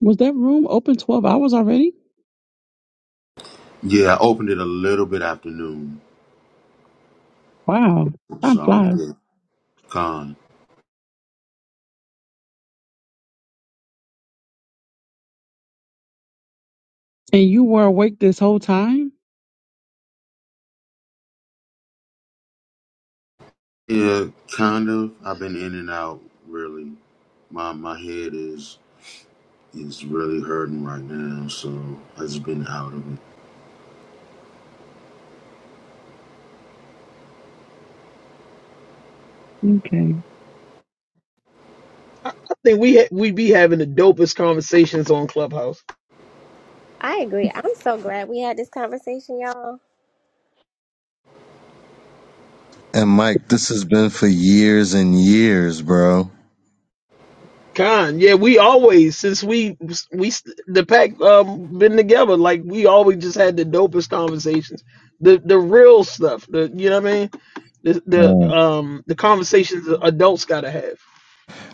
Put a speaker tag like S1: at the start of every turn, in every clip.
S1: Was that room open 12 hours already?
S2: Yeah, I opened it a little bit after noon.
S1: Wow, time
S2: So
S1: flies.
S2: yeah, con.
S1: And you were awake this whole time?
S2: Yeah, kind of. I've been in and out really. My my head is is really hurting right now, so I just been out of it.
S1: Okay.
S3: think we ha- we be having the dopest conversations on Clubhouse.
S4: I agree. I'm so glad we had this conversation, y'all.
S5: And Mike, this has been for years and years, bro.
S3: Con, yeah, we always since we we the pack um been together, like we always just had the dopest conversations, the the real stuff, the you know what I mean, the the
S5: Mm.
S3: um the conversations that adults gotta have,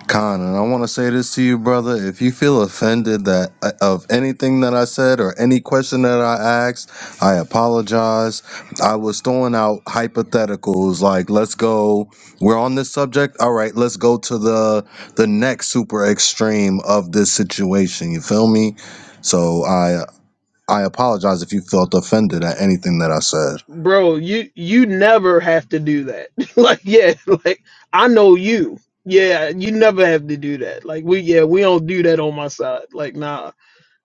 S5: Con, and I want to say this to you, brother. If you feel offended that uh, of anything that I said or any question that I asked, I apologize. I was throwing out hypotheticals like, let's go. We're on this subject. All right, let's go to the the next super extreme of this situation. You feel me? So I I apologize if you felt offended at anything that I said.
S3: bro. You you never have to do that. like yeah, like I know you. Yeah, you never have to do that. Like we yeah we don't do that on my side. Like nah.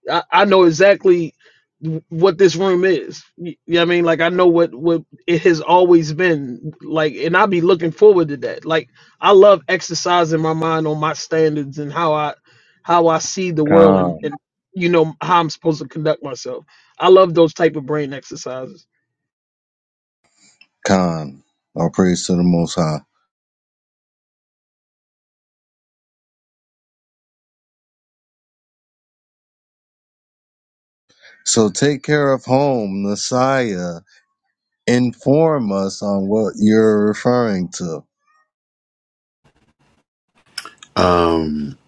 S3: I, I know exactly what this room is. You know what I mean? Like I know what what it has always been like and I'll be looking forward to that. Like I love exercising my mind on my standards and how I how I see the world and,
S5: Khan.
S3: and you know how I'm supposed to conduct myself. I love those type of brain exercises.
S5: Khan. All praise to the Most High. So take care of home, Messiah. Inform us on what you're referring to.
S2: Um,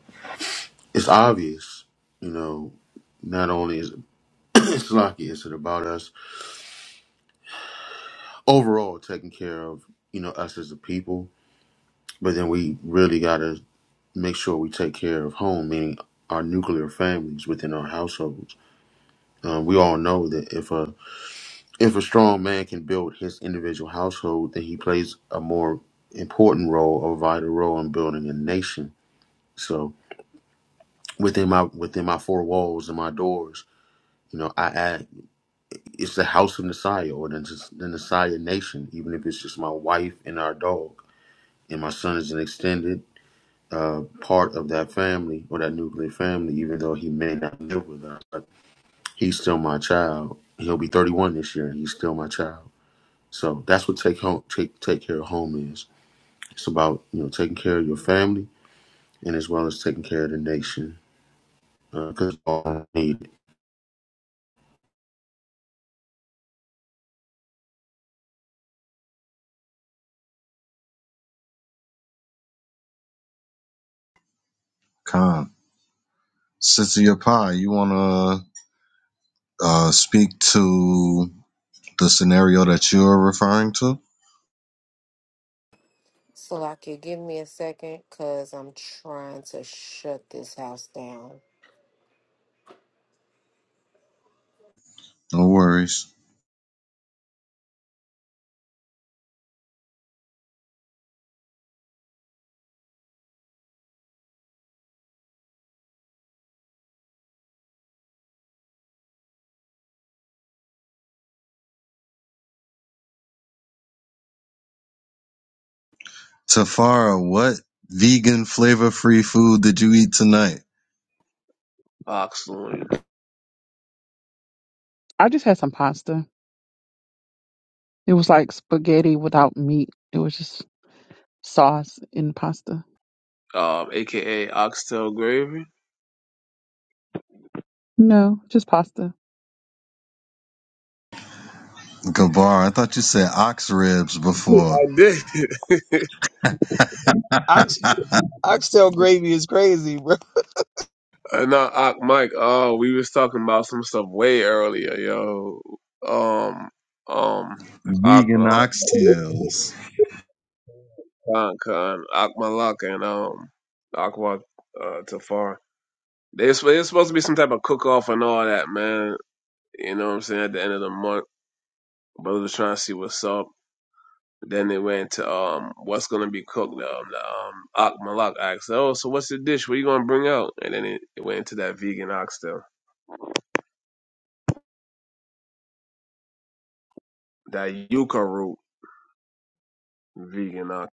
S2: it's obvious, you know. Not only is it's lucky, is it about us overall taking care of you know us as a people, but then we really gotta make sure we take care of home, meaning our nuclear families within our household Uh, we all know that if a if a strong man can build his individual household, then he plays a more important role, a vital role in building a nation. So within my within my four walls and my doors, you know, I add it's the house of Messiah or the, the Messiah nation, even if it's just my wife and our dog. And my son is an extended uh, part of that family or that nuclear family, even though he may not live with us. But he's still my child. He'll be 31 this year, and he's still my child. So that's what take home take take care of home is. It's about you know taking care of your family and as well as taking care of the nation because uh, we all need it.
S5: Khan. Sister Yapai, you want to uh, speak to. The scenario that you're referring to?
S6: Salaki, give me a second because I'm trying to shut this house down.
S5: No worries. Tafara, what vegan flavor free food did you eat tonight?
S7: Oxloin,
S1: I just had some pasta. It was like spaghetti without meat. It was just sauce and pasta.
S7: um, aka Oxtail Gravy.
S1: No, just pasta.
S5: Gabar, I thought you said ox ribs
S7: I
S5: before.
S7: did.
S3: Ox oxtail gravy is crazy, bro.
S7: and now, Ock Mike, oh, we was talking about some stuff way earlier, yo. Um, um, Ock,
S5: Vegan
S7: um,
S5: oxtails.
S7: Khan, Khan, Ock Malak, and um, Aqua uh, Tafar. There's, there's supposed to be some type of cook off and all that, man. You know what I'm saying? At the end of the month, but I was trying to see what's up. Then they went to um, what's gonna be cooked. Um, the, um, Ak Malak asked, "Oh, so what's the dish? What you gonna bring out?" And then it, it went into that vegan oxtail, that yuca root vegan ox,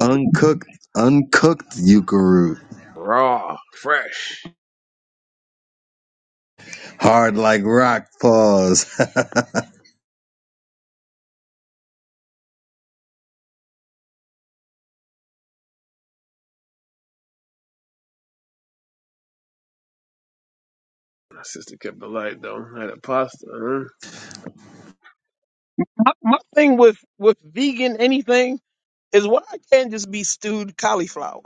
S5: Uncooked, uncooked yuca root.
S7: raw, fresh.
S5: Hard like rock paws.
S7: My sister kept the light though. I had a pasta. Huh?
S3: My, my thing with with vegan anything is why I can't just be stewed cauliflower.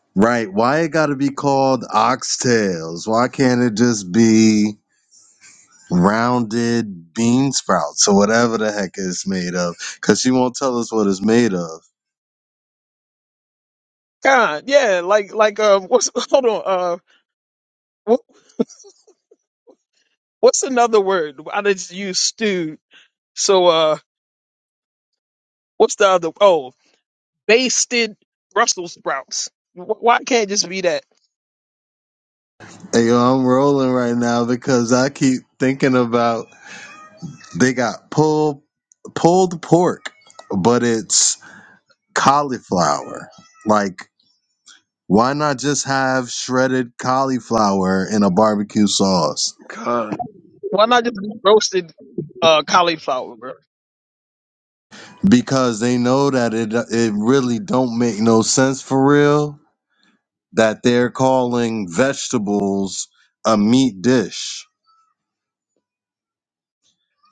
S5: right, why it gotta be called oxtails? Why can't it just be rounded bean sprouts or whatever the heck it's made of because she won't tell us what it's made of.
S3: God, yeah, like like um what's hold on Wh- What's another word? I just use stewed. So uh, what's the other? Oh, basted Brussels sprouts. Wh- Why can't it just be that?
S5: Hey, yo, I'm rolling right now because I keep thinking about they got pulled pulled pork, but it's cauliflower. Like, why not just have shredded cauliflower in a barbecue sauce?
S7: Con,
S3: Why not just be roasted uh cauliflower, bro?
S5: Because they know that it it really don't make no sense for real that they're calling vegetables a meat dish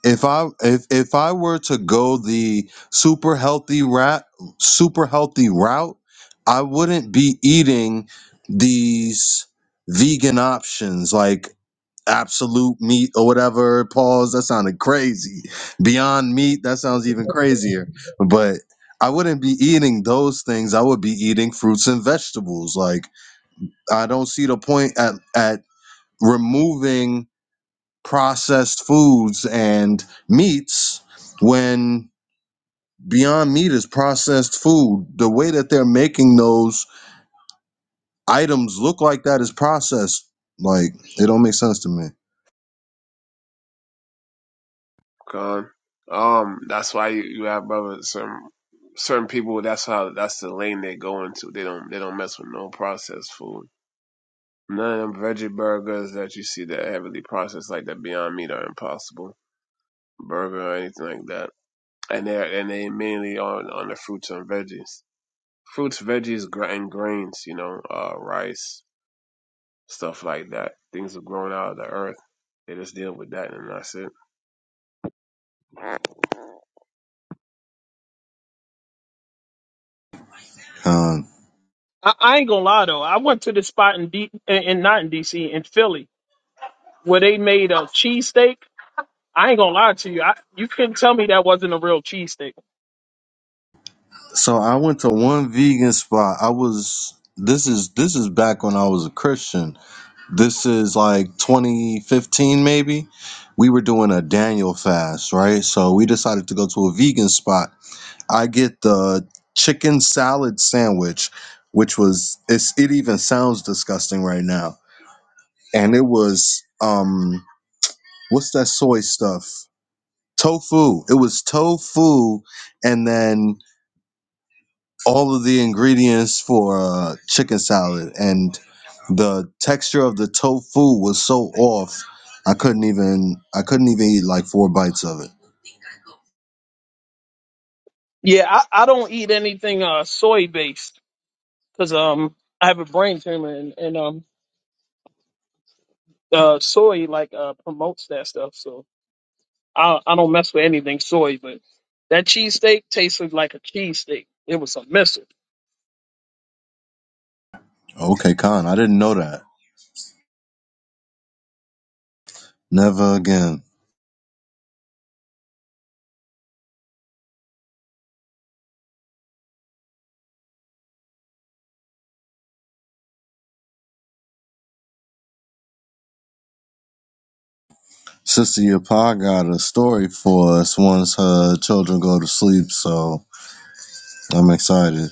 S5: if I if if I were to go the super healthy rat super healthy route, I wouldn't be eating these vegan options like absolute meat or whatever. Pause. That sounded crazy. Beyond meat. That sounds even crazier. But I wouldn't be eating those things. I would be eating fruits and vegetables. Like I don't see the point at at removing processed foods and meats when Beyond Meat is processed food. The way that they're making those items look like that is processed. Like it don't make sense to me.
S7: con. Um, that's why you, you have brother some certain people. That's how that's the lane they go into. They don't they don't mess with no processed food. None of them veggie burgers that you see that heavily processed like that Beyond Meat are impossible. burger or anything like that. And they and they mainly on on the fruits and veggies, fruits, veggies, gr- and grains. You know, uh, rice, stuff like that. Things are grown out of the earth. They just deal with that, and that's it.
S5: Um,
S3: I, I ain't gonna lie though. I went to this spot in D in, in not in DC in Philly where they made a cheesesteak. I ain't gonna lie to you. I, you couldn't tell me that wasn't a real cheesesteak.
S5: so I went to one vegan spot. I was this is this is back when I was a Christian. This is like 2015 maybe. We were doing a Daniel fast, right? So we decided to go to a vegan spot I get the chicken salad sandwich, which was it's it even sounds disgusting right now. And it was um what's that soy stuff? Tofu. It was tofu and then all of the ingredients for uh, chicken salad, and the texture of the tofu was so off. I couldn't even I couldn't even eat like four bites of it.
S3: Yeah, I, I don't eat anything uh soy based because um I have a brain tumor and, and um uh soy like uh promotes that stuff so i i don't mess with anything soy but that cheesesteak tasted like a cheesesteak it was a missile
S5: Okay, Khan, I didn't know that. Never again. Sister Yapa got a story for us once her children go to sleep, so I'm excited.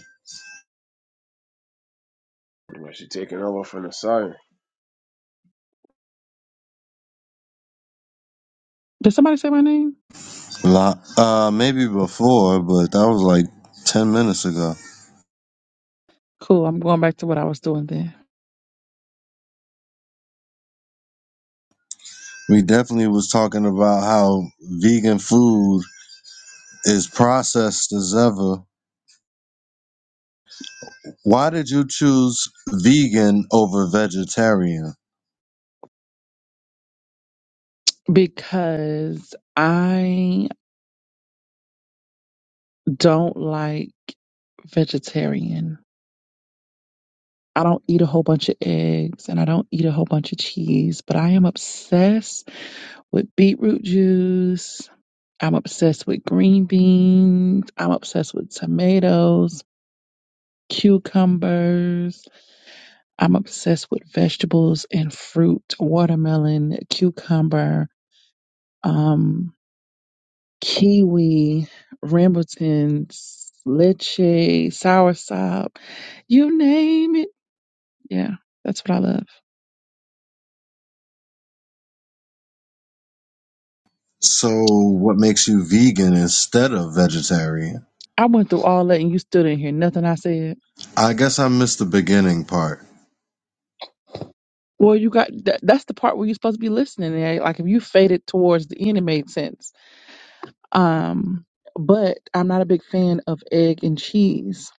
S7: Pretty much, you taking over from the sire.
S1: Did somebody say my name?
S5: Lo- Uh, maybe before, but that was like 10 minutes ago.
S1: Cool. I'm going back to what I was doing then.
S5: We definitely was talking about how vegan food is processed as ever. Why did you choose vegan over vegetarian?
S1: Because I don't like vegetarian. I don't eat a whole bunch of eggs and I don't eat a whole bunch of cheese, but I am obsessed with beetroot juice. I'm obsessed with green beans. I'm obsessed with tomatoes, cucumbers. I'm obsessed with vegetables and fruit, watermelon, cucumber, um, kiwi, rambutans, leche, soursop, you name it. Yeah, that's what I love.
S5: So, what makes you vegan instead of vegetarian?
S1: I went through all that and you still didn't hear nothing I said.
S5: I guess I missed the beginning part.
S1: Well, you got that, that's the part where you're supposed to be listening. eh? Like if you faded towards the end, it made sense. Um, but I'm not a big fan of egg and cheese.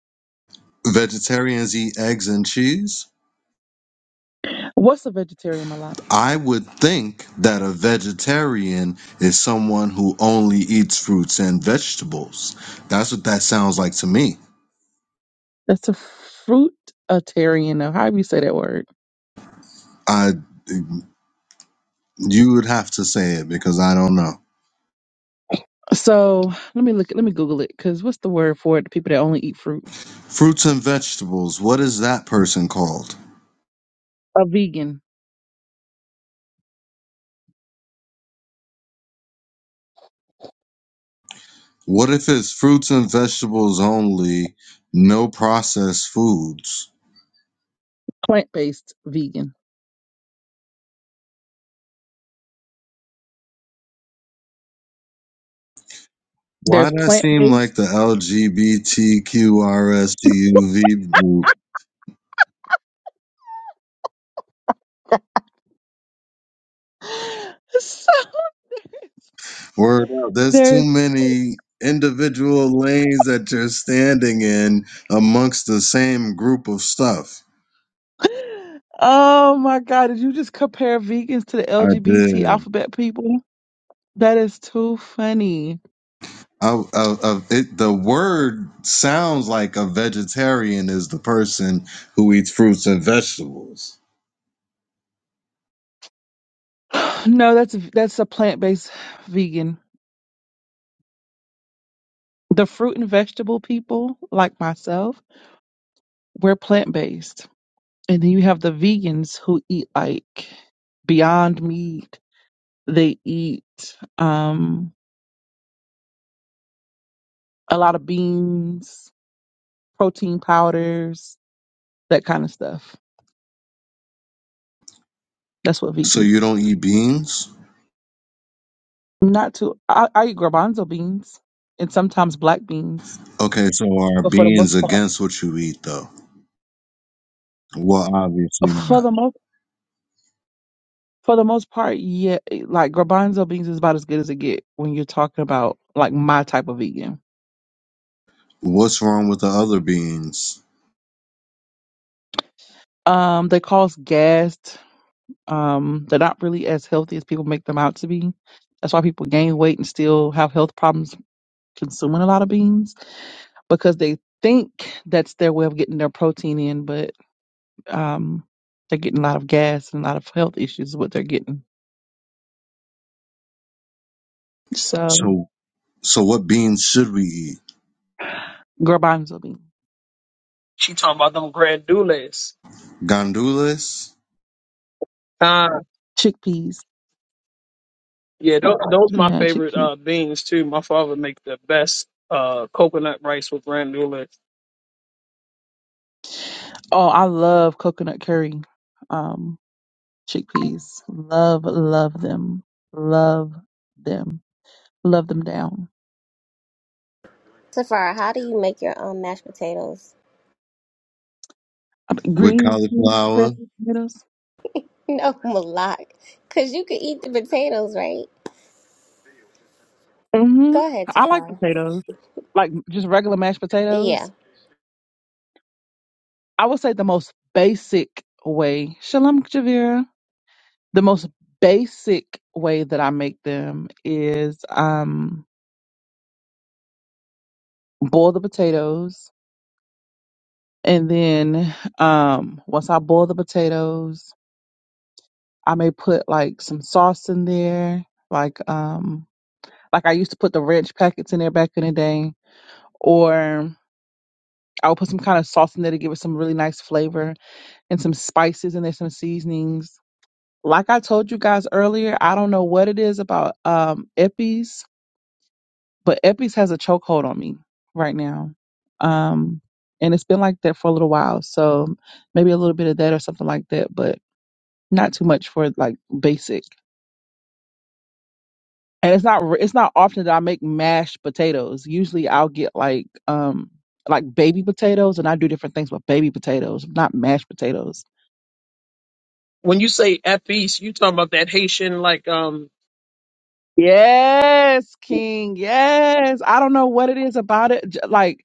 S5: Vegetarians eat eggs and cheese?
S1: What's a vegetarian, my lot?
S5: I would think that a vegetarian is someone who only eats fruits and vegetables. That's what that sounds like to me.
S1: That's a fruitarian, or however you say that word.
S5: I you would have to say it because I don't know.
S1: So let me look. Let me Google it. Cause what's the word for it? The people that only eat fruit.
S5: Fruits and vegetables, what is that person called?
S1: A vegan,
S5: What if it's fruits and vegetables only, no processed foods?
S1: plant-based vegan.
S5: Why
S1: There's
S5: does that seem like the
S1: plant-based.
S5: LGBTQRSTUV
S1: So
S5: Word up. There's
S1: there's.
S5: too many individual lanes that you're standing in amongst the same group of stuff.
S1: Oh my God, did you just compare vegans to the
S5: I
S1: LGBT
S5: did.
S1: alphabet people? That is too funny.
S5: I, I, I, it, the word sounds like a vegetarian is the person who eats fruits and vegetables.
S1: No, that's that's a plant-based vegan. The fruit and vegetable people, like myself, we're plant-based. And then you have the vegans who eat like beyond meat. They eat um a lot of beans, protein powders, that kind of stuff. That's what vegans
S5: So you don't eat beans?
S1: Not too. I, I eat garbanzo beans and sometimes black beans,
S5: Okay, so are
S1: but for the most
S5: beans
S1: part,
S5: against what you eat though? Well, obviously
S1: for
S5: not.
S1: the most for the most part, yeah, it- like garbanzo beans is about as good as it get when you're talking about like my type of vegan.
S5: What's wrong with the other beans?
S1: Um, they cause gas. Um, they're not really as healthy as people make them out to be. That's why people gain weight and still have health problems consuming a lot of beans because they think that's their way of getting their protein in, but um, they're getting a lot of gas and a lot of health issues is what they're getting. So
S5: So, so what beans should we eat?
S1: girl bottoms will be
S3: she talking about them grandules
S5: Gandules?
S3: uh
S1: chickpeas.
S3: yeah those, those my
S1: Yeah,
S3: favorite
S1: chickpeas.
S3: uh beans too my father make the best uh coconut rice with grandules
S1: Oh, I love coconut curry. Um, chickpeas. Love, love them. Love them. Love them down.
S4: Safar, how do you make your um mashed potatoes?
S1: Uh,
S5: with
S1: Green beans,
S5: cauliflower.
S1: potatoes.
S4: No, Malak, cause you could eat the potatoes, right?
S1: Mm-hmm.
S4: Go ahead,
S1: I like
S4: Safar.
S1: potatoes. Like just regular mashed
S4: Yeah.
S1: potatoes. I would say the most basic way. Shalom Javira. The most basic way that I make them is um boil the potatoes And then um, once I boil the potatoes, I may put like some sauce in there, like um, like I used to put the ranch packets in there back in the day, or I would put some kind of sauce in there to give it some really nice flavor and some spices in there, some seasonings. Like I told you guys earlier, I don't know what it is about um, Epi's, but Epi's has a chokehold on me right now. Um, and it's been like that for a little while. So maybe a little bit of that or something like that. But not too much for like basic. And it's not re- it's not often that I make mashed potatoes. Usually I'll get like um like baby potatoes and I do different things with baby potatoes, not mashed potatoes.
S3: when you say at feast you talking about that haitian like um
S1: Yes, King. Yes. I don't know what it is about it. J- Like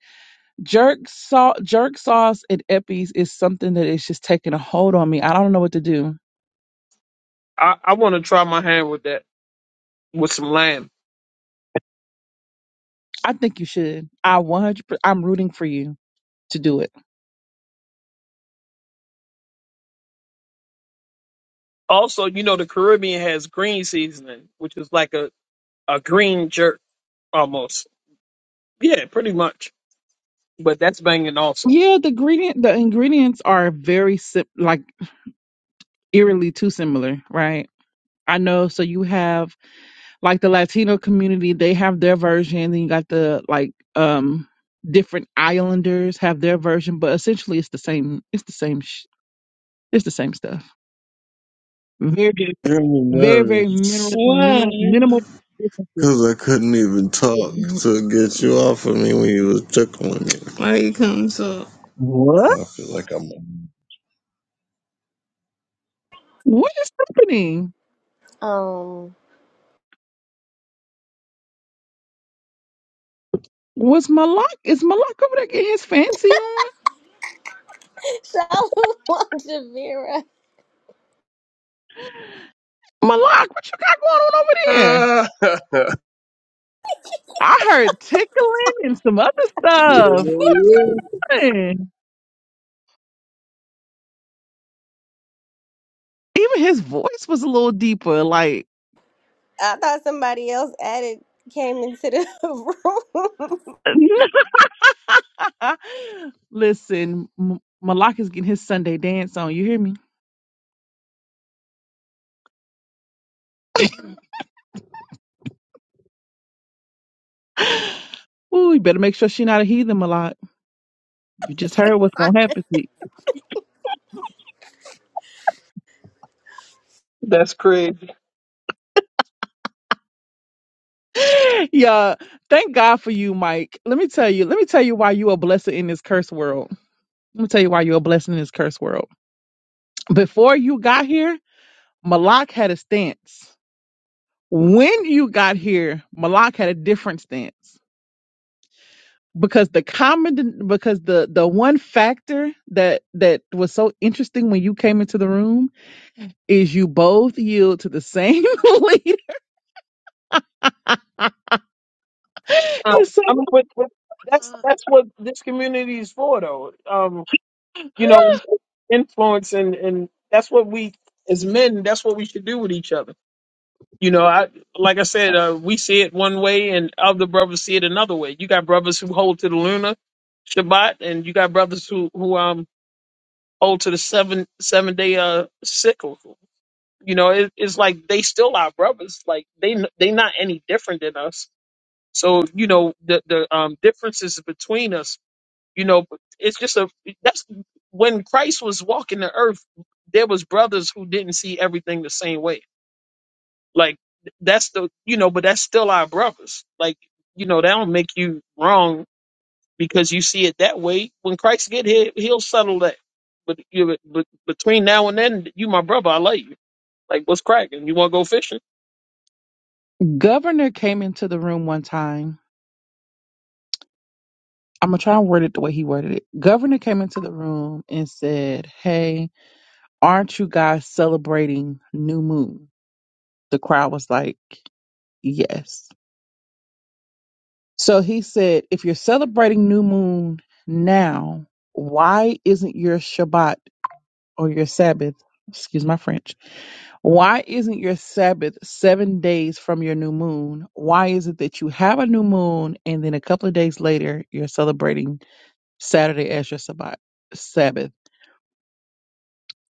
S1: jerk sauce, jerk sauce and Epi's is something that is just taking a hold on me. I don't know what to do.
S3: i i want to try my hand with that with some lamb
S1: I think you should. I 100 I'm rooting for you to do it.
S3: also you know the caribbean has green seasoning which is like a a green jerk almost Yeah, pretty much. But that's banging also.
S1: Yeah, the ingredient the ingredients are very simple. eerily too similar, right? I know. So you have like the Latino community; they have their version. Then you got the like um different islanders have their version, but essentially it's the same. It's the same. Sh- it's the same stuff. Very,
S5: It made me
S1: very, very minimal,
S5: nervous. Why?
S1: minimal, minimal. differences.
S5: Cause I couldn't even talk to get you off of me when you was tickling me. Why you come so?
S1: What?
S5: I feel like I'm.
S1: What is happening?
S4: Um.
S1: What's Malak? Is Malak over there getting his fancy on?
S4: So, um, Javira,
S1: Malak, what you got going on over there?
S7: Ah!
S1: I heard tickling and some other stuff. What is it? Even his voice was a little deeper. Like,
S4: I thought somebody else added came into the
S1: listen, M- Malak is getting his Sunday dance on. You hear me? Ooh, you better make sure she not a heathen, Malak. You just heard what's
S4: room.
S1: gonna happen to
S3: That's crazy.
S1: you. yeah, thank God for you, Mike. Let me tell you. Let me tell you why you a blessing in this cursed world. Let me tell you why you a blessing in this cursed world. Before you got here, Malak had a stance. When you got here, Malak had a different stance. because the common because the the one factor that that was so interesting when you came into the room is you both yield to the same leader.
S3: Um,
S1: And so
S3: I mean, but, but that's that's what this community is for, though. Um, you know, influence and and that's what we as men. That's what we should do with each other. You know, I like I said, uh, we see it one way, and other brothers see it another way. You got brothers who hold to the lunar Shabbat, and you got brothers who who um hold to the seven seven day uh cycle. You know, it, it's like they still our brothers. Like they n- they not any different than us. So you know the the um, differences between us. You know, it's just a that's when Christ was walking the earth. There was brothers who didn't see everything the same way. Like that's the you know, but that's still our brothers. Like you know, that don't make you wrong because you see it that way. When Christ get here, he'll settle that. But you but between now and then, you my brother, I love you. Like what's cracking? You want to go fishing?
S1: governor came into the room one time. I'm gonna try and word it the way he worded it. Governor came into the room and said, "Hey, aren't you guys celebrating new moon?" The crowd was like, "Yes." So he said, "If you're celebrating new moon now, why isn't your Shabbat?" or your Sabbath, excuse my French, why isn't your Sabbath seven days from your new moon? Why is it that you have a new moon and then a couple of days later you're celebrating Saturday as your Sabbath? Sabbath?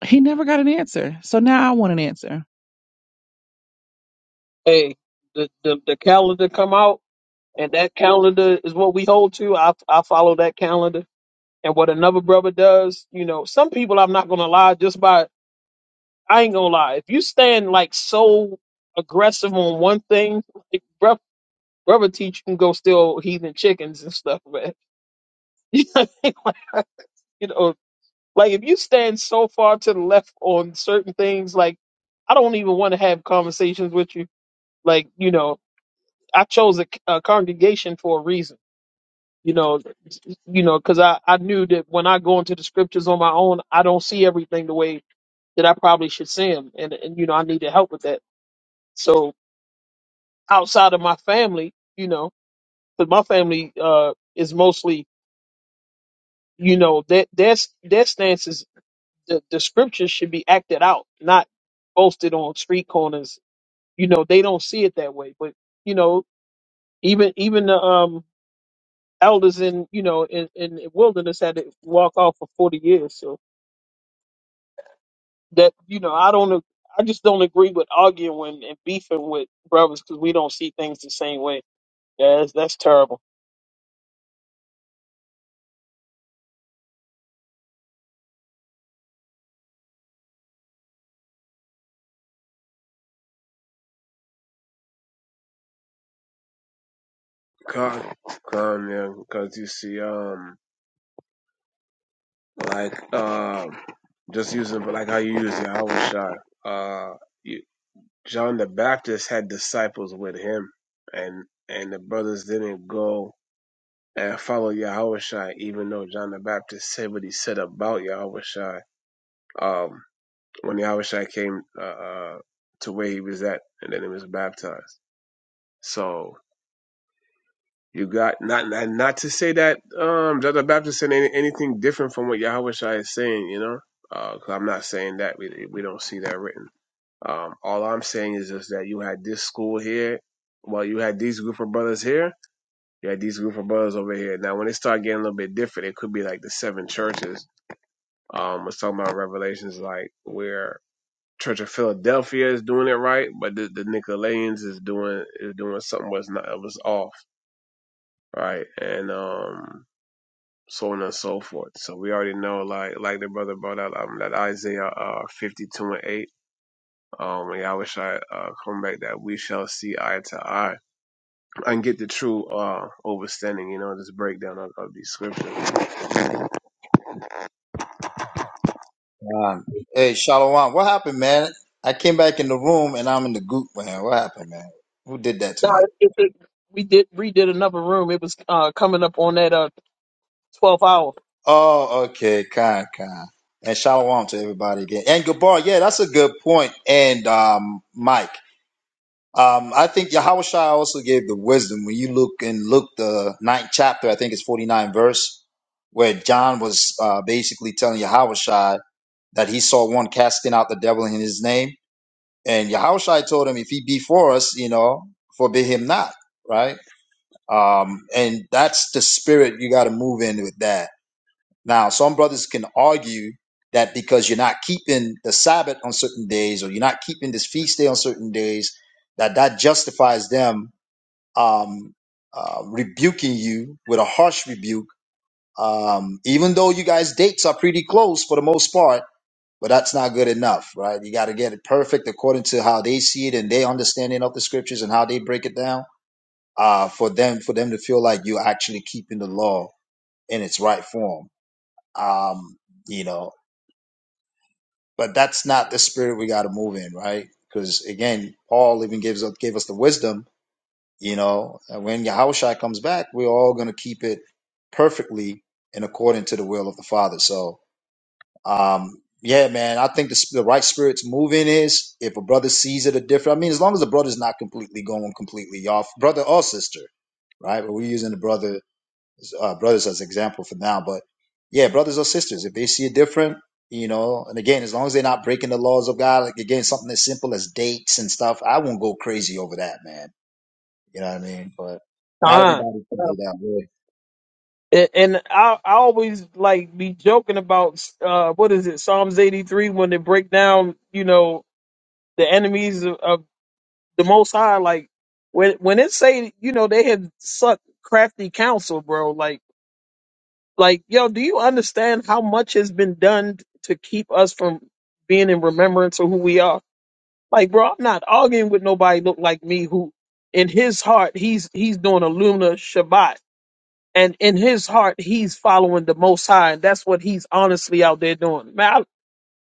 S1: He never got an answer. So now I want an answer.
S3: Hey, the, the the calendar come out, and that calendar is what we hold to. I I follow that calendar, and what another brother does, you know, some people I'm not gonna lie, just by I ain't gonna lie. If you stand like so aggressive on one thing, like brother, brother teach you can go steal heathen chickens and stuff, man. you know, what I mean? Like, you know, like if you stand so far to the left on certain things, like I don't even want to have conversations with you, like you know. I chose a, a congregation for a reason. You know, you know, because I I knew that when I go into the scriptures on my own, I don't see everything the way that I probably should see them, and and you know, I needed help with that. So outside of my family, you know, because my family uh is mostly, you know, that that's their stance is the the scriptures should be acted out, not posted on street corners. You know, they don't see it that way, but you know, even even the um elders in you know in in the wilderness had to walk off for forty years. So that you know, I don't, ag- I just don't agree with arguing and beefing with brothers because we don't see things the same way. Yeah, that's, that's terrible.
S7: Con, con, yeah, because you see, um, like, um, just using, but like how you use Yahweh Shai. Uh, you. John the Baptist had disciples with him, and and the brothers didn't go and follow Yahweh even though John the Baptist said what he said about Yahweh Um, when Yahweh came uh, uh, to where he was at, and then he was baptized. So you got not not, not to say that um, John the Baptist said any, anything different from what Yahweh is saying, you know, because I'm not saying that we we don't see that written. Um, all I'm saying is just that you had this school here. Well, you had these group of brothers here. You had these group of brothers over here. Now, when it started getting a little bit different, it could be like the seven churches. Um, are talking about Revelations, like where Church of Philadelphia is doing it right, but the, the Nicolaitans is doing is doing something was not it was off, right? And um, so on and so forth. So we already know, like like the brother brought out um, that Isaiah uh, 52 and 8 Um, and Yahushua uh, come back that we shall see eye to eye and get the true uh, understanding, you know, this breakdown of, of these scriptures.
S8: Um, hey, Shalom. What happened, man? I came back in the room and I'm in the goop, man. What happened, man? Who did that to
S3: No,
S8: me?
S3: it, it, we did redid another room. It was uh, coming up on that uh, twelve hour
S8: Oh, okay. Con, con. And Shalom to everybody again. And Gabar, yeah, that's a good point. And um, Mike, um, I think Yahushua also gave the wisdom when you look in Luke, the ninth chapter, I think it's 49 verse, where John was uh, basically telling Yahushua that he saw one casting out the devil in his name And Yahushai told him, if he be for us, you know, forbid him not, right? Um, and that's the spirit you got to move in with that. Now, some brothers can argue that because you're not keeping the Sabbath on certain days or you're not keeping this feast day on certain days, that that justifies them um, uh, rebuking you with a harsh rebuke. Um, even though you guys' dates are pretty close for the most part, but that's not good enough, right? You got to get it perfect according to how they see it and their understanding of the scriptures and how they break it down. Uh, for them, for them to feel like you're actually keeping the law in its right form. Um, you know, but that's not the spirit we got to move in, right? Because again, Paul even gives us gave us the wisdom. You know, and when Yahushua comes back, we're all going to keep it perfectly and according to the will of the Father. So, Um, yeah, man, I think the, sp- the right spirit to move in is if a brother sees it a different. I mean, as long as the brother's not completely going completely off, brother or sister, right? But we're using the brother uh, brothers as example for now. But yeah, brothers or sisters, if they see it different, you know, and again, as long as they're not breaking the laws of God, like again, something as simple as dates and stuff, I won't go crazy over that, man. You know what I mean? But not
S3: time.
S8: everybody
S3: Yeah.
S8: sees it that way.
S3: And and I, I always like be joking about uh, what is it Psalms eighty three when they break down you know the enemies of, of the Most High, like when when it say you know they have sucked crafty counsel, bro. Like like yo, do you understand how much has been done to keep us from being in remembrance of who we are? Like, bro, I'm not arguing with nobody look like me who in his heart he's he's doing a lunar Shabbat. And in his heart, he's following the Most High, and that's what he's honestly out there doing. Man, I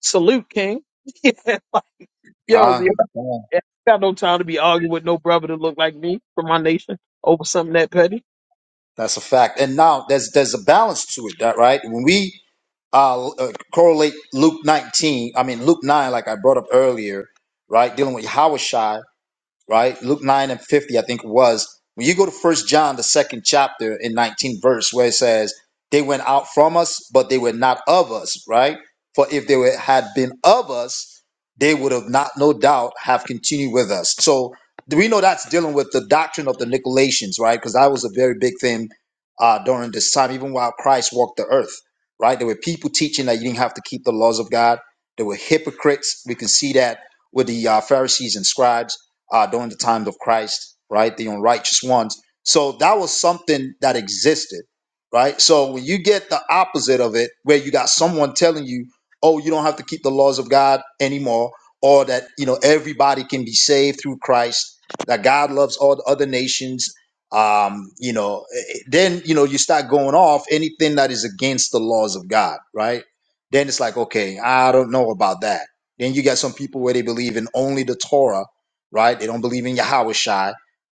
S3: salute King. yeah, like, yo,
S8: Con,
S3: I got no time to be arguing with no brother that look like me from my nation over something that petty.
S8: That's a fact. And now there's there's a balance to it, that right? When we uh, uh, correlate Luke 19, I mean Luke 9, like I brought up earlier, right, dealing with Yahweh right? Luke 9 and 50, I think it was. When you go to First John, the second chapter in 19 verse, where it says, They went out from us, but they were not of us, right? For if they were, had been of us, they would have not, no doubt, have continued with us. So we know that's dealing with the doctrine of the Nicolaitans, right? Because that was a very big thing uh, during this time, even while Christ walked the earth, right? There were people teaching that you didn't have to keep the laws of God. There were hypocrites. We can see that with the uh, Pharisees and scribes uh, during the times of Christ, right? The unrighteous ones. So that was something that existed, right? So when you get the opposite of it, where you got someone telling you, oh, you don't have to keep the laws of God anymore, or that, you know, everybody can be saved through Christ, that God loves all the other nations. Um, you know, eh, eh, then you know you start going off anything that is against the laws of God, right? Then it's like, okay, I don't know about that. Then you got some people where they believe in only the Torah, right? They don't believe in Yahweh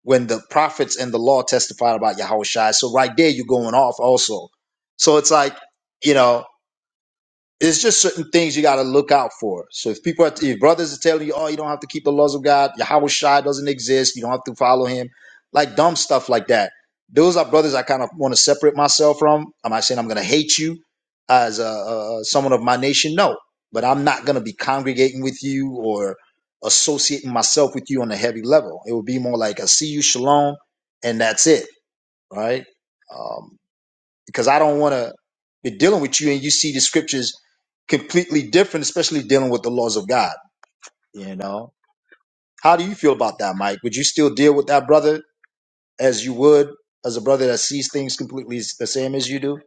S8: When the prophets and the law testified about Yahweh So right there you're going off also. So it's like, you know, it's just certain things you got to look out for. So if people, are, if brothers are telling you, oh, you don't have to keep the laws of God, Yahweh Shai doesn't exist, you don't have to follow him, like dumb stuff like that. Those are brothers I kind of want to separate myself from. I'm not saying I'm going to hate you as a, a, someone of my nation, no, but I'm not going to be congregating with you or associating myself with you on a heavy level. It would be more like I see you, shalom, and that's it, right? Um, because I don't want to be dealing with you and you see the scriptures completely different, especially dealing with the laws of God. You know, how do you feel about that, Mike? Would you still deal with that brother as you would as a brother that sees things completely s- the same as you do?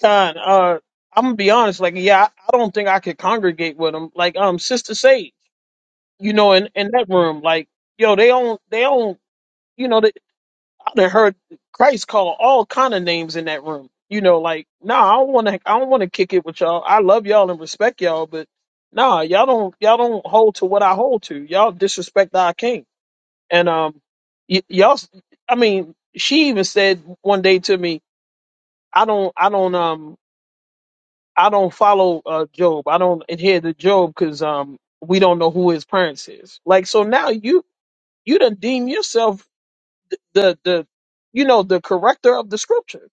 S3: Con, uh, I'm gonna be honest. Like, yeah, I, I don't think I could congregate with them. Like, um, Sister Sage, you know, in, in that room, like, yo, they don't, they don't, you know, they, I done heard Christ call all kind of names in that room. You know, like, nah, I don't want to, I don't want to kick it with y'all. I love y'all and respect y'all, but nah, y'all don't, y'all don't hold to what I hold to. Y'all disrespect our king And um, y- y'all, s- I mean, she even said one day to me, "I don't, I don't, um, I don't follow uh Job. I don't adhere to Job because um, we don't know who his parents is. Like, so now you you done deem yourself th- the the, you know, the corrector of the scripture.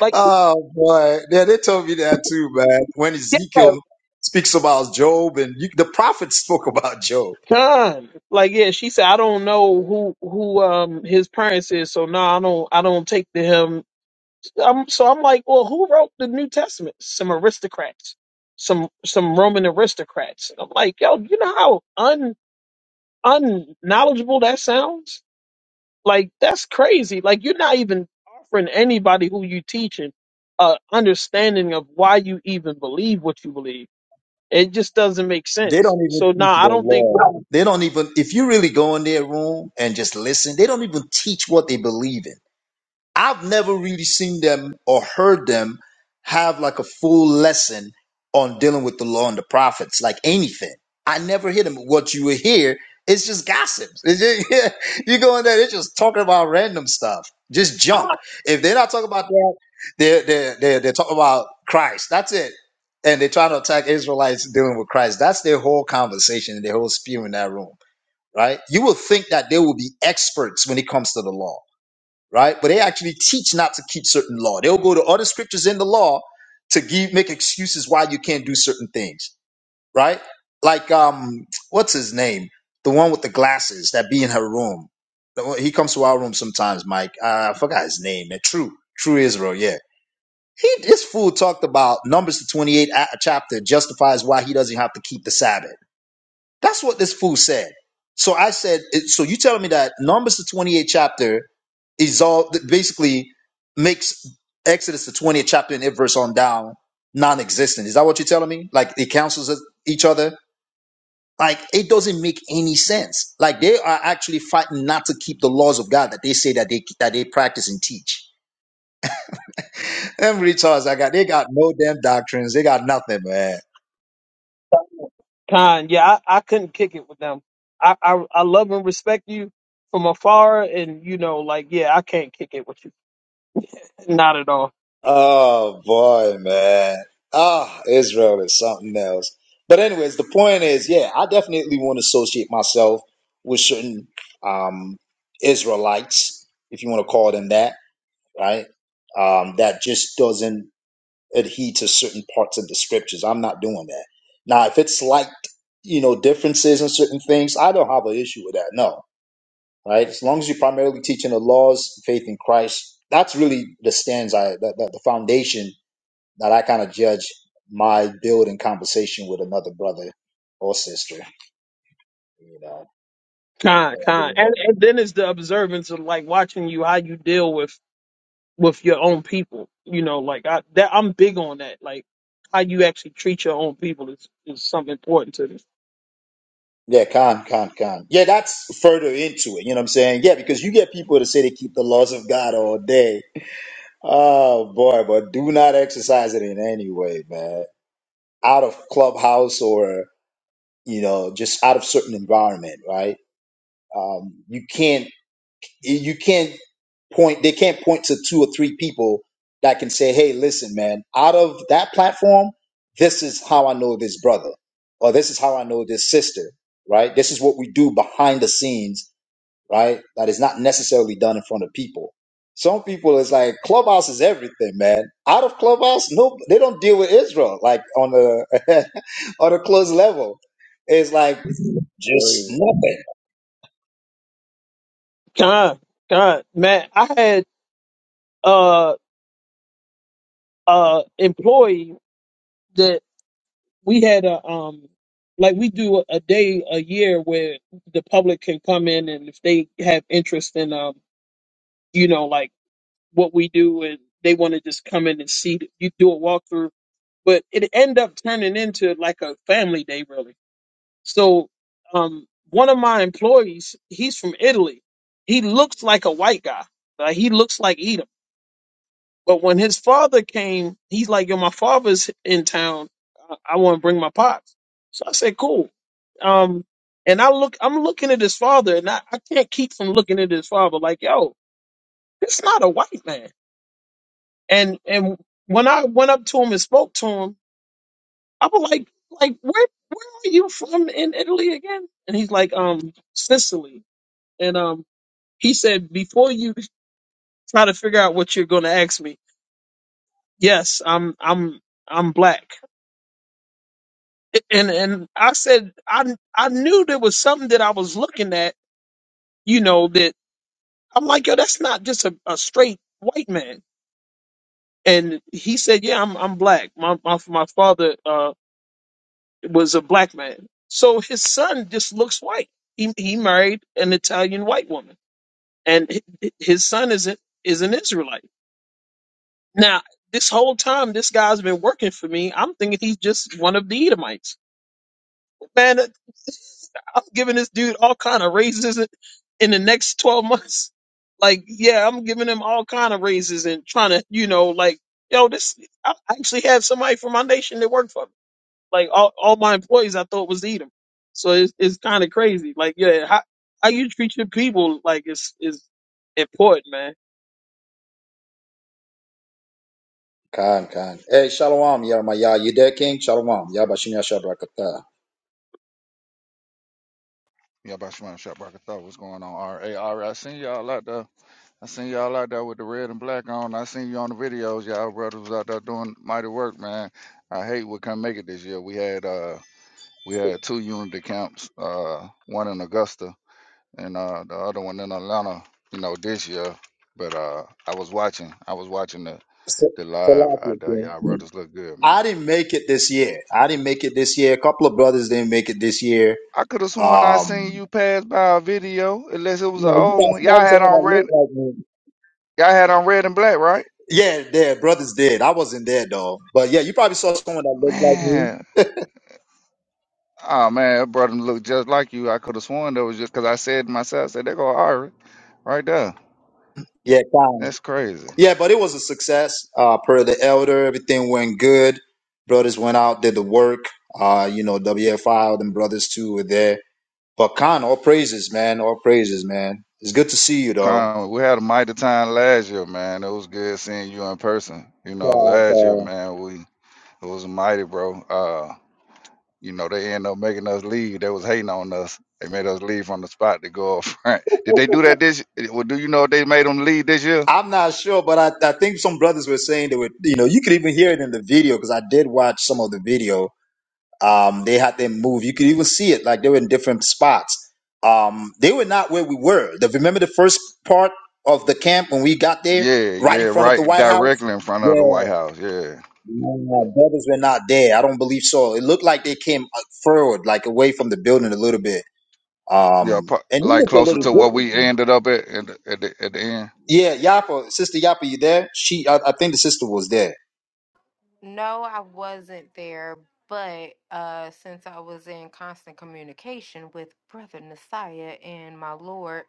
S3: Like,
S8: Oh boy, yeah, they told me that too, man. When
S3: yeah,
S8: Ezekiel speaks about Job, and you, the prophets spoke about Job.
S3: done. Like, yeah, she said, I don't know who who um his parents is, so no, I don't, I don't take to him I'm, so I'm like, well, who wrote the New Testament? Some aristocrats, some some Roman aristocrats. And I'm like, yo, you know how un unknowledgeable that sounds? Like that's crazy. Like you're not even offering anybody who you teaching a understanding of why you even believe what you believe. It just doesn't make
S8: They
S3: sense.
S8: don't even
S3: So nah,
S8: teach the
S3: I don't think
S8: law. They don't even, if you really go in their room and just listen, they don't even teach what they believe in. I've never really seen them or heard them have like a full lesson on dealing with the law and the prophets, like anything. I never hear them. What you will hear is just gossips. It's just, yeah, you go in there, they're just talking about random stuff, just junk. If they're not talking about that, they're they're they're, they're talking about Christ. That's it. And they're trying to attack Israelites dealing with Christ. That's their whole conversation and their whole spew in that room, right? You will think that they will be experts when it comes to the law right? But they actually teach not to keep certain law. They'll go to other scriptures in the law to give make excuses why you can't do certain things, right? Like um, what's his name? The one with the glasses that be in her room. The one- He comes to our room sometimes, Mike. Uh, I forgot his name. man. True, true Israel. Yeah, he this fool talked about Numbers the twenty eight chapter justifies why he doesn't have to keep the Sabbath that's what this fool said. So I said, so you telling me that Numbers the 28th chapter is all basically makes Exodus the 20th chapter and it verse on down non-existent. Is that what you're telling me? Like it cancels each other? Like it doesn't make any sense. Like they are actually fighting not to keep the laws of God that they say that they that they practice and teach. Them retards I got, they got no damn doctrines. They got nothing, man.
S3: Khan. yeah, I, I couldn't kick it with them. I, I I love and respect you from afar, and you know, like, yeah, I can't kick it with you. Not at all.
S8: Oh boy, man. Ah, Israel is something else. But anyways, the point is, yeah, I definitely want to associate myself with certain um Israelites, if you want to call them that, right? Um, that just doesn't adhere to certain parts of the scriptures. I'm not doing that. Now, if it's like, you know, differences in certain things, I don't have an issue with that. No. Right? As long as you're primarily teaching the laws, faith in Christ, that's really the stands I that, that the foundation that I kind of judge my building conversation with another brother or sister. You know,
S3: Kind, kind. And and then it's the observance of like watching you how you deal with with your own people. You know, like I that I'm big on that. Like how you actually treat your own people is is something important to me.
S8: yeah, con, con, con. Yeah, that's further into it. You know what I'm saying? Yeah, because you get people to say they keep the laws of God all day. Oh boy, but do not exercise it in any way, man. Out of clubhouse or you know, just out of certain environment, right? Um, you can't. You can't. point they can't point to two or three people that can say hey listen man out of that platform this is how i know this brother or this is how i know this sister right this is what we do behind the scenes right that is not necessarily done in front of people some people is like clubhouse is everything man out of clubhouse no they don't deal with israel like on a on a close level it's like just
S7: Crazy.
S8: nothing
S3: Kind, kind. Man, I had uh uh employee that we had a um like we do a, a day a year where the public can come in and if they have interest in um you know like what we do and they want to just come in and see th- you do a walkthrough but it ended up turning into like a family day really so um one of my employees he's from italy he looks like a white guy like he looks like edom but when his father came he's like yo my father's in town i, I want to bring my pops so i said cool um and i look i'm looking at his father and i, I can't keep from looking at his father like yo it's not a white man and and when I went up to him and spoke to him, I was like, like where where are you from in Italy again? And he's like, um, Sicily. And um, he said, before you try to figure out what you're going to ask me, yes, I'm I'm I'm black. And and I said, I I knew there was something that I was looking at, you know, that I'm like, yo, that's not just a, a straight white man. And he said, yeah, I'm I'm black. My my my father. uh, was a black man. So his son just looks white. He he married an Italian white woman, and hi- his son is a, is an Israelite. Now, this whole time, this guy's been working for me. I'm thinking he's just one of the Edomites. Man, I'm giving this dude all kind of raises in in the next twelve months. Like, yeah, I'm giving him all kind of raises and trying to, you know, like, yo, this. I actually have somebody from my nation that worked for me. Like all, all my employees, I thought was Edom. So it's it's kind of crazy. Like yeah, how how you treat your people like is is important, man.
S8: Khan, Khan. Hey, Shalom, Yeremiah. You there, King? Shalom. Yabashinya Shabrakata.
S9: Yeah, Bashman Shopbrocker thought what's going on? All right, all right. I seen y'all out there. I seen y'all out there with the red and black on. I seen you on the videos. Y'all brothers was out there doing mighty work, man. I hate we couldn't make it this year. We had uh we had two unity camps, uh one in Augusta and uh the other one in Atlanta, you know, this year. But uh I was watching. I was watching the
S8: So,
S9: the live
S8: Salakia,
S9: out there. Y'all
S8: King.
S9: brothers look good, man.
S8: I didn't make it this year. I didn't make it this year. A couple of brothers didn't make it this year.
S9: I could have sworn I seen
S8: Um,
S9: you pass by a video, unless it was an
S8: Yeah, you
S9: old
S8: got
S9: one. Y'all
S8: sponsor
S9: had
S8: someone
S9: on
S8: that
S9: red
S8: looked like me.
S9: y'all had on red and black, right?
S8: yeah, their brothers did. I wasn't there though. But yeah, you probably saw someone that looked like me.
S9: Man, oh man, that brother look just like you. I could have sworn that was just because I said to myself, I said, they go Ari right there.
S8: Yeah, Khan.
S9: That's crazy.
S8: Yeah, but it was a success. Uh, per the elder, everything went good. Brothers went out, did the work. Uh, you know, WFI, them brothers too were there. But Khan, all praises, man. All praises, man. It's good to see you, though.
S9: Con, we had a mighty time last year, man. It was good seeing you in person. You know, last year,
S8: Uh,
S9: man, we it was mighty, bro. Uh, you know, they ended up making us leave. They was hating on us. They made us leave from the spot to go up front. Did they do
S8: uh,
S9: that this? Well, do you know if they made them leave this year?
S8: I'm not sure, but I, I think some brothers were saying they were, you know, you could even hear it in the video because I did watch some of the video. Um, they had them move. You could even see it, like they were in different spots. Um, they were not where we were. The, remember the first part of the camp when we got there,
S9: Yeah,
S8: right
S9: yeah,
S8: in front of the
S9: right,
S8: White House?
S9: directly in front of
S8: Yeah,
S9: the White House. Yeah,
S8: no, no, brothers were not there. I don't believe so. It looked like they came uh, forward, like away from the building a little bit.
S9: Yeah,
S8: Um,
S9: pro-
S8: and he
S9: like
S8: looked a
S9: closer
S8: little
S9: to what
S8: different.
S9: we
S6: Salaki.
S9: ended up at at the, at the, at the end.
S8: Yeah, Yapa, sister Yapa, you there? She, I, I think the sister was there.
S6: No, I wasn't there, but uh, since I was in constant communication with Brother Messiah and my Lord,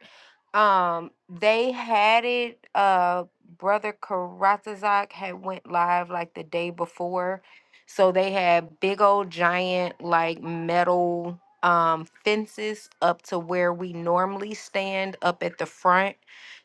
S6: um, they had it. Uh, Brother Karatazak had went live like the day before, so they had big old giant like metal um fences up to where we normally stand up at the front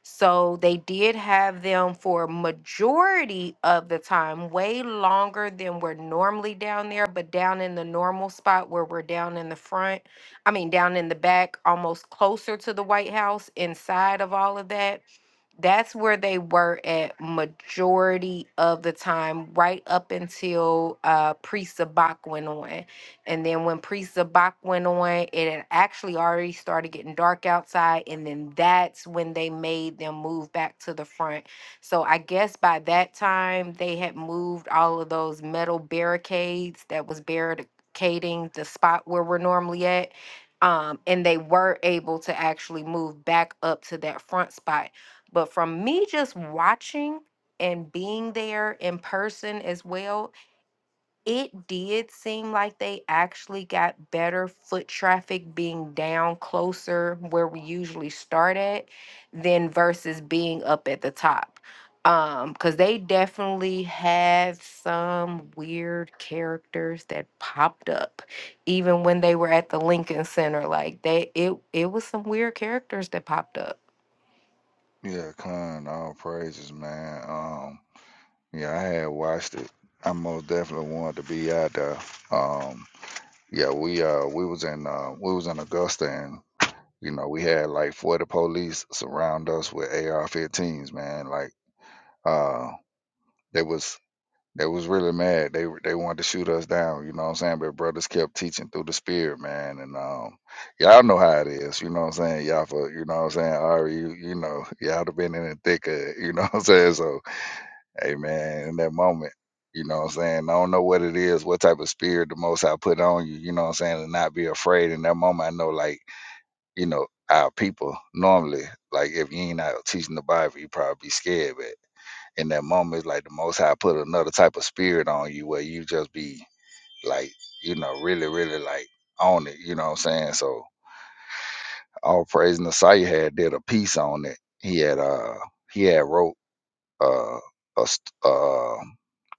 S6: so they did have them for a majority of the time, way longer than we're normally down there, but down in the normal spot where we're down in the front, I mean, down in the back, almost closer to the White House, inside of all of that that's where they were at majority of the time, right up until uh, pre Sabak went on. And then when Priest Sabak went on, it had actually already started getting dark outside. And then that's when they made them move back to the front. So I guess by that time, they had moved all of those metal barricades that was barricading the spot where we're normally at. Um, and they were able to actually move back up to that front spot but from me just watching and being there in person as well, it did seem like they actually got better foot traffic being down closer where we usually start at than versus being up at the top. Um, cause they definitely had some weird characters that popped up, even when they were at the Lincoln Center. Like they, it, it was some weird characters that popped up.
S9: Yeah, con all praises, man. Um, yeah, I had watched it. I most definitely wanted to be out there. Um, yeah, we uh we was in uh we was in Augusta and you know we had like forty police surround us with AR-15s, man. Like uh they was They was really mad. They were- they wanted to shoot us down. You know what I'm saying? But brothers kept teaching through the spirit, man. And um, y'all know how it is. You know what I'm saying? Y'all for you know what I'm saying? Ari, you you know y'all have been in the thick of it. You know what I'm saying? So hey, man, in that moment, you know what I'm saying? I don't know what it is, what type of spirit the Most I put on you. You know what I'm saying? And not be afraid. In that moment, I know like you know our people normally like if you ain't out teaching the Bible, you probably be scared in that moment, it's like the Most High put another type of spirit on you where you just be like, you know, really, really like on it. You know what I'm saying? So all praise and the Messiah had did a piece on it. He had uh he had wrote uh a st- uh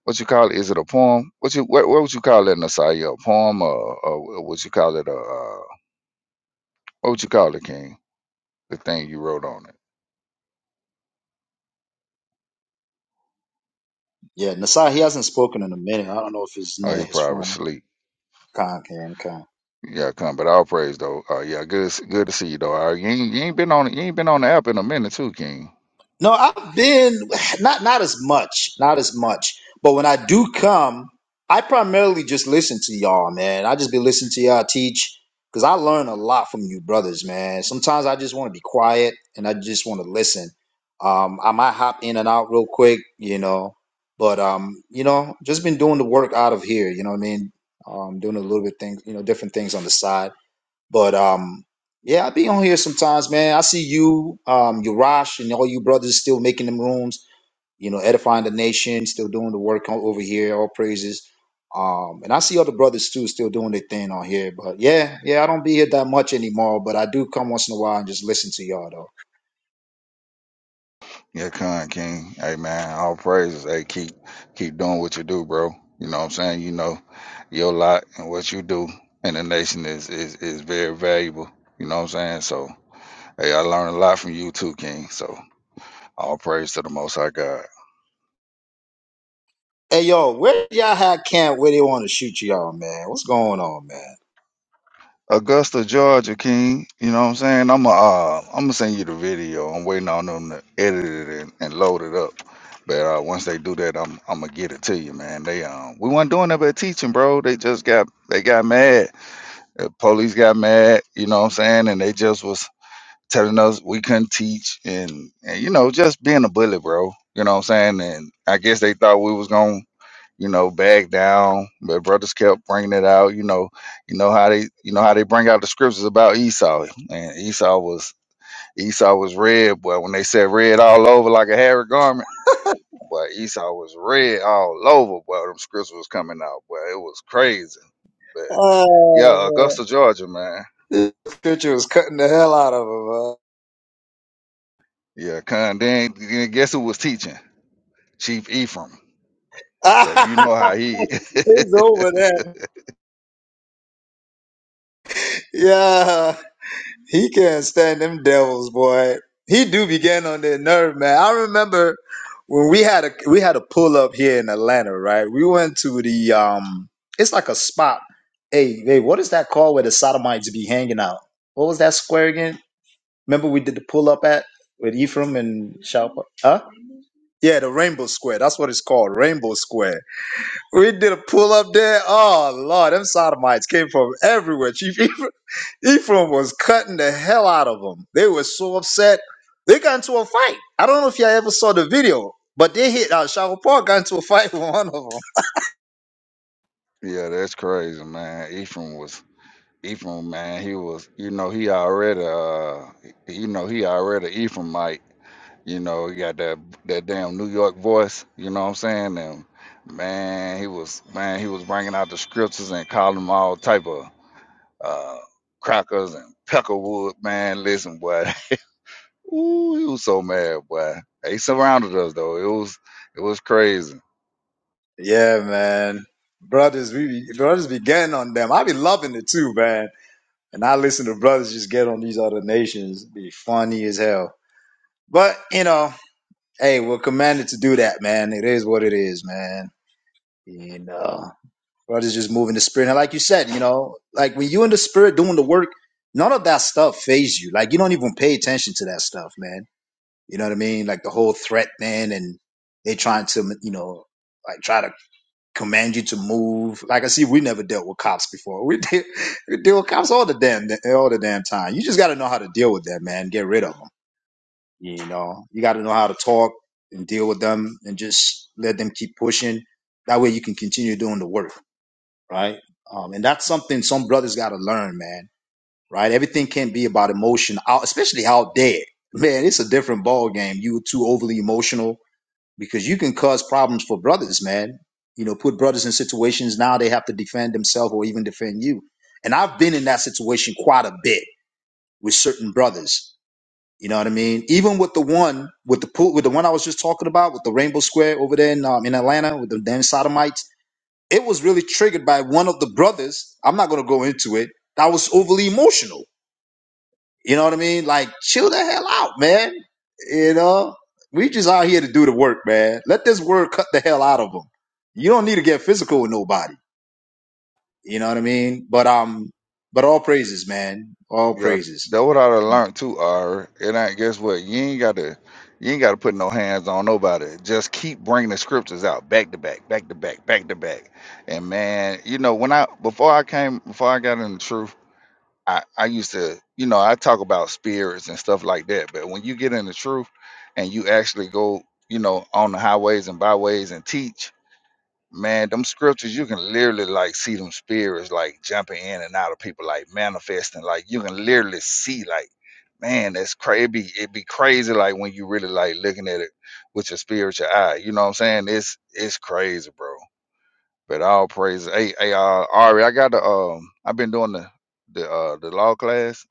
S9: what you call it? Is it a poem? What you what, what would you call it, Nasaya? A poem or, or what you call it? A uh, what would you call it, King? The thing you wrote on it.
S8: Yeah, Nasai, he hasn't spoken in a minute. I don't know if he's
S9: Oh,
S8: near
S9: he
S8: his
S9: probably
S8: phone.
S9: sleep.
S8: Con, can, con.
S9: Yeah, come, but all praise though. Uh, yeah, good, s- good to see you though. Uh, you ain't, you ain't been on, you ain't been on the app in a minute too, King.
S8: No, I've been not not as much, not as much. But when I do come, I primarily just listen to y'all, man. I just be listening to y'all teach because I learn a lot from you brothers, man. Sometimes I just want to be quiet and I just want to listen. Um, I might hop in and out real quick, you know. But um, you know, just been doing the work out of here. You know what I mean? Um, doing a little bit things, you know, different things on the side. But um, yeah, I be on here sometimes, man. I see you, um, Urash, and all you brothers still making them rooms. You know, edifying the nation, still doing the work o- over here. All praises. Um, and I see other brothers too, still doing their thing on here. But yeah, yeah, I don't be here that much anymore. But I do come once in a while and just listen to y'all though.
S9: Yeah, come, King. Hey man, all praises. Hey, keep, keep doing what you do, bro. You know what I'm saying? You know, your lot and what you do in the nation is is is very valuable. You know what I'm saying? So, hey, I learned a lot from you too, King. So, all praise to the Most High God.
S8: Hey yo, where y'all had camp? Where they want to shoot y'all, man? What's going on,
S9: Augusta, Georgia, King. You know what I'm saying? I'm going uh, I'm gonna send you the video. I'm waiting on them to edit it and, and load it up. But uh, once they do that, I'm I'm gonna get it to you, man. They um we weren't doing that but teaching, bro. They just got they got mad. The police got mad. You know what I'm saying? And they just was telling us we couldn't teach and, and you know just being a bully, bro. You know what I'm saying? And I guess they thought we was gonna you know, back down. But brothers kept bringing it out. You know, you know how they, you know how they bring out the scriptures about Esau, and Esau was Esau was red. But when they said red all over like a hairy garment, but Esau was red all over. But them scriptures was coming out. But it was crazy. But yeah,
S8: man?
S9: Augusta, Georgia, man.
S8: This picture was cutting the hell out of him.
S9: Yeah, con. Then, then guess who was teaching? Chief Ephraim. So you
S8: huh?
S9: know how he.
S8: it's over that. Yeah, he can't stand them devils, boy. He do be getting on their nerve, man. I remember when we had a we had a pull up here in Atlanta, right? We went to the um, it's like a spot. Hey, hey, what is that called where the sodomites be hanging out? What was that square again? Remember we did the pull up at with Ephraim and Shalpa? Huh? Yeah, the Rainbow Square. That's what it's called, Rainbow Square We did a pull up there. Oh Lord, them sodomites came from everywhere. Chief Ephraim, Ephraim was cutting the hell out of them. They were so upset. They got into a fight. I don't know if y'all ever saw the video, but they hit uh, Shadow Park got into a fight with one of them.
S9: yeah, that's crazy, man. Ephraim was Ephraim, man, he was, you know, he already, uh, you know, he already Ephraimite. You know, he got that that damn New York voice. You know what I'm saying? And man, he was, man, he was bringing out the scriptures and calling them all type of uh, crackers and peckerwood. Man, listen, boy, ooh, he was so mad, boy. They surrounded us though. It was, it was crazy.
S8: Yeah, man. Brothers, we be, brothers be getting on them. I be loving it too, man. And I listen to brothers just get on these other nations. Be funny as hell. But you know, hey, we're commanded to do that, man. It is what it is, man. You know. Brothers just moving the spirit. And like you said, you know, like when you in the spirit doing the work, none of that stuff phase you. Like you don't even pay attention to that stuff, man. You know what I mean? Like the whole threat man and they trying to, you know, like try to command you to move. Like I see, we never dealt with cops before. We, deal we deal with cops all the damn all the damn time. You just got to know how to deal with them, man. Get rid of them. You know, you got to know how to talk and deal with them and just let them keep pushing. That way you can continue doing the work right? Um, and that's something some brothers got to learn, man. Right? Everything can't be about emotion, out, especially out there. Man, it's a different ball game. You were too overly emotional because you can cause problems for brothers, man. You know, put brothers in situations now they have to defend themselves or even defend you. And I've been in that situation quite a bit with certain brothers. You know what I mean? Even with the one with the pool, with the one I was just talking about with the Rainbow Square over there in, um, in Atlanta with the damn sodomites it was really triggered by one of the brothers. I'm not going to go into it. That was overly emotional. You know what I mean? Like, chill the hell out, man. You know, we just out here to do the work, man. Let this word cut the hell out of them. You don't need to get physical with nobody. You know what I mean? But um, but all praises, man. All
S9: Yeah,
S8: praises.
S9: that what I done learned too, R. And I guess what? You ain't gotta you ain't gotta put no hands on nobody. Just keep bringing the scriptures out back to back, back to back, back to back. And man, you know, when I before I came before I got in the truth, I, I used to, you know, I talk about spirits and stuff like that. But when you get in the truth and you actually go, you know, on the highways and byways and teach Man, them scriptures, you can literally like see them spirits like jumping in and out of people, like manifesting. Like you can literally see, like, man, that's crazy. It be, it be crazy, like when you really like looking at it with your spiritual eye. You know what I'm saying? It's it's crazy, bro. But all praises. Hey, hey, uh, Ari, I got the um, I've been doing the the uh the law class,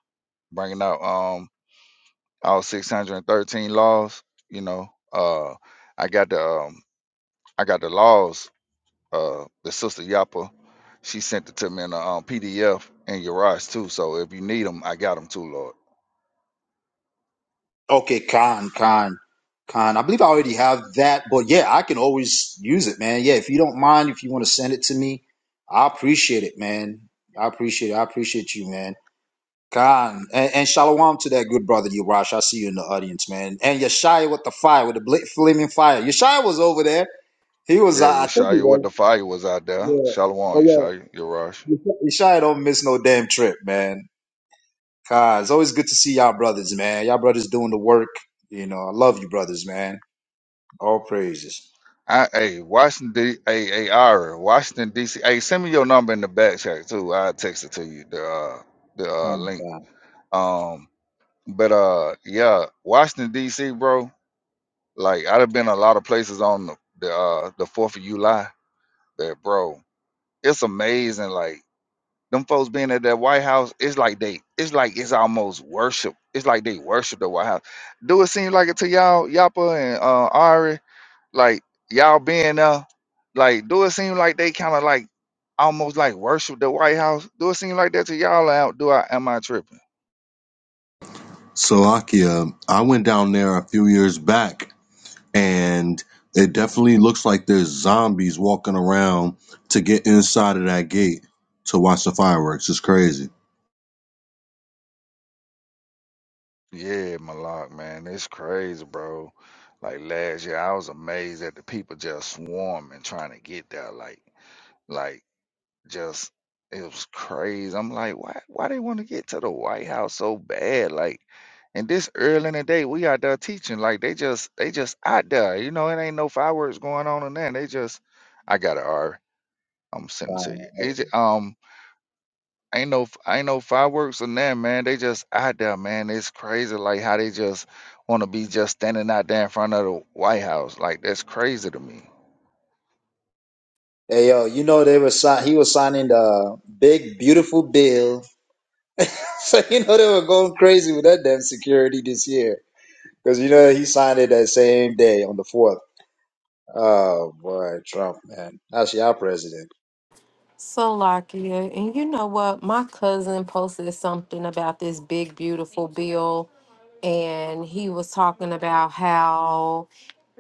S9: bringing out um all 613 laws. You know, uh, I got the um, I got the laws uh the sister Yapa, she sent it to me in a um, PDF and Urias too. So if you need them, I got them too, Lord.
S8: Okay, con, con, con. I believe I already have that, but yeah, I can always use it, man. Yeah, if you don't mind, if you want to send it to me, I appreciate it, man. I appreciate it. I appreciate you, man. Con and, and shalom to that good brother Yurash. I see you in the audience, man. And Yeshaya with the fire, with the bla- flaming fire. Yeshaya was over there. He was, uh,
S9: Yeah,
S8: I think he
S9: Yeshaya with
S8: was.
S9: the fire was out there.
S8: Yeah.
S9: Shalom,
S8: Oh
S9: Yeshaya, Urias.
S8: yeah. Yeshaya don't miss no damn trip, man. Con, it's always good to see y'all brothers, man. Y'all brothers doing the work. You know, I love you, brothers, man. All praises.
S9: I, hey, Washington, D, hey, hey, Ira, Washington D.C. Hey, send me your number in the back chat too. I'll text it to you. The uh, the uh,
S8: Oh,
S9: link.
S8: God,
S9: Um, but uh, yeah, Washington D.C., bro. Like I'd have been a lot of places on the the, uh, the Fourth of July, but bro, it's amazing. Like Them folks being at that White House, it's like they, it's like it's almost worship. It's like they worship the White House. Do it seem like it to y'all, Yapa and uh, Ari? Like y'all being there, like do it seem like they kind of like almost like worship the White House? Do it seem like that to y'all? Out? Do I am I tripping?
S5: So Akia, I went down there a few years back, and it definitely looks like there's zombies walking around to get inside of that gate to watch the fireworks. It's crazy.
S9: Yeah, Malak, man, it's crazy, bro. Like last year, I was amazed at the people just swarming trying to get there. Like, like. Just it was crazy. I'm like, why why they want to get to the White House so bad? Like, and this early in the day, we out there teaching. Like they just they just out there. You know, it ain't no fireworks going on in there. They just I got it, Ari. am sending
S8: God.
S9: to you. Is it um ain't no ain't no fireworks in there, man. They just out there, man. It's crazy like how they just want to be just standing out there in front of the White House. Like that's crazy to me.
S8: Hey yo, you know they were sign- he was signing the big beautiful bill. So you know they were going crazy with that damn security this year. Because you know he signed it that same day on the fourth. Oh boy, Trump, man. How's your president?
S6: So Lakia, and you know what? My cousin posted something about this big beautiful bill, and he was talking about how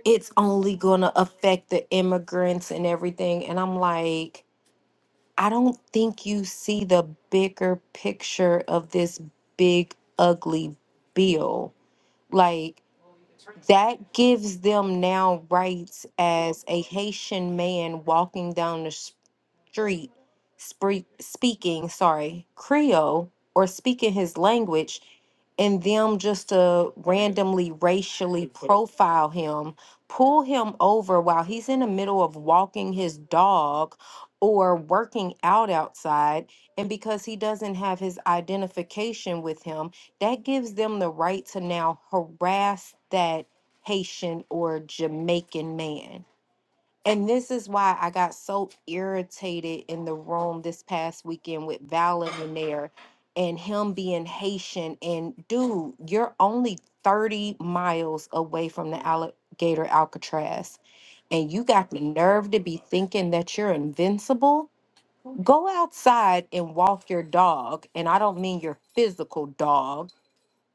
S6: it's only gonna affect the immigrants and everything. And I'm like, I don't think you see the bigger picture of this big ugly bill. Like that gives them now rights as a Haitian man walking down the street spree- speaking, sorry, Creole or speaking his language and them just to randomly racially profile him, pull him over while he's in the middle of walking his dog or working out outside. And because he doesn't have his identification with him, that gives them the right to now harass that Haitian or Jamaican man and this is why I got so irritated in the room this past weekend with Valor in there and him being Haitian. And dude, you're only 30 miles away from the alligator Alcatraz. And you got the nerve to be thinking that you're invincible. Go outside and walk your dog. And I don't mean your physical dog.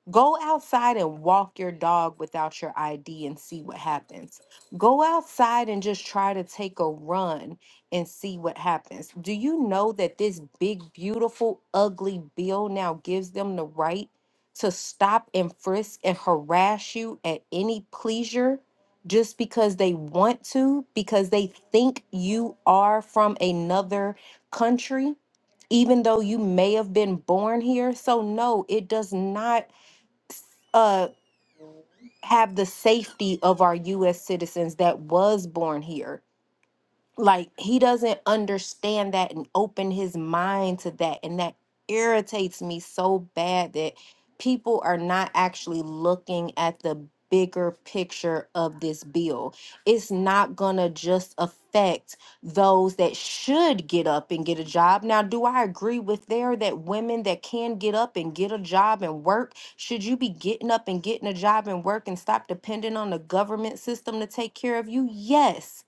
S6: Go outside and walk your dog without your ID and see what happens. Go outside and just try to take a run and see what happens. Do you know that this big, beautiful, ugly bill now gives them the right to stop and frisk and harass you at any pleasure just because they want to, because they think you are from another country? even though you may have been born here. So, no, it does not uh have the safety of our US citizens that was born here like he doesn't understand that and open his mind to that and that irritates me so bad that people are not actually looking at the bigger picture of this bill it's not going to just affect those that should get up and get a job now do i agree with there that women that can get up and get a job and work should you be getting up and getting a job and work and stop depending on the government system to take care of you yes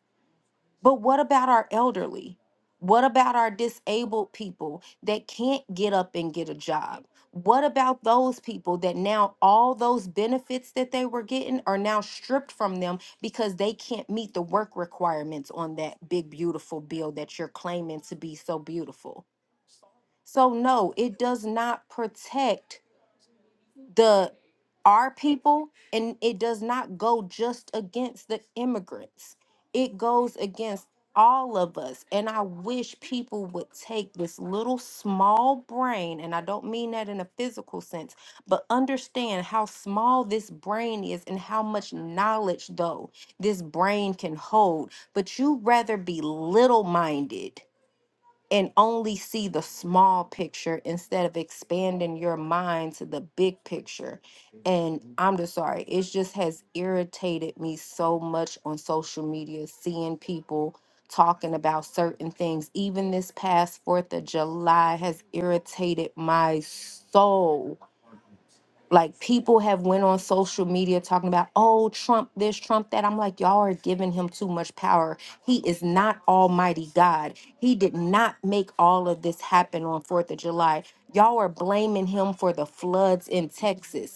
S6: but what about our elderly? What about our disabled people that can't get up and get a job? What about those people that now all those benefits that they were getting are now stripped from them because they can't meet the work requirements on that big, beautiful bill that you're claiming to be so beautiful? So, no, it does not protect the our people and it does not go just against the immigrants it goes against all of us and i wish people would take this little small brain and i don't mean that in a physical sense but understand how small this brain is and how much knowledge though this brain can hold but you rather be little minded and only see the small picture instead of expanding your mind to the big picture. And I'm just sorry, it just has irritated me so much on social media, seeing people talking about certain things. Even this past 4th of July has irritated my soul like people have went on social media talking about oh trump this trump that i'm like y'all are giving him too much power he is not almighty god he did not make all of this happen on fourth of july y'all are blaming him for the floods in texas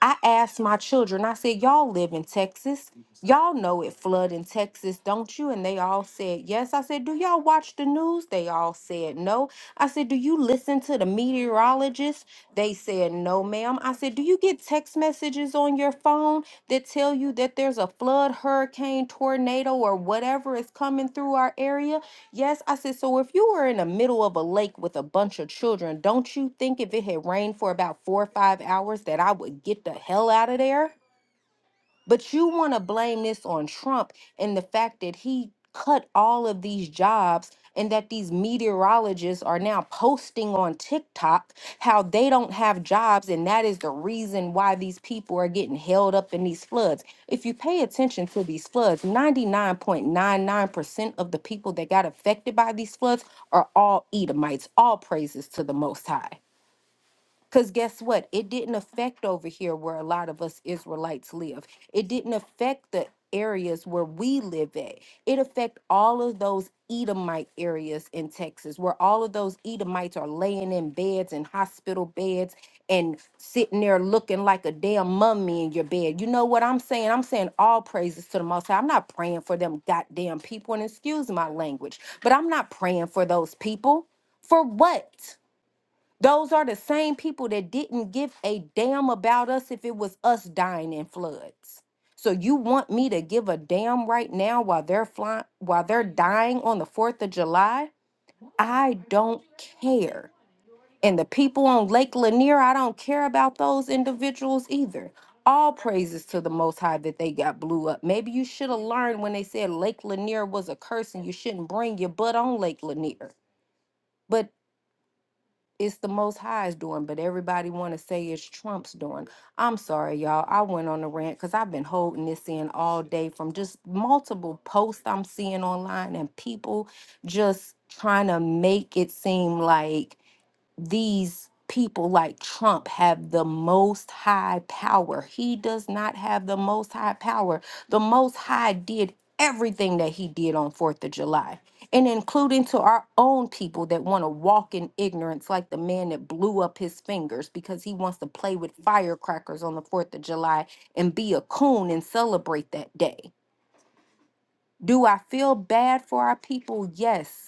S6: I asked my children, I said, Y'all live in Texas. Y'all know it flood in Texas, don't you? And they all said yes. I said, Do y'all watch the news? They all said no. I said, Do you listen to the meteorologist? They said no, ma'am. I said, Do you get text messages on your phone that tell you that there's a flood, hurricane, tornado, or whatever is coming through our area? Yes, I said, so if you were in the middle of a lake with a bunch of children, don't you think if it had rained for about four or five hours that I would get the hell out of there? But you want to blame this on Trump and the fact that he cut all of these jobs and that these meteorologists are now posting on TikTok how they don't have jobs and that is the reason why these people are getting held up in these floods. If you pay attention to these floods, 99.99% of the people that got affected by these floods are all Edomites. All praises to the most high. Because guess what? It didn't affect over here where a lot of us Israelites live. It didn't affect the areas where we live at. It affect all of those Edomite areas in Texas where all of those Edomites are laying in beds and hospital beds and sitting there looking like a damn mummy in your bed. You know what I'm saying? I'm saying all praises to the most High. I'm not praying for them goddamn people and excuse my language, but I'm not praying for those people. For what? Those are the same people that didn't give a damn about us if it was us dying in floods. So you want me to give a damn right now while they're flying while they're dying on the 4th of July? I don't care. And the people on Lake Lanier, I don't care about those individuals either. All praises to the most high that they got blew up. Maybe you should have learned when they said Lake Lanier was a curse and you shouldn't bring your butt on Lake Lanier. But it's the most high's doing, but everybody want to say it's Trump's doing. I'm sorry, y'all. I went on a rant because I've been holding this in all day from just multiple posts I'm seeing online and people just trying to make it seem like these people like Trump have the most high power. He does not have the most high power. The most high did everything that he did on 4th of July, and including to our own people that want to walk in ignorance, like the man that blew up his fingers because he wants to play with firecrackers on the 4th of July and be a coon and celebrate that day. Do I feel bad for our people? Yes.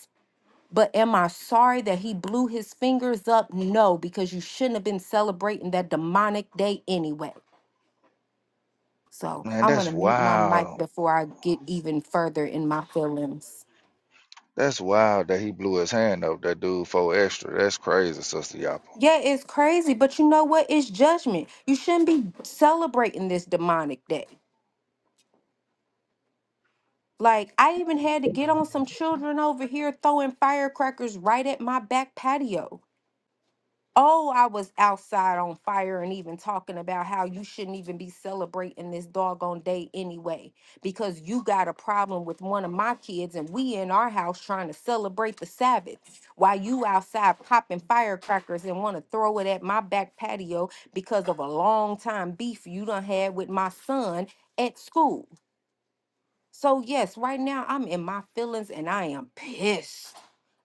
S6: But am I sorry that he blew his fingers up? No, because you shouldn't have been celebrating that demonic day anyway. So
S9: Man,
S6: I'm gonna
S9: that's
S6: mute my mic
S9: wild.
S6: before I get even further in my feelings.
S9: That's wild that he blew his hand up. That dude for extra. That's crazy, Sister Yapa.
S6: Yeah, it's crazy, but you know what? It's judgment. You shouldn't be celebrating this demonic day. Like I even had to get on some children over here throwing firecrackers right at my back patio. Oh, I was outside on fire and even talking about how you shouldn't even be celebrating this doggone day anyway, because you got a problem with one of my kids and we in our house trying to celebrate the Sabbath while you outside popping firecrackers and want to throw it at my back patio because of a long time beef you done had with my son at school. So yes, right now I'm in my feelings and I am pissed.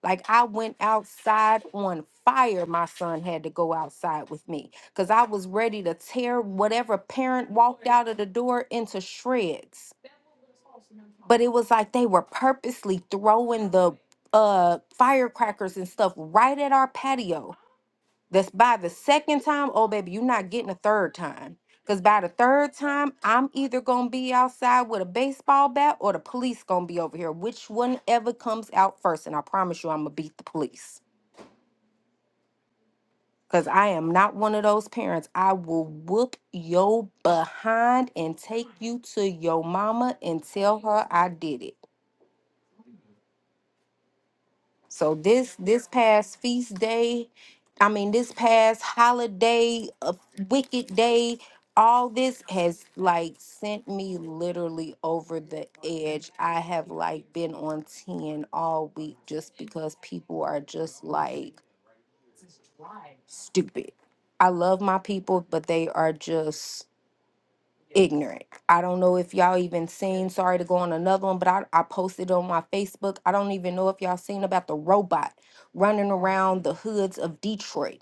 S6: Like I went outside on fire. My son had to go outside with me because I was ready to tear whatever parent walked out of the door into shreds. But it was like they were purposely throwing the uh firecrackers and stuff right at our patio. That's by the second time, oh baby, you're not getting a third time. Cause by the third time, I'm either gonna be outside with a baseball bat or the police gonna be over here. Which one ever comes out first? And I promise you, I'm gonna beat the police. Cause I am not one of those parents. I will whoop your behind and take you to your mama and tell her I did it. So this this past feast day, I mean this past holiday, uh, wicked day, all this has like sent me literally over the edge. I have like been on 10 all week just because people are just like stupid. I love my people, but they are just ignorant. I don't know if y'all even seen. Sorry to go on another one, but I, I posted on my Facebook. I don't even know if y'all seen about the robot running around the hoods of Detroit.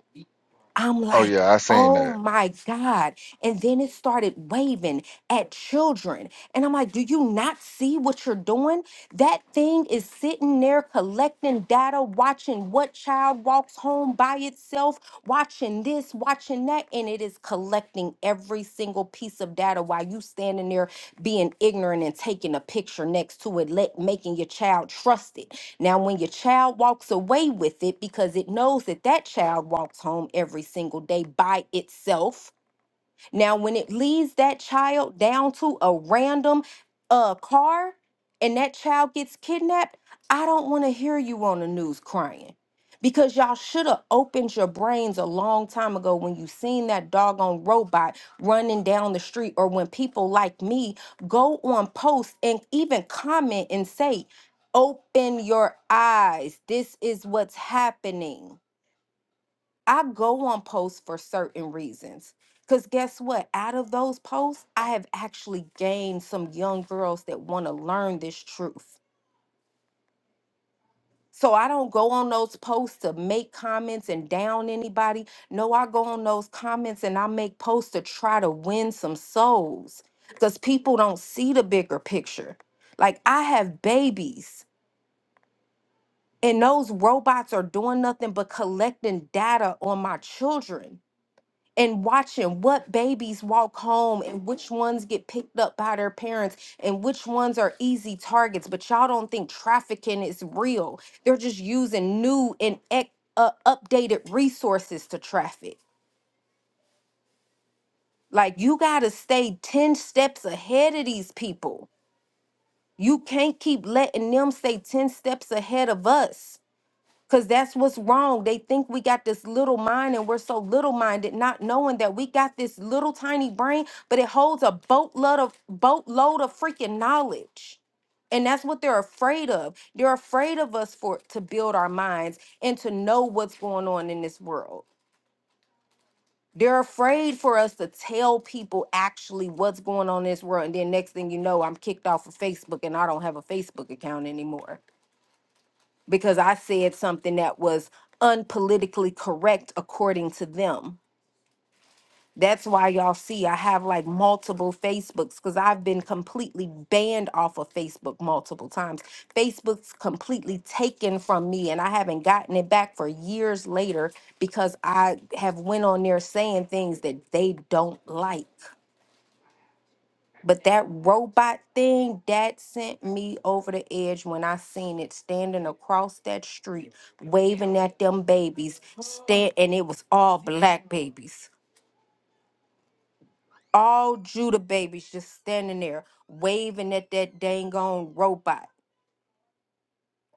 S6: I'm
S9: Oh
S6: like,
S9: yeah, I seen
S6: oh
S9: that.
S6: my God. And then it started waving at children. And I'm like, do you not see what you're doing? That thing is sitting there collecting data, watching what child walks home by itself, watching this, watching that. And it is collecting every single piece of data while you standing there being ignorant and taking a picture next to it, let, making your child trust it. Now, when your child walks away with it because it knows that that child walks home every single day by itself, now, when it leads that child down to a random uh, car and that child gets kidnapped, I don't want to hear you on the news crying because y'all should have opened your brains a long time ago when you seen that doggone robot running down the street or when people like me go on posts and even comment and say, Open your eyes. This is what's happening I go on posts for certain reasons. Because guess what? Out of those posts, I have actually gained some young girls that want to learn this truth. So I don't go on those posts to make comments and down anybody. No, I go on those comments and I make posts to try to win some souls because people don't see the bigger picture. Like I have babies and those robots are doing nothing but collecting data on my children. and watching what babies walk home and which ones get picked up by their parents and which ones are easy targets. But y'all don't think trafficking is real. They're just using new and ec- uh, updated resources to traffic. Like you got to stay 10 steps ahead of these people. You can't keep letting them stay 10 steps ahead of us. Because that's what's wrong. They think we got this little mind and we're so little minded, not knowing that we got this little tiny brain, but it holds a boatload of boatload of freaking knowledge. And that's what they're afraid of. They're afraid of us for to build our minds and to know what's going on in this world. They're afraid for us to tell people actually what's going on in this world. And then next thing you know, I'm kicked off of Facebook and I don't have a Facebook account anymore because I said something that was unpolitically correct according to them. That's why y'all see I have like multiple Facebooks because I've been completely banned off of Facebook multiple times. Facebook's completely taken from me and I haven't gotten it back for years later because I have went on there saying things that they don't like. But that robot thing that sent me over the edge when I seen it standing across that street, waving at them babies. Stand, and it was all black babies, all Judah babies, just standing there waving at that dang on robot,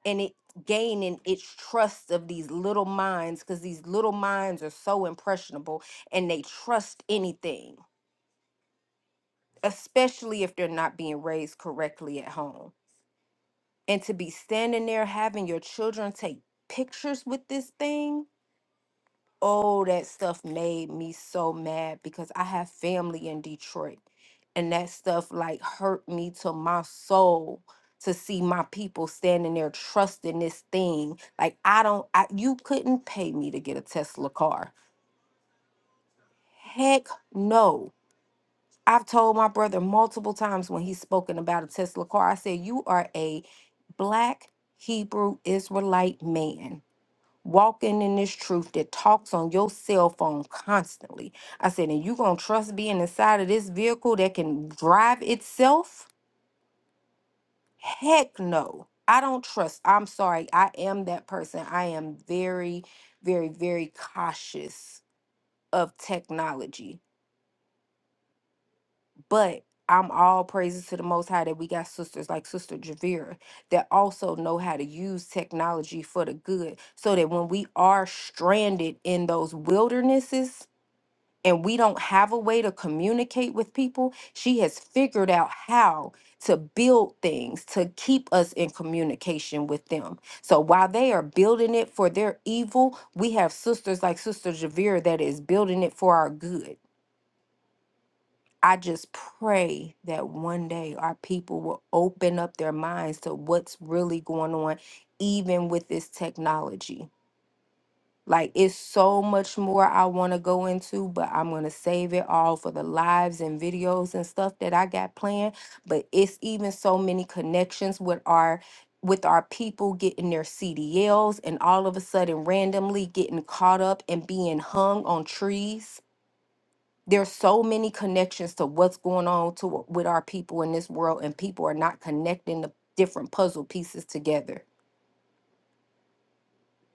S6: and it gaining its trust of these little minds because these little minds are so impressionable and they trust anything, especially if they're not being raised correctly at home. and to be standing there having your children take pictures with this thing oh that stuff made me so mad because i have family in detroit and that stuff like hurt me to my soul to see my people standing there trusting this thing like i don't I, you couldn't pay me to get a tesla car heck no i've told my brother multiple times when he's spoken about a tesla car i said you are a black hebrew israelite man walking in this truth that talks on your cell phone constantly. I said, and you gonna trust being inside of this vehicle that can drive itself? Heck no. I don't trust. I'm sorry. I am that person. I am very, very, very cautious of technology. But I'm all praises to the Most High that we got sisters like Sister Javira that also know how to use technology for the good so that when we are stranded in those wildernesses, and we don't have a way to communicate with people, she has figured out how to build things to keep us in communication with them. So while they are building it for their evil, we have sisters like Sister Javira that is building it for our good. I just pray that one day our people will open up their minds to what's really going on, even with this technology like it's so much more I want to go into, but I'm going to save it all for the lives and videos and stuff that I got planned, but it's even so many connections with our with our people getting their CDLs and all of a sudden randomly getting caught up and being hung on trees. There's so many connections to what's going on to with our people in this world and people are not connecting the different puzzle pieces together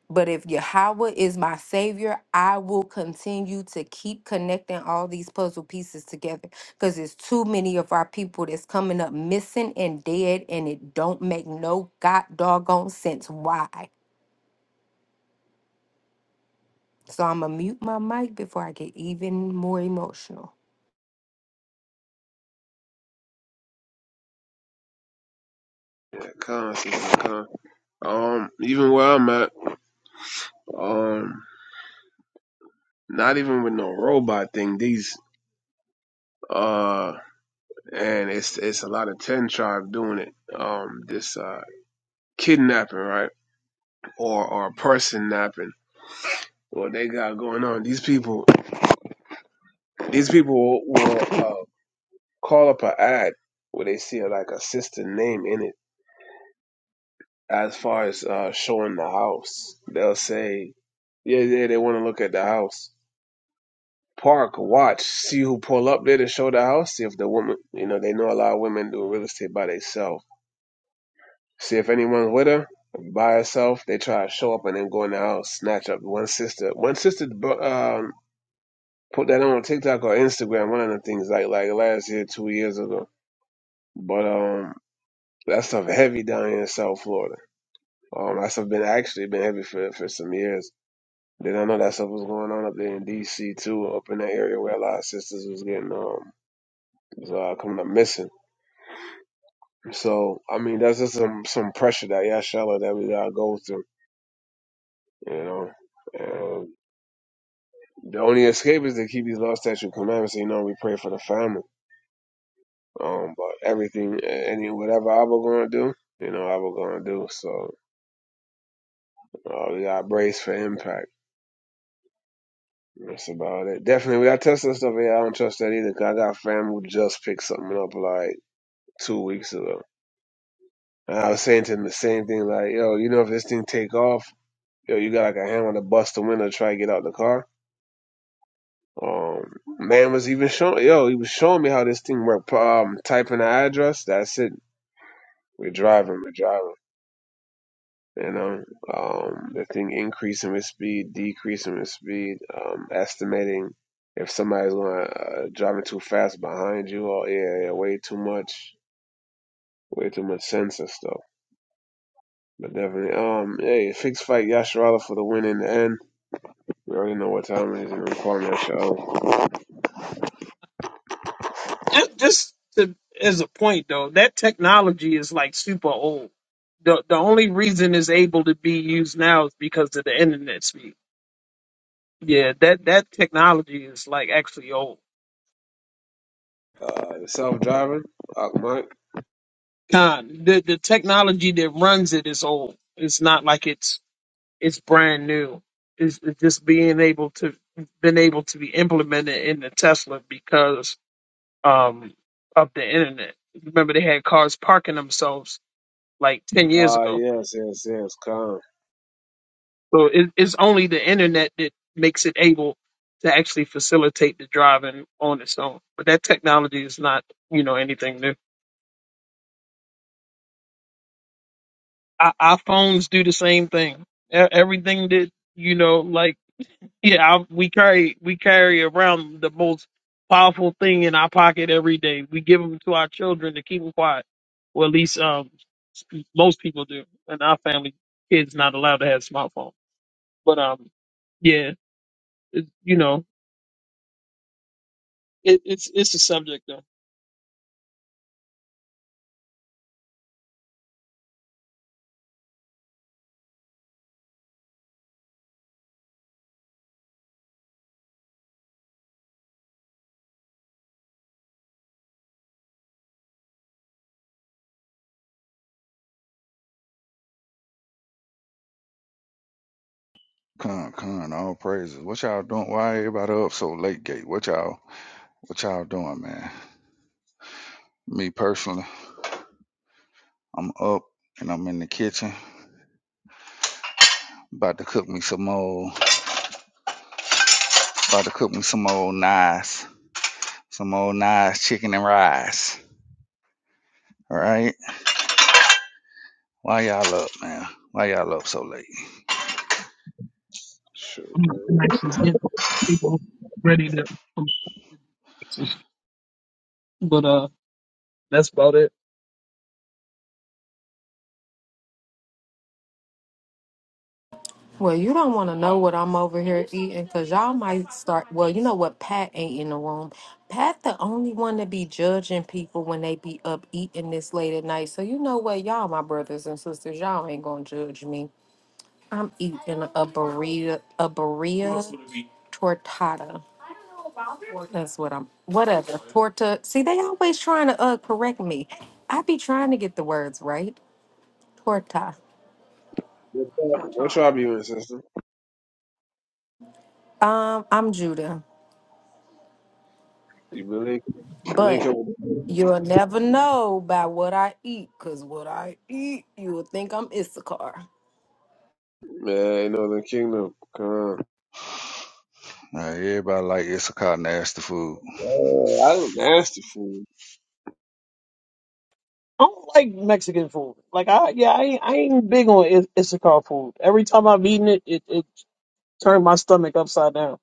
S6: But if Yahweh is my savior, I will continue to keep connecting all these puzzle pieces together because there's too many of our people that's coming up missing and dead, and it don't make no god doggone sense why. So I'm gonna mute my mic before I get even more emotional.
S7: Yeah, come, sister, come. Um, even where I'm at, um, not even with no robot thing. These uh, and it's it's a lot of ten tribe doing it. Um, this uh kidnapping, right, or or person napping. What they got going on? These people, these people will. will uh, call up an ad where they see like a sister name in it. As far as uh, showing the house, they'll say, "Yeah, yeah, they want to look at the house." Park, watch, see who pull up there to show the house. See if the woman, you know, they know a lot of women do real estate by themselves. See if anyone's with her by herself. They try to show up and then go in the house, snatch up one sister. One sister um, put that on TikTok or Instagram. One of the things like like last year, two years ago. But um, that stuff heavy down here in South Florida Um, that stuff been actually been heavy for for some years. Then I know that stuff was going on up there in D.C. too, up in that area where a lot of sisters was getting um was uh, coming up missing. So I mean, that's just some some pressure that Yashala that we gotta go through, you know. And the only escape is to keep these law, statutes, commandments. so You know, we pray for the family. Um, but everything, any whatever I was gonna do, you know, I was gonna do. So uh, we got brace for impact. That's about it. Definitely, we got Tesla stuff here. I don't trust that either. 'cause I got fam who just picked something up like two weeks ago. And I was saying to him the same thing, like, yo, you know, if this thing take off, yo, you got like a hammer to bust the window to try to get out the car. Um, man was even showing, yo, he was showing me how this thing worked. Um, typing the address, that's it. We're driving, we're driving. You know, um, the thing increasing with speed, decreasing with speed, um, estimating if somebody's going uh, driving too fast behind you, or yeah, yeah, way too much, way too much sense and stuff. But definitely, um, hey, fixed fight Yasharala for the win in the end. We already know what time it is, and i calling that show.
S3: Just just to, as a point though, that technology is like super old. The the only reason it's able to be used now is because of the internet speed. Yeah, that that technology is like actually old.
S7: Uh, the self driving, Mike.
S3: Con the the technology that runs it is old. It's not like it's It's brand new. It's, it's just being able to been able to be implemented in the Tesla because um of the internet. Remember they had cars parking themselves like ten years
S7: Ah, uh,
S3: ago.
S7: yes, yes, yes, calm.
S3: So it, it's only the internet that makes it able to actually facilitate the driving on its own. But that technology is not, you know, anything new. Our, our phones do the same thing. E- Everything that you know, like Yeah, I, we carry we carry around the most powerful thing in our pocket every day. We give them to our children to keep them quiet. Well, at least um, most people do. And our family, kids not allowed to have smartphones. But um, yeah, it, you know, it, it's it's a subject though.
S9: Con, con, all praises. What y'all doing? Why everybody up so late, Gate? What y'all, what y'all doing, man? Me personally, I'm up and I'm in the kitchen about to cook me some old, about to cook me some old nice, some old nice chicken and rice. All right. Why y'all up, man? Why y'all up so late?
S7: Shoot,
S3: I'm not
S7: man.
S3: gonna actually get people ready to. But uh, that's about it.
S6: Well, you don't want to know what I'm over here eating because y'all might start. Well, you know what? Pat ain't in the room. Pat, the only one to be judging people when they be up eating this late at night. So, you know what? Y'all, my brothers and sisters, y'all ain't going to judge me. I'm eating a burrito, a burrito tortada. That's what I'm, whatever. Torta. See, they always trying to uh, correct me. I be trying to get the words right. Torta.
S7: What tribe what tribe you in, sister?
S6: Um, I'm Judah,
S7: You believe? Link
S6: but
S7: up with
S6: You'll never know by what I eat, because what I eat, you will think I'm Issachar.
S7: Man, ain't Northern Kingdom. Come on.
S9: Uh, everybody like Issachar nasty food.
S7: Oh, I look nasty food.
S3: I don't like Mexican food. Like I, yeah, I, ain't- I ain't big on Is- Issacar food. Every time I've eaten it, it, it Turn my stomach upside down.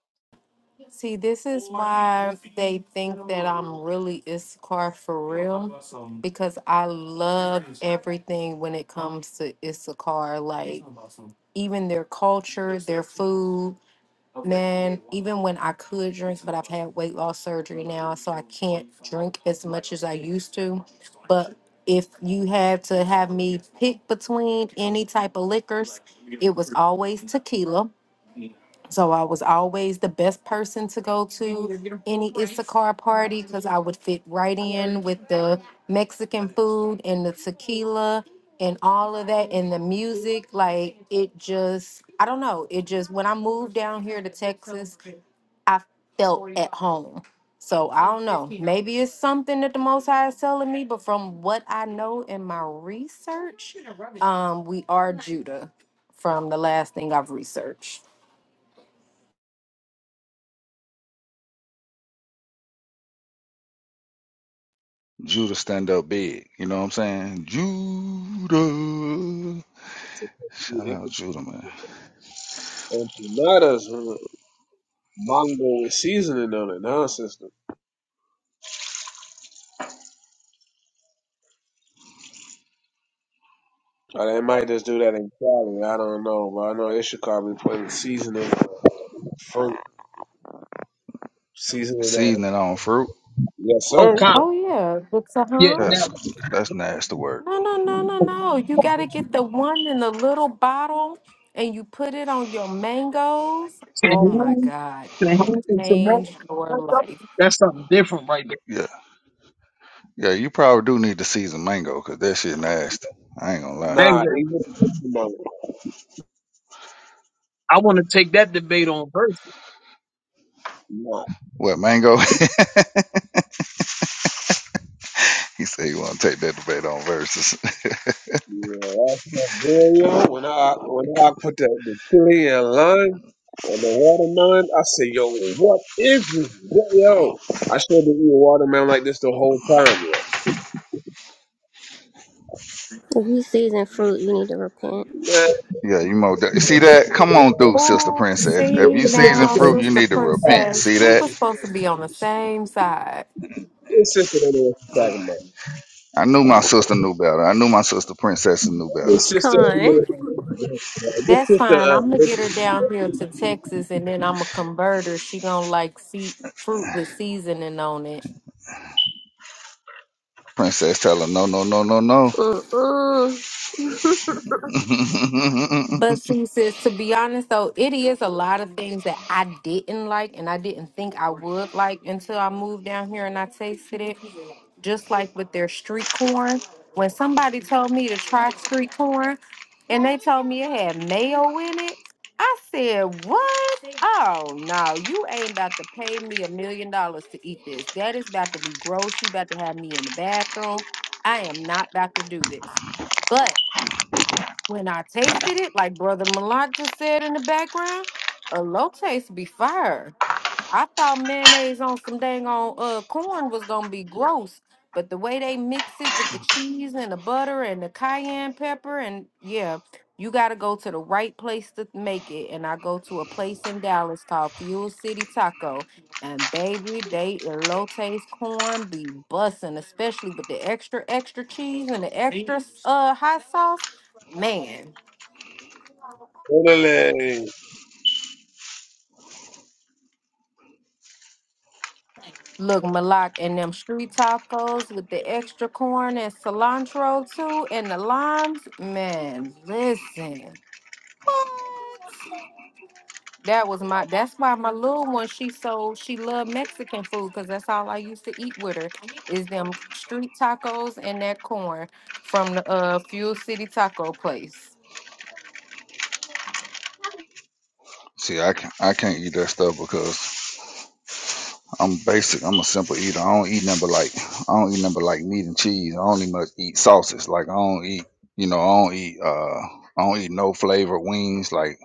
S6: See, this is why they think that I'm really Issachar for real, because I love everything when it comes to Issachar, like even their culture, their food. Man, even when I could drink, but I've had weight loss surgery now, so I can't drink as much as I used to. But if you had to have me pick between any type of liquors, it was always tequila. So I was always the best person to go to any Issachar party because I would fit right in with the Mexican food and the tequila and all of that and the music. Like it just, I don't know. It just, when I moved down here to Texas, I felt at home. So I don't know. Maybe it's something that the Most High is telling me, but from what I know in my research, um, we are Judah from the last thing I've researched.
S9: Judah stand up big. You know what I'm saying? Judah.
S7: It's
S9: Shout
S7: a-
S9: out Judah, man.
S7: Empanadas, huh? mango with seasoning on it, nonsense. Or they might just do that in Cali. I don't know, but I know they should probably put in seasoning, fruit seasoning on it.
S9: Seasoning on fruit.
S7: Yes,
S3: Oh,
S7: sir.
S3: comp.
S6: Oh yeah, the
S3: Yeah.
S6: Saham.
S9: That's
S3: Now,
S9: that's nasty work.
S6: No, no, no, no, no. You gotta get the one in the little bottle, and you put it on your mangoes. Oh my
S3: Cahoon,
S6: God, it will
S3: Cahoon and Simone,
S6: change your life.
S3: that's something different right there.
S9: Yeah. Yeah, you probably do need to season mango because that shit nasty. I ain't gonna lie.
S3: Man,
S7: Nah,
S3: man,
S7: even no,
S3: I want to take that debate on versus.
S7: nah.
S9: What mango? he said you wanna take that debate on verses.
S7: Yeah, that's not Oreo. When I when I put that the chili and lime. And the watermelon, I said, yo, what is this? Yo, I should have been eating watermelon like this the whole time.
S4: if you season fruit, you need to repent.
S7: Man,
S9: yeah, you mo you see that? Come on through, sister
S6: Oh,
S9: princess. If
S6: see
S9: you season
S6: now,
S9: fruit, you
S6: sister
S9: need to repent.
S6: princess,
S9: See
S6: we were
S9: that?
S6: supposed to be on the same side.
S7: this sister don't know what she's talking about.
S9: I knew my sister knew better. I knew my sister princess knew better.
S7: This sister, do know
S4: Con.
S6: That's fine. I'm gonna
S7: this
S6: get her down here to Texas, and then I'm gonna convert her. She gonna like see fruit with seasoning on it.
S9: Princess tell her no no no no no.
S4: Mm-mm.
S6: But she says, to be honest though, it is a lot of things that I didn't like and I didn't think I would like until I moved down here and I tasted it. Just like with their street corn. When somebody told me to try street corn and they told me it had mayo in it, I said, What? Oh no, you ain't about to pay me a million dollars to eat this. That is about to be gross. You about to have me in the bathroom. I am not about to do this. But when I tasted it, like Brother Malak just said in the background, a low taste be fire. I thought mayonnaise on some dang on uh corn was gonna be gross, but the way they mix it with the cheese and the butter and the cayenne pepper and yeah, you gotta go to the right place to make it. And I go to a place in Dallas called Fuel City Taco, and baby, they elotes corn be bussin', especially with the extra extra cheese and the extra uh hot sauce. Man, Look, Malak, and them street tacos with the extra corn and cilantro too, and the limes. Man, listen, what? That was my. That's why my little one. She so she loved Mexican food because that's all I used to eat with her is them street tacos and that corn from the uh Fuel City Taco Place.
S9: See, I can't, I can't eat that stuff because I'm basic. I'm a simple eater. I don't eat nothing but like I don't eat nothing but like meat and cheese. I only much eat sauces. Like I don't eat, you know, I don't eat uh I don't eat no flavored wings like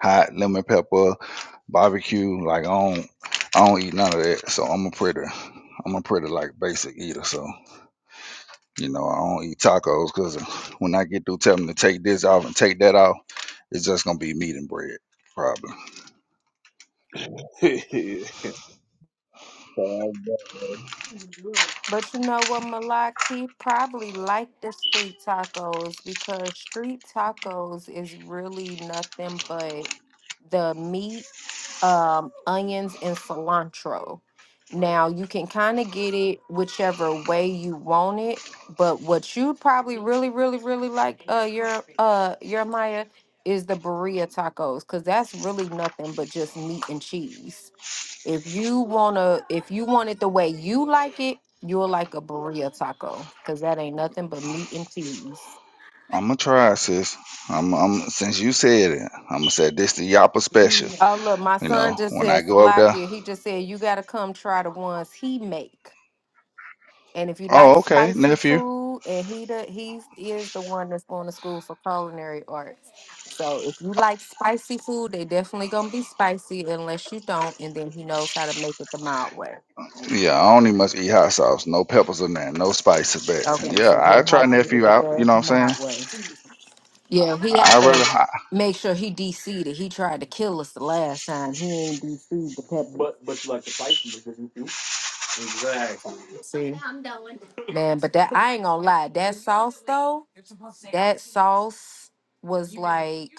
S9: hot lemon pepper, barbecue. Like I don't I don't eat none of that. So I'm a pretty I'm a pretty like basic eater. So you know I don't eat tacos because when I get through telling them to take this off and take that off, it's just gonna be meat and bread probably.
S7: sister, uh, Italy.
S6: But you know what, Malaki probably like the street tacos because street tacos is really nothing but the meat, um, onions, and cilantro. Now you can kind of get it whichever way you want it, but what you probably really, really, really like, uh, your uh, your Maya is the burrito tacos because that's really nothing but just meat and cheese. If you wanna, if you want it the way you like it, you'll like a burrito taco because that ain't nothing but meat and cheese.
S9: I'm gonna try, sis. I'm, I'm since you said it, I'm gonna say this the Yapa special.
S6: Oh look, my
S9: You
S6: son
S9: know,
S6: just
S9: when
S6: said
S9: I go up there.
S6: Salakia. He just said you gotta come try the ones he make. And if you like
S9: Oh, okay,
S6: spicy
S9: nephew.
S6: food, and he the he is the one that's going to school for culinary arts. So if you like spicy food, they definitely gonna be spicy unless you don't, and then he knows how to make it the mild way.
S9: Yeah, I only must eat hot sauce, no peppers in there. no spices. But
S6: Okay,
S9: yeah,
S6: so
S9: I
S6: he'll
S9: try
S6: have to make
S9: nephew
S6: it
S9: out. You
S6: the
S9: know what I'm
S6: mild
S9: saying?
S6: way. Yeah, he
S9: I
S6: had
S9: rather
S6: to
S9: I,
S6: make sure he DC'd it. He tried to kill us the last time. He ain't DC'd the peppers. But but you like the spicy? didn't you? Exactly. See, I'm going. man, but that I ain't gonna lie. That sauce though, that sauce was like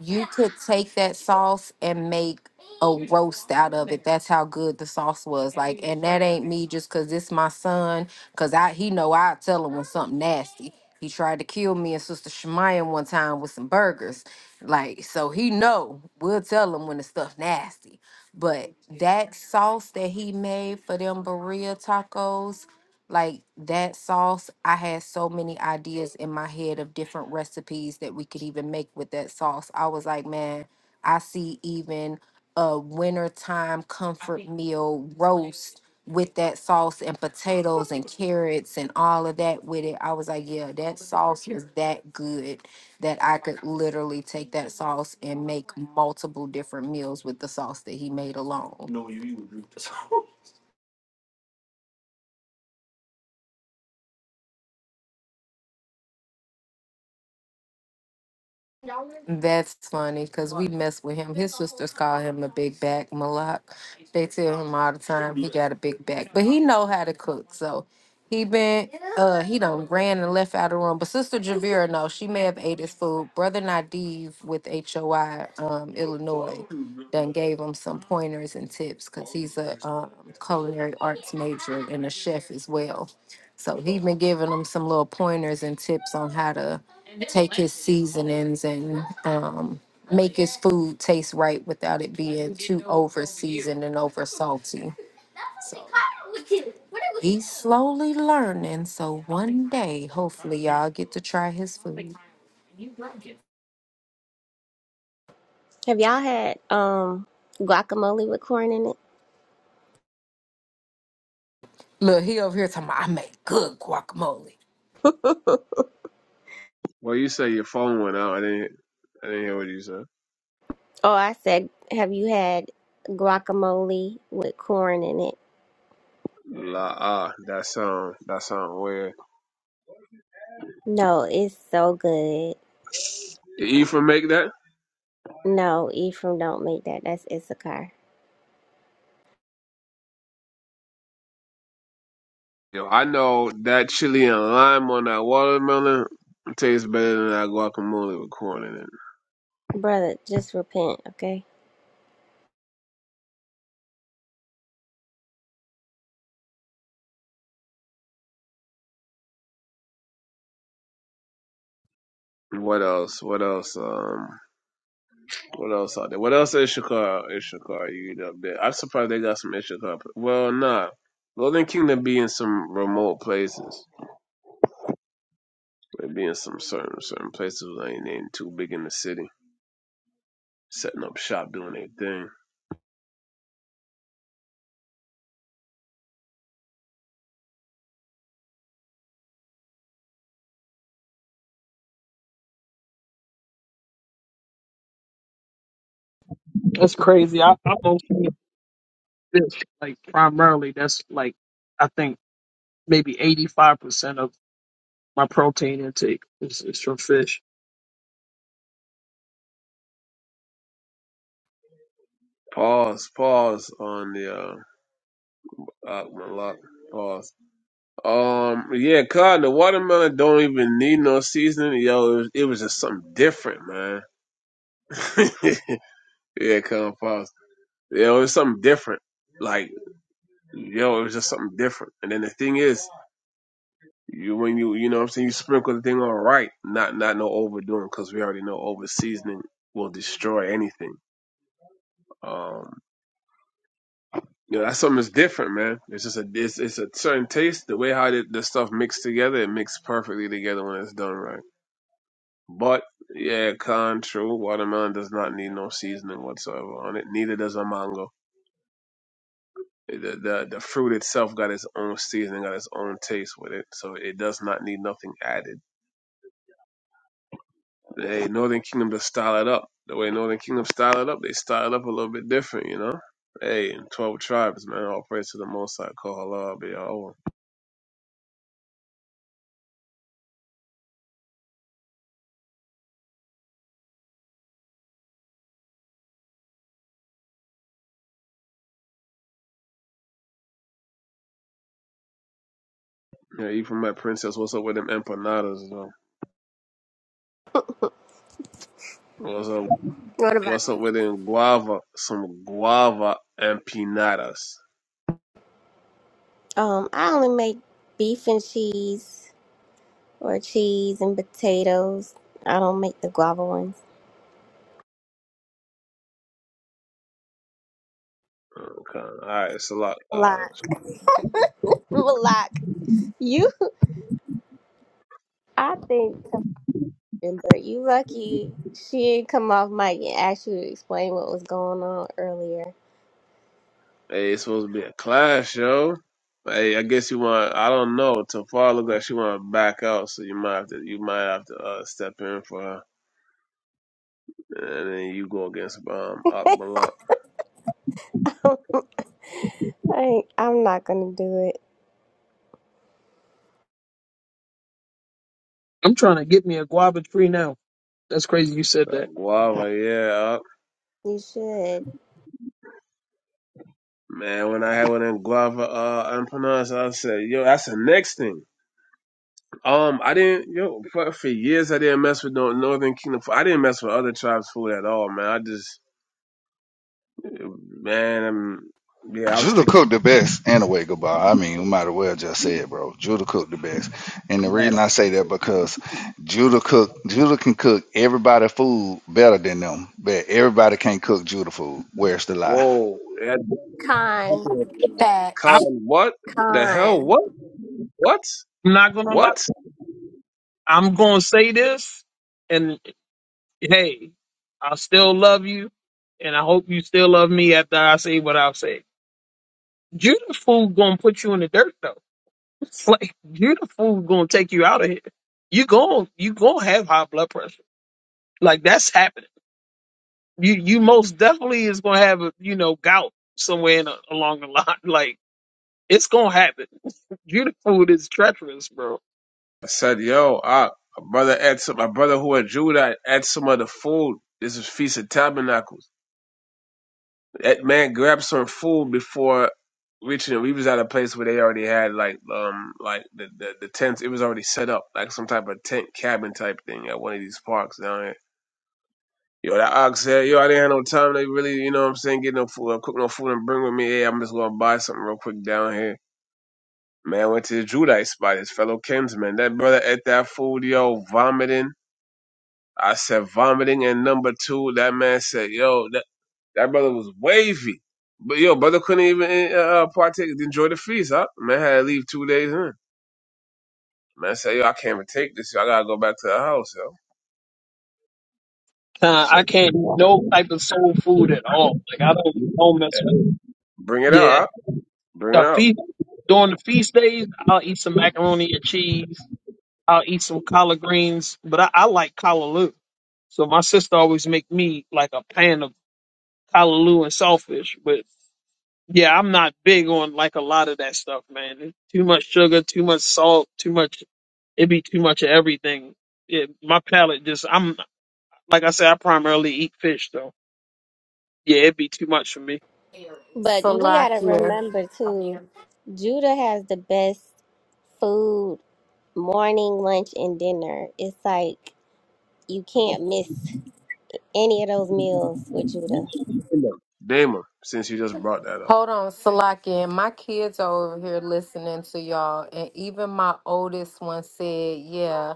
S6: you could take that sauce and make a roast out of it. That's how good the sauce was. Like, and that ain't me just cause it's my son. Cause I he know I tell him when something nasty. He tried to kill me and Sister Shemaya one time with some burgers. Like, so he know we'll tell him when the stuff nasty. But that sauce that he made for them burrito tacos, like that sauce, I had so many ideas in my head of different recipes that we could even make with that sauce. I was like, man, I see even a wintertime comfort meal roast with that sauce and potatoes and carrots and all of that with it. I was like, yeah, that sauce is that good that I could literally take that sauce and make multiple different meals with the sauce that he made alone. No, you, you would drink the sauce. That's funny because we mess with him. His sisters call him a big back Malak. They tell him all the time he got a big back, but he know how to cook. So he been uh he done ran and left out of the room. But Sister Javira, no, she may have ate his food. Brother Nadiv with HOI um Illinois done gave him some pointers and tips because he's a um, culinary arts major and a chef as well. So he been giving him some little pointers and tips on how to take his seasonings and um, make his food taste right without it being too over seasoned and over salty. He's slowly learning, so one day, hopefully, y'all get to try his food.
S4: Have y'all had um guacamole with corn in it?
S6: Look, he over here talking about, I make good guacamole.
S7: well, you say your phone went out. I didn't. I didn't hear what you said.
S4: Oh, I said, have you had guacamole with corn in it?
S7: La ah, that sound that sound weird.
S4: No, it's so good.
S7: Did Ephraim make that?
S4: No, Ephraim, don't make that. That's Issachar.
S7: Yo, I know that chili and lime on that watermelon tastes better than that guacamole with corn in it.
S4: Brother, just repent, okay?
S7: What else? What else? Um, what else out there? What else is Ishikar? Ishikar, you eat up there? I'm surprised they got some Ishikar. pl- Well, nah. Golden Kingdom be in some remote places. They be in some certain certain places where they ain't, they ain't too big in the city, setting up shop, doing their thing.
S3: That's crazy. I, I'm mostly this, like, primarily, that's like, I think maybe 85% of my protein intake is, is from fish.
S7: Pause, pause on the uh, uh my luck. Pause. Um, yeah, cotton. The watermelon don't even need no seasoning. Yo, it was, it was just something different, man. yeah, cotton pause. Yo, it was something different. Like, yo, it was just something different. And then the thing is, you when you you know what I'm saying you sprinkle the thing on right, not not no overdoing, because we already know over seasoning will destroy anything. Um, you know, that's something that's different, man. It's just a it's, it's a certain taste. The way how the, the stuff mixed together, it mixed perfectly together when it's done right. But yeah, con true. Watermelon does not need no seasoning whatsoever on it. Neither does a mango. It- The, the the fruit itself got its own seasoning, got its own taste with it, so it does not need nothing added. Hey, Northern Kingdom just style it up. The way Northern Kingdom style it up, they style it up a little bit different, you know. Hey, twelve tribes, man. All praise to the Most High, Call Allah Kohala, Yeah, you from my princess. What's up with them empanadas, though? What's up?
S4: What about
S7: What's up
S4: it?
S7: with them guava? Some guava empanadas.
S4: Um, I only make beef and cheese or cheese and potatoes. I don't make the guava ones.
S7: Okay. All right. It's a lot. Uh,
S4: Block. Block. You? I think, Amber, you lucky she didn't come off mic and actually explain what was going on earlier.
S7: hey, it's supposed to be a clash, yo. Hey, I guess you want. I don't know. Tafar looks like she want to back out, so you might have to. You might have to uh, step in for her, and then you go against um Akbalak.
S4: I ain't- I'm not gonna do it.
S3: I'm trying to get me a guava tree now. That's crazy you said
S7: Uh,
S3: that.
S7: guava, yeah. Uh,
S4: You should.
S7: man, when I had one of them guava uh, empanadas, I said, yo, that's the next thing. Um, I didn't yo for, for years I didn't mess with no Northern Kingdom. food. I didn't mess with other tribes' food at all, man. I just man, I'm, yeah, i was
S9: Judah
S7: sticking.
S9: cooked the best anyway. Goodbye. I mean, we might as well just say it, bro. Judah cooked the best, and the reason I say that because Judah cook Judah can cook everybody food better than them, but everybody can't cook Judah food. Where's the lie?
S7: Whoa, that,
S4: Con,
S7: Con,
S3: I'm
S6: Batch,
S7: what the hell?
S4: con.
S7: What? What?
S3: not going to lie.
S7: What?
S3: I'm going to say this. hey, I still love you, and I hope you still love me after I say what I'll say. Judah fool gonna put you in the dirt though. It's like Judah fool gonna take you out of here. You gon' you gonna have high blood pressure. Like that's happening. You you most definitely is gonna have a you know gout somewhere in a, along the line. Like it's gonna happen. Judah food is treacherous, bro.
S7: I said, yo, I, my brother had some. My brother who had Judah had some of the food. This is Feast of Tabernacles. That man grabbed some food before reaching it. We was at a place where they already had like um like the, the the tents. It was already set up like some type of tent cabin type thing at one of these parks down here. Yo, that ox said, yo, I didn't have no time. They really, you know what I'm saying, get no food, uh, cook no food and bring with me. Hey, I'm just gonna buy something real quick down here. Man went to the Judite spot, his fellow kinsman. That brother ate that food, yo, vomiting. I said vomiting, and number two, that man said, "Yo, that." That brother was wavy. But yo, brother couldn't even uh, partake, enjoy the feast, huh? Man had to leave two days in. Man said, yo, I can't even take this. Yo. I gotta go back to the house, yo.
S3: Uh,
S7: So
S3: I can't eat no type of soul food at all. Like I don't don't mess
S7: bring it
S3: with.
S7: out, huh? Bring it
S3: The
S7: out.
S3: feast during the feast days, I'll eat some macaroni and cheese. I'll eat some collard greens, but I, I like callaloo. So my sister always make me like a pan of collard callaloo and saltfish. But yeah, I'm not big on like a lot of that stuff, man. It's too much sugar, too much salt, too much. It be too much of everything. It, my palate just I'm like I said, I primarily eat fish though. Yeah, it'd be too much for me.
S4: But we gotta
S6: salakia.
S4: remember too, Judah has the best food, morning, lunch, and dinner. It's like you can't miss any of those meals with Judah.
S7: Damon, since you just brought that up.
S6: Hold on, Salaki, my kids are over here listening to y'all, and even my oldest one said, "Yeah."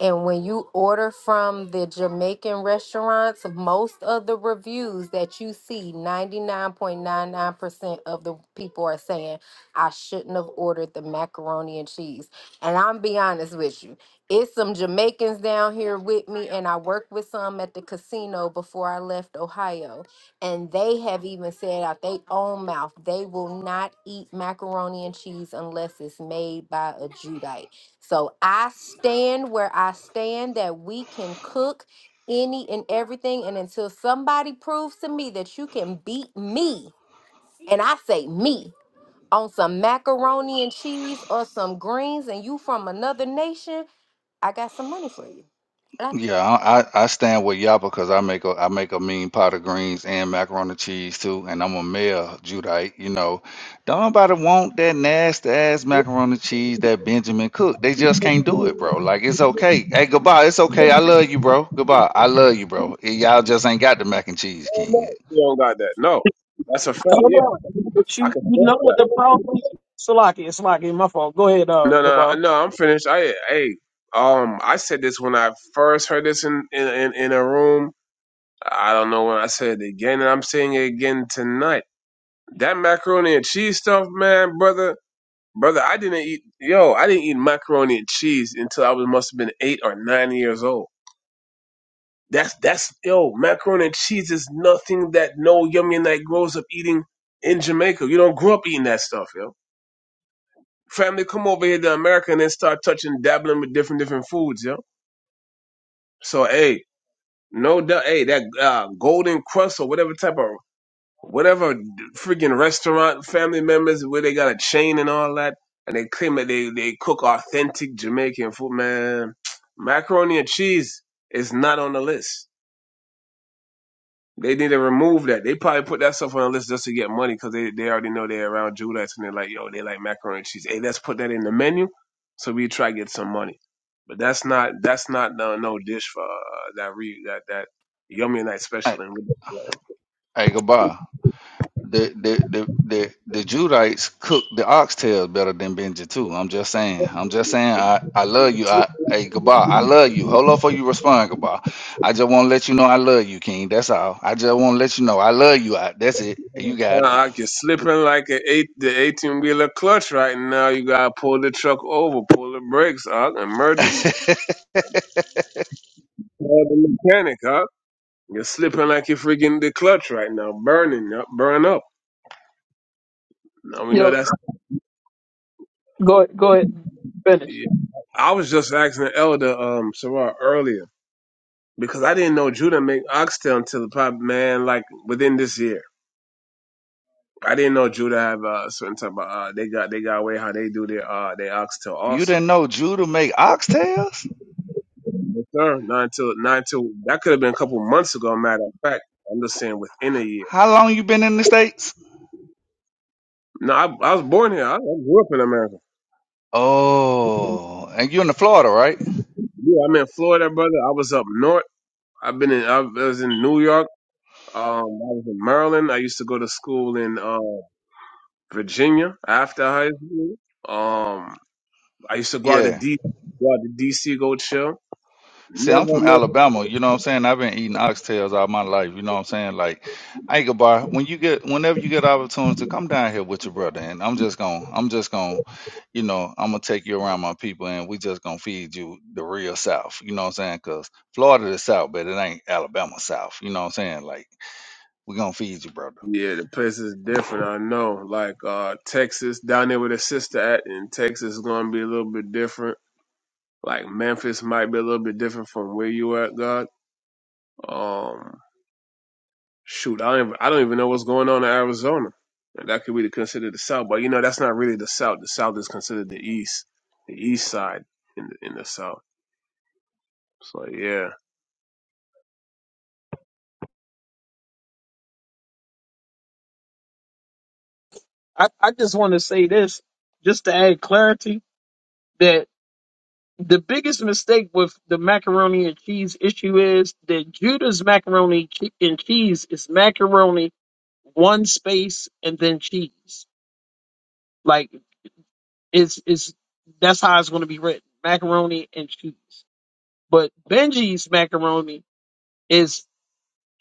S6: And when you order from the Jamaican restaurants, most of the reviews that you see, ninety nine point nine nine percent of the people are saying, "I shouldn't have ordered the macaroni and cheese." And I'm be honest with you, it's some Jamaicans down here with me, and I worked with some at the casino before I left Ohio and they have even said out their own mouth, they will not eat macaroni and cheese unless it's made by a Judite. So I stand where I stand that we can cook any and everything. And until somebody proves to me that you can beat me, and I say me, on some macaroni and cheese or some greens, and you from another nation, I got some money for you.
S9: Yeah, I, I I stand with y'all because I make a I make a mean pot of greens and macaroni and cheese too, and I'm a male Judite. You know, don't nobody want that nasty ass macaroni and cheese that Benjamin cooked. They just can't do it, bro. Like it's okay. Hey, goodbye. It's okay. I love you, bro. Goodbye. I love you, bro. Y'all just ain't got the mac and cheese
S7: No,
S9: king.
S7: you don't got that. No, that's a fact.
S3: Hold
S7: Yeah,
S3: on, but
S7: I
S3: you
S7: can
S3: you
S7: feel
S3: know what the
S7: that.
S3: problem is? Salaki, it's Salaki, my fault. Go ahead, uh,
S7: No, no,
S3: Gabar.
S7: no. I'm finished. I, hey, um, I said this when I first heard this in in in, in a room. I don't know when I said it again, and I'm saying it again tonight. That macaroni and cheese stuff, man, brother, brother. I didn't eat, yo, I didn't eat macaroni and cheese until I was must have been eight or nine years old. That's that's yo, macaroni and cheese is nothing that no Yemenite grows up eating in Jamaica. You don't grow up eating that stuff, yo. Family come over here to America and then start touching, dabbling with different different foods, yo. So hey, no doubt, hey, that uh, golden crust or whatever type of whatever freaking restaurant family members where they got a chain and all that, and they claim that they, they cook authentic Jamaican food. Man, macaroni and cheese is not on the list. They need to remove that. They probably put that stuff on the list just to get money because they, they already know they're around Judas and they're like, yo, they like macaroni and cheese. Hey, let's put that in the menu so we try to get some money. But that's not that's not no, no dish for uh, that re that that yummy night special.
S9: Hey,
S7: And
S9: hey, goodbye. the the the the, the Judites cook the oxtails better than Benji too. I'm just saying. I'm just saying. I I love you. I hey goodbye. I love you. Hold on for you respond goodbye. I just want to let you know I love you, King. That's all. I just want to let you know I love you. I, that's it. You got
S7: Nah, you're slipping like an eight, the 18 wheeler clutch right now. You gotta pull the truck over, pull the brakes, huh? Emergency.
S9: it.
S7: Call the mechanic, huh? You're slipping like you're freaking the clutch right now, burning, up, burn up. Now we
S3: You
S7: know
S3: know,
S7: that's.
S3: go go ahead and finish.
S7: Yeah. I was just asking the elder, um, Sarah earlier because I didn't know Judah make oxtail until probably man, like within this year. I didn't know Judah have uh, certain type of uh, they got they got way how they do their uh their oxtail
S9: you
S7: also.
S9: didn't know Judah make oxtails?
S7: Yes, sir. Not until not until that could have been a couple months ago. Matter of fact, I'm just saying within a year.
S9: How long you been in the states?
S7: No, I, I was born here. I, I grew up in America.
S9: Oh, and you're in the Florida, right?
S7: Yeah, I'm in Florida, brother. I was up north. I've been in. I was in New York. Um, I was in Maryland. I used to go to school in uh, Virginia after high school. Um, I used to go out to
S9: Yeah.
S7: D. Go out to DC. Go chill.
S9: See, I'm
S7: Never
S9: from
S7: know.
S9: Alabama, you know what I'm saying? I've been eating oxtails all my life, you know what I'm saying? Like, hey, Gabar, when you get whenever you get opportunities to come down here with your brother, and I'm just gonna I'm just gonna, you know, I'm gonna take you around my people and we just gonna feed you the real South, you know what I'm saying? 'Cause Florida is South, but it ain't Alabama South, you know what I'm saying? Like, we gonna feed you, brother.
S7: Yeah, the place is different. I know. Like uh, Texas, down there with a sister at in Texas, is gonna be a little bit different. Like Memphis might be a little bit different from where you at, God. Um, shoot, I don't even, I don't even know what's going on in Arizona. And That could be considered the South, but you know that's not really the South. The South is considered the East, the East side in the, in the South. So yeah,
S3: I, I just want to say this, just to add clarity, that the biggest mistake with the macaroni and cheese issue is that Judah's macaroni che- and cheese is macaroni, one space, and then cheese. Like it's it's that's how it's going to be written, macaroni and cheese. But Benji's macaroni is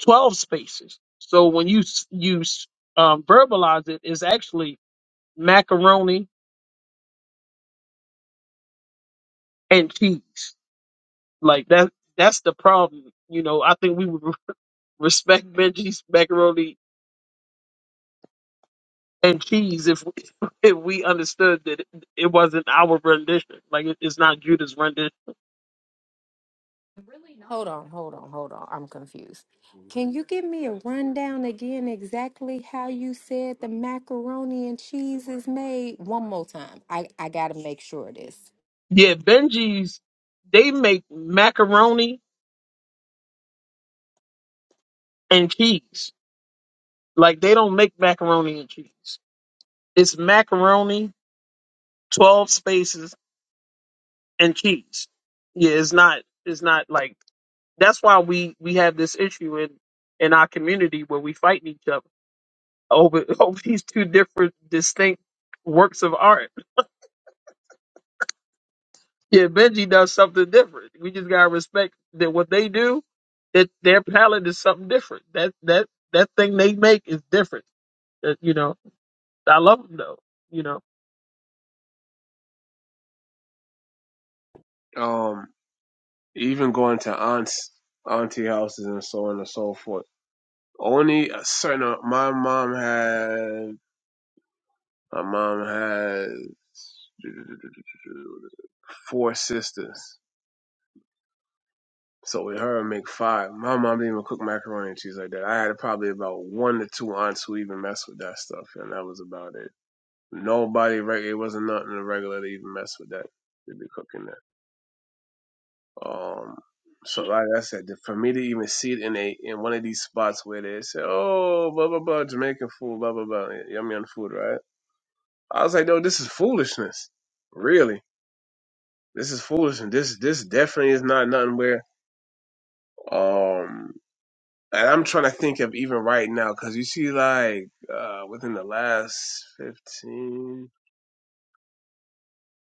S3: twelve spaces. So when you s- you s- um, verbalize it, it's actually macaroni and cheese. Like that that's the problem. You know, I think we would respect Benji's macaroni and cheese if we, if we understood that it, it wasn't our rendition. Like it, it's not Judah's rendition.
S6: Hold on, hold on, hold on. I'm confused. Can you give me a rundown again exactly how you said the macaroni and cheese is made? One more time. I, I gotta make sure of this.
S3: Yeah, Benji's they make macaroni and cheese. Like they don't make macaroni and cheese. It's macaroni, twelve spaces, and cheese. Yeah, it's not. It's not like. That's why we we have this issue in in our community where we fighting each other over over these two different distinct works of art. Yeah, Benji does something different. We just gotta respect that what they do, that their palette is something different. That that that thing they make is different. That, you know, I love them though. You know.
S7: um, even going to aunts, auntie houses and so on and so forth. Only a certain. My mom had. My mom had four sisters. So with her, I make five. My mom didn't even cook macaroni and cheese like that. I had probably about one to two aunts who even messed with that stuff, and that was about it. Nobody, reg- it wasn't nothing regular to even mess with that. To be cooking that. Um, so like I said, for me to even see it in a in one of these spots where they say, "Oh, blah blah blah, Jamaican food, blah blah blah, yum yum food," right? I was like, "No, this is foolishness. Really, this is foolishness. This this definitely is not nothing where." Um, And I'm trying to think of even right now because you see, like, uh, within the last 15,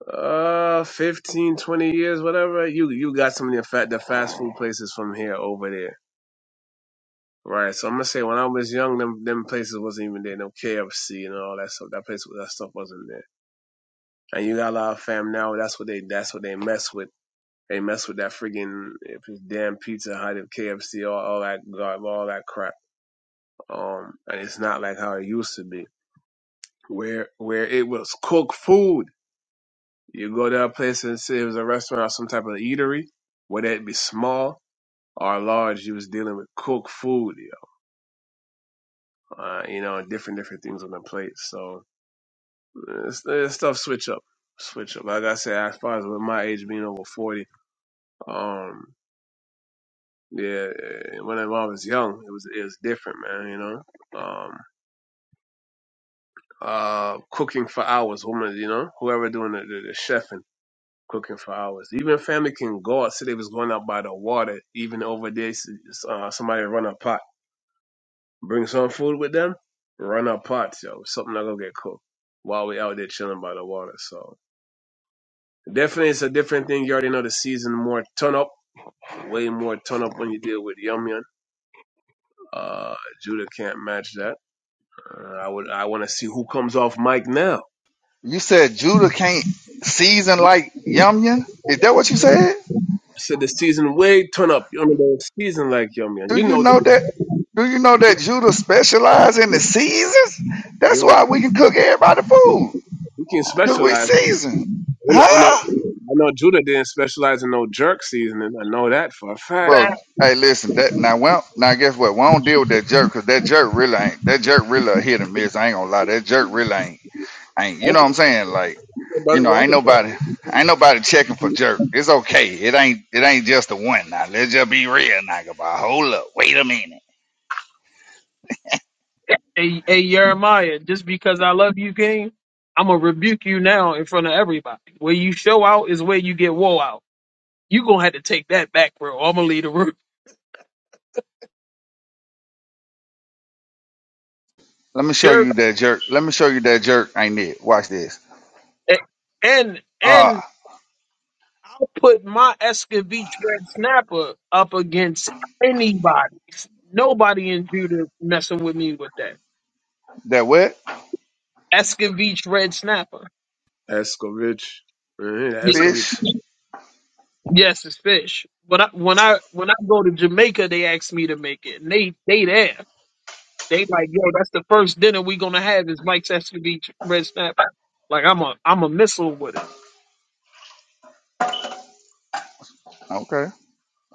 S7: uh, 15, 20 years, whatever, you you got some of the, fa- the fast food places from here over there, right? So I'm gonna say when I was young, them them places wasn't even there, no KFC and all that stuff. That place, that stuff wasn't there. And you got a lot of fam now. That's what they that's what they mess with. They mess with that friggin' if it's damn Pizza Hut, if KFC, all all that gar- all that crap. Um, and it's not like how it used to be. where where it was cooked food. You go to a place and say it was a restaurant or some type of eatery, whether it be small or large, you was dealing with cooked food, you know, uh, you know and different different things on the plate. So uh, it's- uh, stuff switch up, switch up. Like I said, as far as with my age being over forty, um, yeah, uh, when I when I was young, it was it was different, man. You know, um, uh, cooking for hours, woman, you know, whoever doing the, the, the chefing cooking for hours. Even family can go out. Say they was going out by the water. Even over there, s- uh, somebody run a pot. Bring some food with them. Run a pot, yo. Something not gonna get cooked while we out there chilling by the water. So definitely, it's a different thing. You already know the season more turn up, way more turn up when you deal with Yum Yum. Uh, Judah can't match that. Uh, I would. I want to see who comes off mic now. I
S9: You said Judah can't season like yum yum? Is that what you said?
S7: said the season way turn up. You don't know the season like Yum Yum.
S9: Do
S7: You
S9: you
S7: know,
S9: know
S7: the-
S9: that? Do you know that Judah specialized in the seasons? That's why
S7: you
S9: we can cook everybody food,
S7: can
S9: cause we
S7: specialize.
S9: seasoned,
S7: I know, I know,
S9: huh?
S7: I know Judah didn't specialize in no jerk seasoning. I know that for a fact.
S9: Bro,
S3: Fact.
S9: hey, listen. That now, well, now guess what? We don't deal with that jerk, cause that jerk really ain't. That jerk really a hit and miss. I ain't gonna lie. That jerk really ain't. Ain't you know
S7: Okay,
S9: what I'm saying? Like, you
S7: brother,
S9: know,
S7: yeah, I
S9: ain't
S7: can tell you.
S9: nobody, ain't nobody checking for jerk. It's okay. It ain't, it ain't just the one. Now let's just be real, nigga. But hold up, wait a minute.
S3: Hey, hey Jeremiah, just because I love you, King, I'm gonna rebuke you now in front of everybody. Where you show out is where you get woe out. you gonna have to take that back, bro. I'm gonna leave the room.
S9: Let me show
S3: You're
S9: you that jerk. Let me show you that jerk ain't it. Watch this.
S3: and
S9: Uh,
S3: and I'll put my Escovitch red snapper up against anybody. Nobody in Judah messing with me with that
S9: that wet
S3: Escovitch red snapper.
S7: Escovitch. Mhm, that
S3: Y-
S7: Escovitch.
S9: fish.
S3: Yes, it's fish. But I, when I when I go to Jamaica, they ask me to make it, and they they there. They like, yo, that's the first dinner we gonna have is Mike's Escovitch red snapper. Like I'm a I'm a missile with it.
S9: Okay.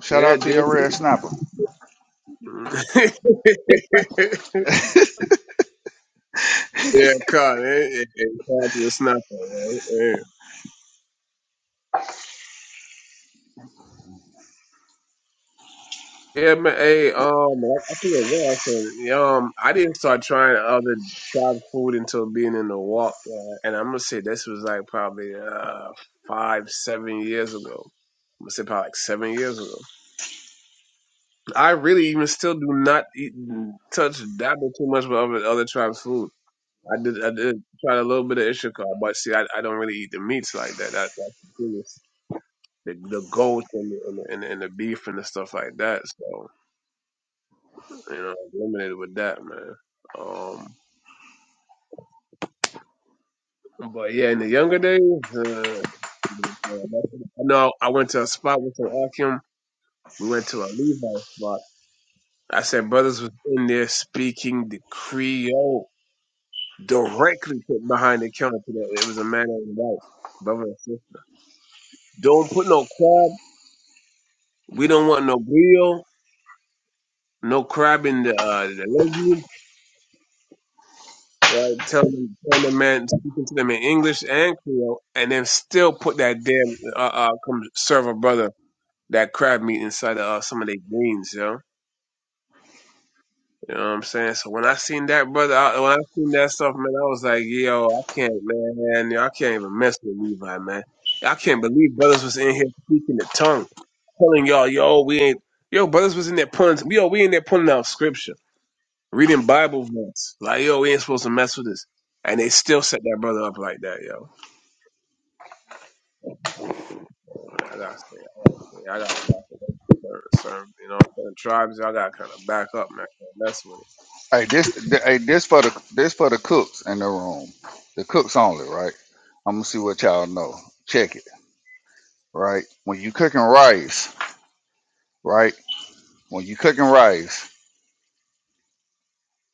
S9: Shout
S7: Yeah,
S9: out to
S7: dude.
S9: your red snapper.
S7: Mhm. yeah, God. It, it, it, God, it's not that, right? Yeah. yeah, man. Hey, um, I, I forget what I Yeah, Um, I didn't start trying other job food until being in the walk. yeah. And I'm going to say this was like probably uh, five, seven years ago. I'm going to say probably like seven years ago. I really even still do not eat, touch dabble too much with other other tribes' food. I did I did try a little bit of ishakar, but see, I, I don't really eat the meats like that. That that's the thing is the the goat and the, and, the, and, the, and the beef and the stuff like that. So you know, I'm limited with that, man. Um, but yeah, in the younger days, uh, I know I went to a spot with an Akim. We went to a Levi spot. I said brothers was in there speaking the Creole. directly put behind the counter today. It was a man and his wife, brother and sister. Don't put no crab. We don't want no grill, no crab in the uh, the legume. Right? Tell them, tell the man, speaking to them in English and Creole, and then still put that damn uh, uh come serve a brother that crab meat inside of uh, some of their greens, yo. You know what I'm saying? So when I seen that brother, I, when I seen that stuff, man, I was like, yo, I can't, man, yo, I can't even mess with Levi, man. I can't believe brothers was in here speaking the tongue, telling y'all, yo, we ain't, yo, brothers was in there pulling, yo, we in there pulling out scripture, reading Bible verse, like, yo, we ain't supposed to mess with this, and they still set that brother up like that, yo. I gotta say, I gotta back up, certain, you know, certain tribes, I gotta kind of back up, man, That's what it,
S9: Hey, this, th- hey, this for the, this for the cooks in the room. The cooks only, right? I'm gonna see what y'all know. Check it, right? When you cooking rice, right? When you cooking rice,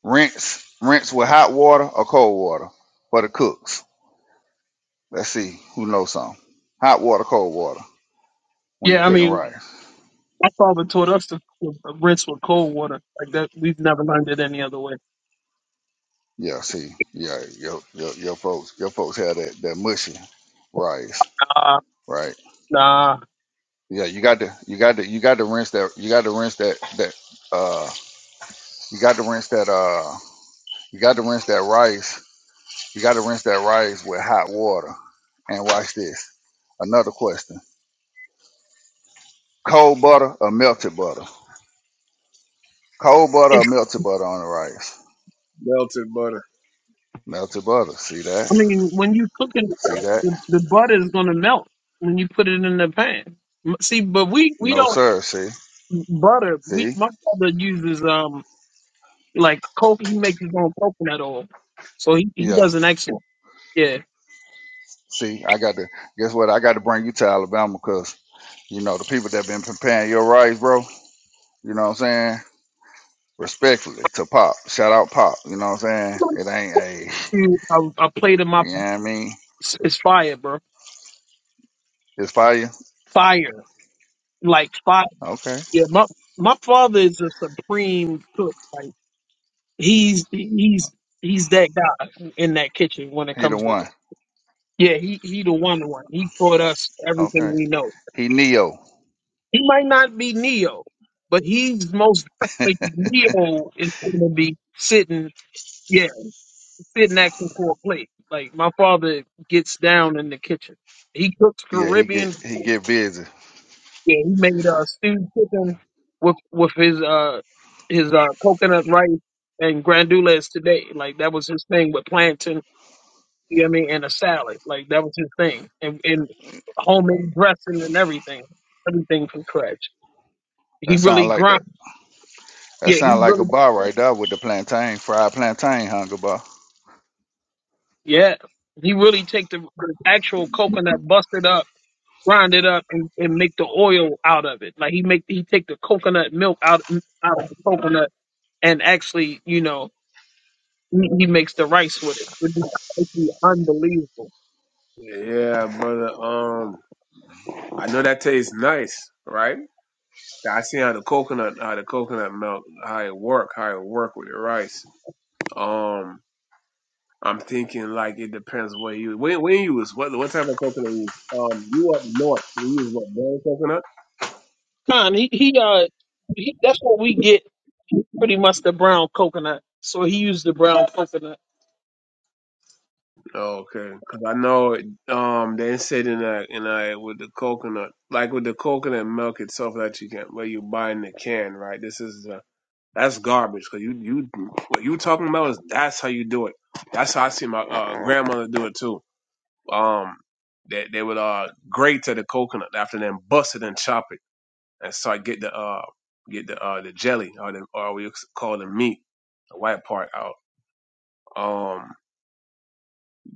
S9: rinse, rinse with hot water or cold water for the cooks. Let's see who knows something. Hot water, cold water. When you
S3: Yeah, I
S9: cooking
S3: mean
S9: rice,
S3: My father taught us to rinse with cold water. Like that, we've never learned it any other way.
S9: yeah. See, yeah, your your, your folks, your folks had that that mushy rice,
S3: Nah,
S9: right?
S3: nah.
S9: Yeah, you got to you got to you got to rinse that you got to rinse that that uh you got to rinse that uh you got to rinse that rice. You got to rinse that rice with hot water. And watch this. Another question. Cold butter or melted butter? Cold butter or
S3: It's,
S9: melted butter on the rice?
S7: melted butter,
S9: Melted butter. See
S3: I
S9: that?
S3: mean, when you cook it,
S9: See that?
S3: the, the butter is gonna melt when you put it in the pan. M- See, but we we
S9: No
S3: don't
S9: sir, see?
S3: butter. We
S9: See?
S3: my father uses um like coconut. He makes his own coconut oil, so he he
S9: Yeah.
S3: does an excellent. Yeah,
S9: See, I got to guess what? I got to bring you to Alabama because you know the people that been preparing your rice, bro. You know what I'm saying? Respectfully to Pop. Shout out Pop. You know what I'm saying? It ain't a.
S3: Dude, I, I played in my
S9: You know what I mean?
S3: it's, it's fire, bro.
S9: It's fire.
S3: Fire, like fire.
S9: Okay.
S3: Yeah, my my father is a supreme cook. like, he's he's he's that guy in that kitchen when it
S9: He the
S3: comes to
S9: one.
S3: yeah he he the one the one he taught us everything
S9: Okay.
S3: we know
S9: He Neo.
S3: he might not be neo but he's most definitely neo is going to be sitting yeah sitting action for a plate like my father gets down in the kitchen he cooks
S9: Yeah, he get
S3: caribbean
S9: he
S3: food.
S9: get busy.
S3: yeah he made uh stewed chicken with with his uh his uh coconut rice and grandules today like that was his thing with plantains You know what I mean? And a salad. Like that was his thing. And and homemade dressing and everything. Everything from scratch. He
S9: That sound
S3: really
S9: like that.
S3: grind.
S9: That
S3: Yeah, he
S9: sound like a
S3: really
S9: bar right there with the plantain, fried plantain hunger bar.
S3: yeah. He really take the, the actual coconut, bust it up, grind it up, and, and make the oil out of it. Like he make he take the coconut milk out out of the coconut and actually, you know, he, he makes the rice with it. It's unbelievable.
S7: yeah, brother, um. I know that tastes nice, right? I see how the coconut, how the coconut milk, how it work, how it work with the rice. Um, I'm thinking like it depends what you when when you use what what type of coconut you use. Um, you up north, so you use what brown coconut?
S3: Con, he he uh he, that's what we get pretty much the brown coconut. So he used the brown coconut.
S7: Okay, because I know it, um they said in that in that with the coconut, like with the coconut milk itself that you can where you buy in the can, right? This is uh, That's garbage. Cause you you what you talking about is that's how you do it. That's how I see my uh, grandmother do it too. Um, they they would uh grate to the coconut after then bust it and chop it and start get the uh get the uh the jelly or the or we call the meat the white part out. Um,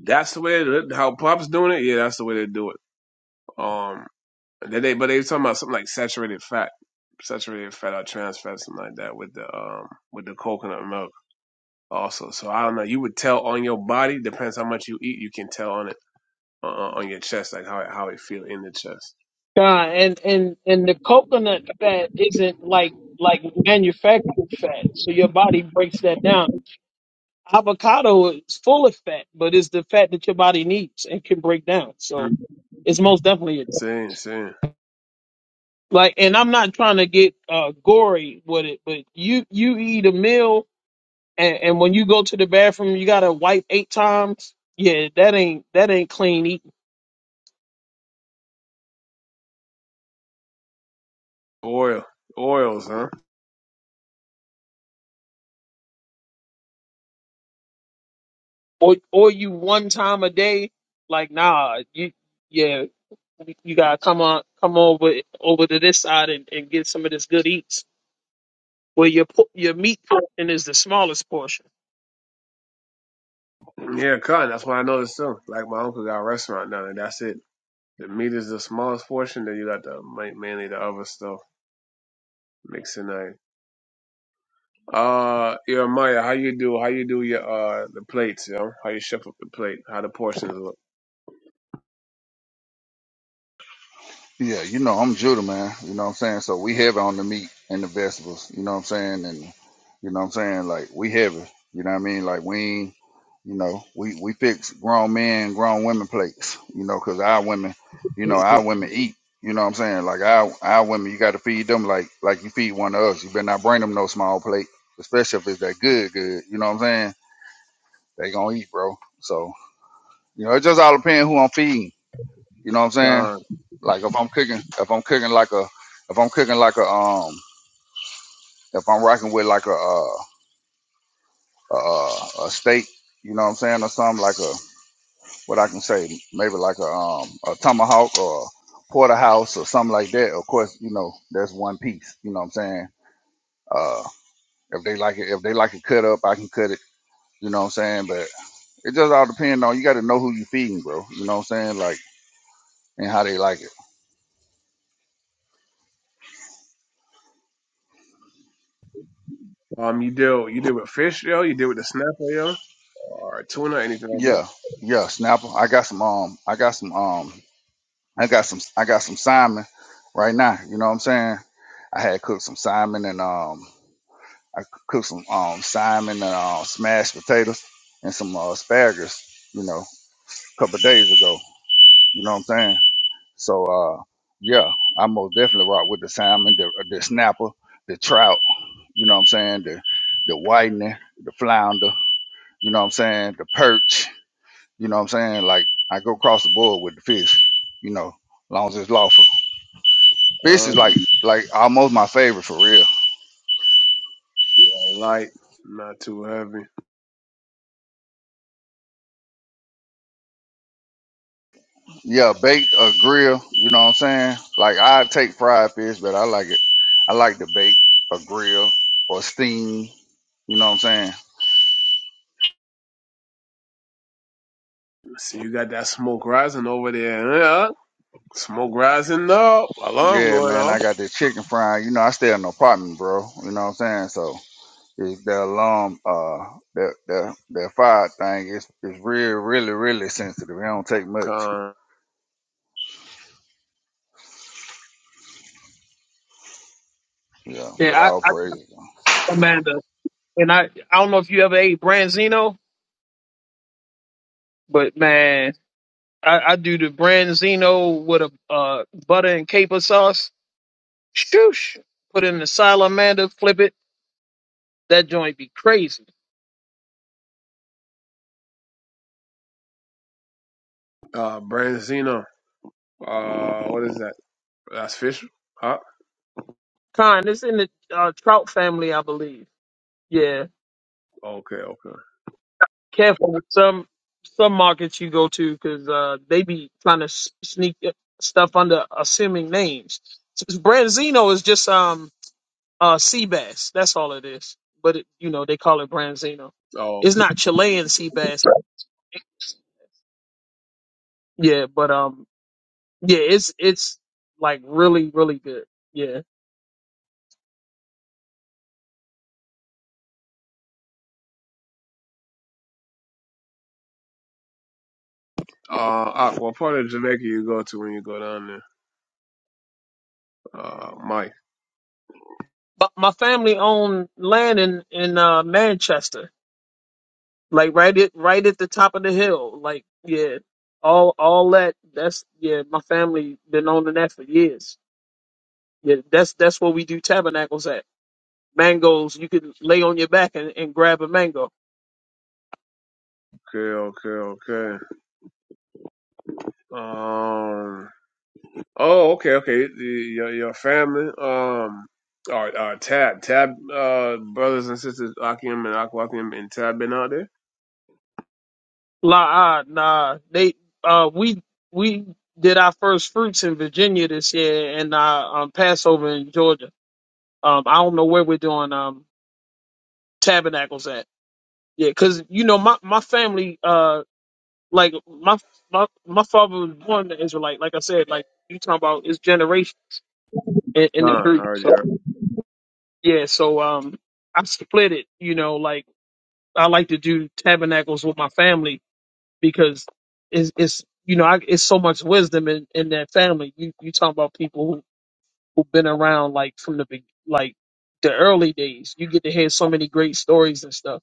S7: that's the way that- how pops doing it. Yeah, that's the way they do it. Um, then they but they talking about something like saturated fat, saturated fat or trans fat, something like that with the um with the coconut milk. also. So I don't know. You would tell on your body. Depends how much you eat. You can tell on it uh, uh, on your chest, like how it, how it feel in the chest.
S3: God, and and and the coconut fat isn't like like manufactured fat, so your body breaks that down. Avocado is full of fat, but it's the fat that your body needs and can break down. So
S7: Mm.
S3: it's most definitely a-
S7: Same, same.
S3: like. And I'm not trying to get uh, gory with it, but you you eat a meal, and, and when you go to the bathroom, you gotta wipe eight times. Yeah, that ain't that ain't clean eating.
S7: Oil, oils, huh?
S3: or or you one time a day, like nah, you yeah, you gotta come on, come over over to this side and, and get some of this good eats. Where your po- your meat portion is the smallest portion.
S7: Yeah, cotton. That's what I noticed too. Like my uncle got a restaurant now, and that's it. The meat is the smallest portion. Then you got the ma- mainly the other stuff mixing that. Uh, yeah, Maya, how you do? How you do your uh the plates, You know How you shuffle the plate? How the portions look?
S9: Yeah, you know, I'm Judah, man. You know what I'm saying? So we heavy on the meat and the vegetables. You know what I'm saying? And you know what I'm saying? Like we heavy. You know what I mean? Like we ain't, you know, we we fix grown men, grown women plates. You know, 'cause our women, you know, our women eat. You know what I'm saying? Like our our women, you got to feed them like like you feed one of us. You better not bring them no small plate, especially if it's that good, good. You know what I'm saying? They gonna eat, bro. So you know, it just all depends who I'm feeding. You know what I'm saying?
S7: Con,
S9: Like if I'm cooking, if I'm cooking like a, if I'm cooking like a, um, if I'm rocking with like a, uh, a, a a steak, you know what I'm saying, or something like a, what I can say, maybe like a, um, a tomahawk or porterhouse or something like that. Of course, you know that's one piece. You know what I'm saying? Uh, if they like it, if they like it cut up, I can cut it. You know what I'm saying? But it just all depends on you. Got to know who you feeding, bro. You know what I'm saying? Like and how they like it.
S7: Um, you deal you deal with fish, yo. You deal with the snapper, yo, or tuna, anything like
S9: Yeah, yeah. Snapper, I got some. Um, I got some. Um. I got some I got some salmon right now. You know what I'm saying? I had cooked some salmon and um I cooked some um salmon and um smashed potatoes and some uh, asparagus, you know, a couple of days ago. You know what I'm saying? So uh yeah, I most definitely rock with the salmon, the the snapper, the trout, you know what I'm saying, the the whitening, the flounder, you know what I'm saying, the perch, you know what I'm saying? Like I go across the board with the fish, you know, long as it's lawful.
S7: that.
S9: Fish is like
S7: Um,
S9: like almost my favorite for real.
S7: light, not too heavy.
S9: Yeah, baked or grill, you know what I'm saying? Like I take fried fish, but I like it. I like the bake or grill or steam, you know what I'm saying?
S7: See, you got that smoke rising over there. Yeah, smoke rising up. Alarm
S9: Yeah,
S7: going
S9: man,
S7: off.
S9: I got the chicken frying. You know, I stay in an apartment, bro. You know what I'm saying? So it's the alarm, uh, the the the fire thing is is really, really, really sensitive. It don't take much.
S7: Con.
S9: Yeah,
S3: Yeah,
S9: but
S3: I,
S9: all
S3: I
S9: praise.
S3: Amanda, and I I don't know if you ever ate branzino, but man, I, I do the branzino with a uh, butter and caper sauce. Shoosh, put it in the salamander, flip it. That joint be crazy.
S7: Uh, Branzino. Uh, what is that? That's fish. Huh?
S3: Con, it's in the uh, trout family, I believe. Yeah,
S7: Okay, okay.
S3: careful with some some markets you go to because uh, they be trying to s- sneak uh, stuff under assuming names. Branzino is just um uh sea bass. That's all it is. But it, you know they call it Branzino.
S7: Oh,
S3: It's not Chilean sea bass. Yeah, but um yeah, it's it's like really really good. Yeah,
S7: uh, uh, what part of Jamaica you go to when you go down there? Uh, Mike.
S3: but my family owned land in in uh, Manchester like right at right at the top of the hill. Like yeah, all all that. That's yeah. My family been owning that for years. Yeah, that's that's where we do tabernacles at. Mangoes, you can lay on your back and, and grab a mango.
S7: Okay, okay, okay. Um, Oh, okay, okay. The, your your family, um, or uh, Tab, Tab, uh, brothers and sisters, Akim and Akwakim and Tab been out there.
S3: La ah nah. They uh we we did our first fruits in Virginia this year and uh um Passover in Georgia. Um I don't know where we're doing um tabernacles at. Yeah, cause you know my my family. uh. like my my my father was born an Israelite. Like I said, like you talking about his generation in, in the
S7: Con, I
S3: group.
S7: heard
S3: So
S7: you.
S3: yeah, so um, I split it. You know, like I like to do tabernacles with my family because it's it's you know I, it's so much wisdom in in that family. You you talking about people who who've been around like from the big like the early days. You get to hear so many great stories and stuff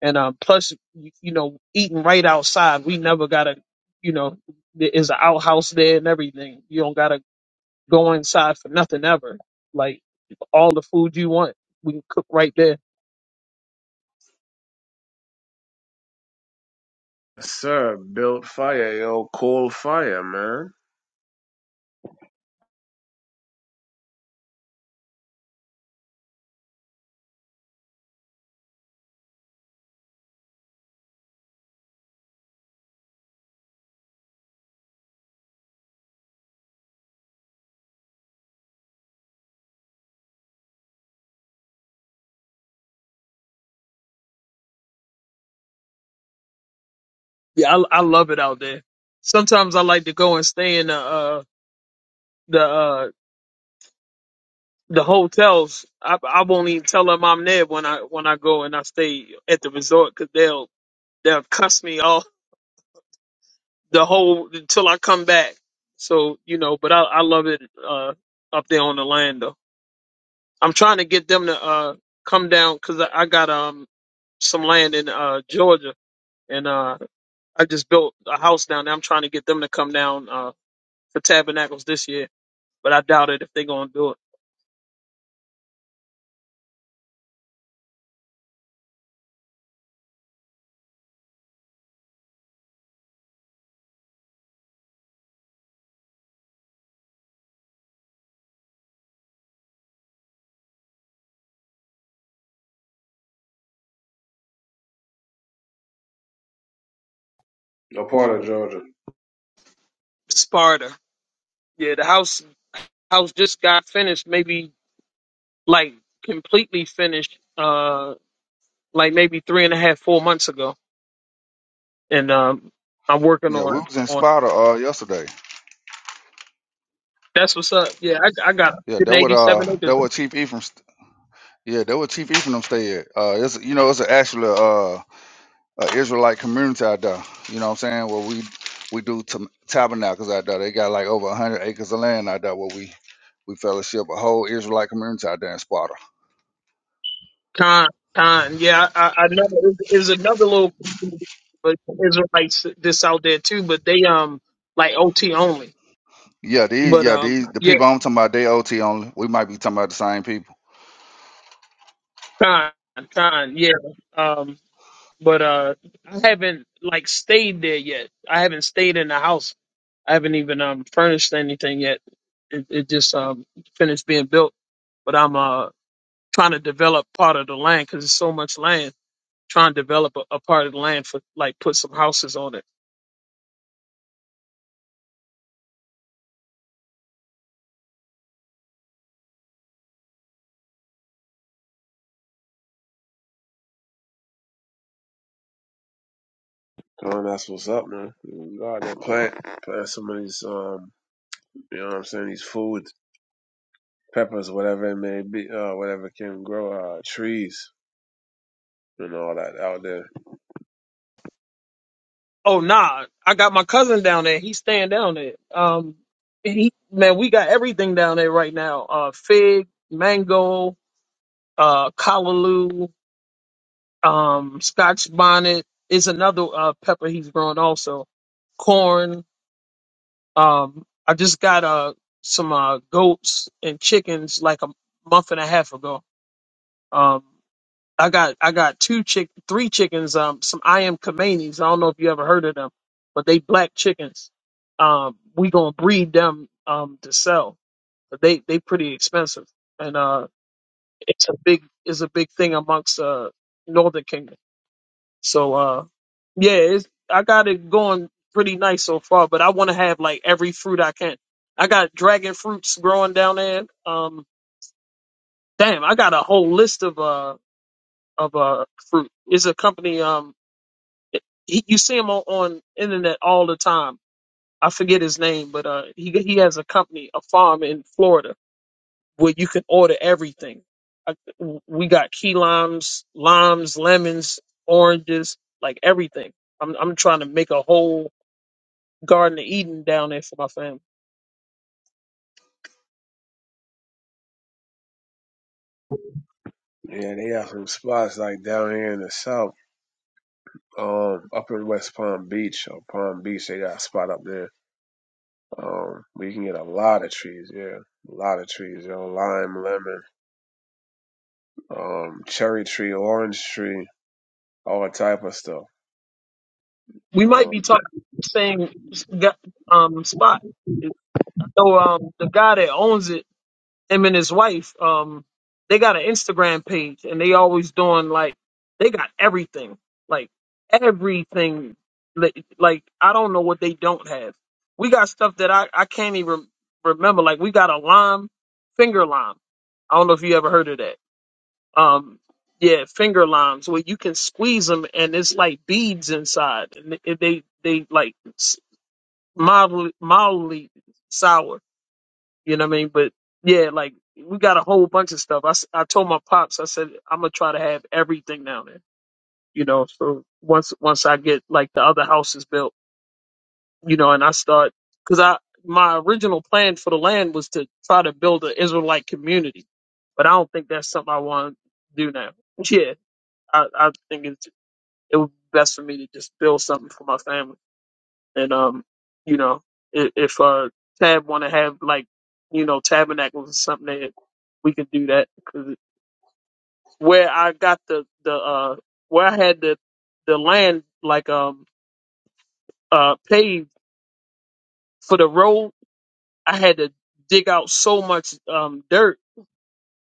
S3: And um, plus, you you know, eating right outside, we never gotta, you know, there is an outhouse there and everything. You don't gotta go inside for nothing ever. Like all the food you want, we can cook right there.
S7: Sir, built fire, yo, cold fire, man.
S3: Yeah, I, I love it out there. Sometimes I like to go and stay in the uh, the uh, the hotels. I, I won't even tell them I'm there when I when I go and I stay at the resort because they'll they'll cuss me off the whole until I come back. So you know, but I, I love it uh, up there on the land though. I'm trying to get them to uh, come down because I, I got um some land in uh, Georgia and uh, I just built a house down there. I'm trying to get them to come down uh, for tabernacles this year, but I doubt it if they're gonna do it.
S7: No part of Georgia.
S3: Sparta, yeah, the house house just got finished, maybe like completely finished, uh, like maybe three and a half, four months ago, and um, I'm working
S9: Yeah, we
S3: on
S9: was in
S3: on.
S9: Sparta uh yesterday.
S3: That's what's up. Yeah, I, I got
S9: Yeah, that what
S3: 187
S9: uh
S3: acres.
S9: that what Chief Ephraim Yeah, that where Chief Ephraim stay at. Uh, it's you know it's an actually uh a Israelite community out there. You know what I'm saying? Where we we do tam- tabernacles out there. They got like over 100 acres of land out there where we we fellowship a whole Israelite community out there in Sparta.
S3: Con, con. Yeah, I, I know there's there's another little community, but Israelites this out there too, but they um like OT only.
S9: Yeah, these
S3: But
S9: yeah
S3: um
S9: these the
S3: yeah,
S9: people I'm talking about they OT only. We might be talking about the same people.
S3: con, con. Yeah. Um, but uh, I haven't like stayed there yet. I haven't stayed in the house. I haven't even um furnished anything yet. It, it just um finished being built, but I'm uh trying to develop part of the land because it's so much land trying to develop a, a part of the land for like put some houses on it.
S7: Oh, that's what's up, man. God, they're plant, plant some of these, um, you know what I'm saying, these food, peppers, whatever it may be, uh, whatever can grow, uh, trees and all that out there.
S3: Oh nah, I got my cousin down there. He's staying down there. Um, he man, we got everything down there right now. Uh, fig, mango, uh, callaloo, um, Scotch bonnet is another uh pepper he's growing also. Corn. Um, I just got uh some uh goats and chickens like a month and a half ago. Um, I got I got two chick three chickens, um some I am Khomeinis. I don't know if you ever heard of them, but they black chickens. Um we gonna breed them um to sell. But they they pretty expensive. And uh it's a big it's a big thing amongst uh Northern Kingdom. So uh yeah, it's I got it going pretty nice so far, but I wanna have like every fruit I can. I got dragon fruits growing down there. Um damn, I got a whole list of uh of uh fruit. It's a company um He, you see him on, on internet all the time. I forget his name, but uh, he he has a company, a farm in Florida where you can order everything. I, we got key limes, limes, lemons, oranges, like everything. I'm I'm trying to make a whole garden of Eden down there for my family.
S7: Yeah, they have some spots like down here in the south, um, up in West Palm Beach or Palm Beach, they got a spot up there, um, where you can get a lot of trees, yeah, a lot of trees, you know, lime, lemon, um, cherry tree, orange tree, all type of stuff.
S3: We might
S7: Um,
S3: be talking same s- got- um spot. I know um the guy that owns it. him and his wife, um, they got an Instagram page and they always doing like they got everything, like everything. Like like, I don't know what they don't have. We got stuff that I I can't even remember. Like we got a lime, finger lime. I don't know if you ever heard of that. Um, yeah, finger limes where you can squeeze them and it's like beads inside, and they they, they like s- mildly mildly sour you know what I mean? But yeah, like we got a whole bunch of stuff. I, s- I told my pops, I said I'm gonna try to have everything down there. You know, so once once I get like the other house is built, you know, and I start because I my original plan for the land was to try to build an Israelite community, but I don't think that's something I want to do now. Yeah, I, I think it's, it would be best for me to just build something for my family. And um, you know, if, if uh Tab want to have like, you know, tabernacles or something, that we can do that. Cause where I got the the uh where I had the the land like um uh paved for the road, I had to dig out so much um dirt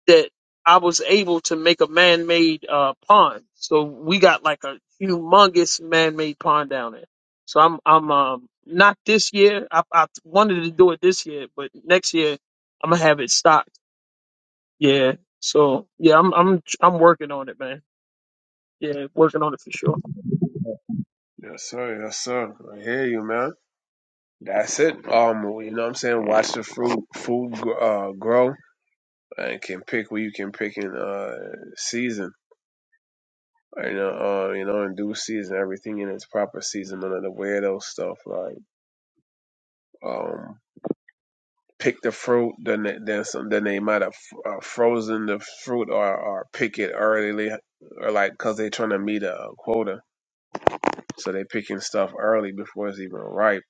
S3: that I was able to make a man-made uh, pond. So we got like a humongous man-made pond down there. So I'm I'm um, not this year. I, I wanted to do it this year, but next year I'm gonna have it stocked. Yeah. So yeah, I'm I'm I'm working on it, man. Yeah, working on it for sure.
S7: yes, sir, yes, sir. I hear you, man. That's it. Um, you know what I'm saying? Watch the fruit food uh, grow and can pick what you can pick in uh season. You know, uh, you know, in due season, everything in its proper season. None of the weirdo stuff like um pick the fruit. Then they- then some. Then they might have uh, frozen the fruit or or pick it early or like because they're trying to meet a quota, so they picking stuff early before it's even ripe.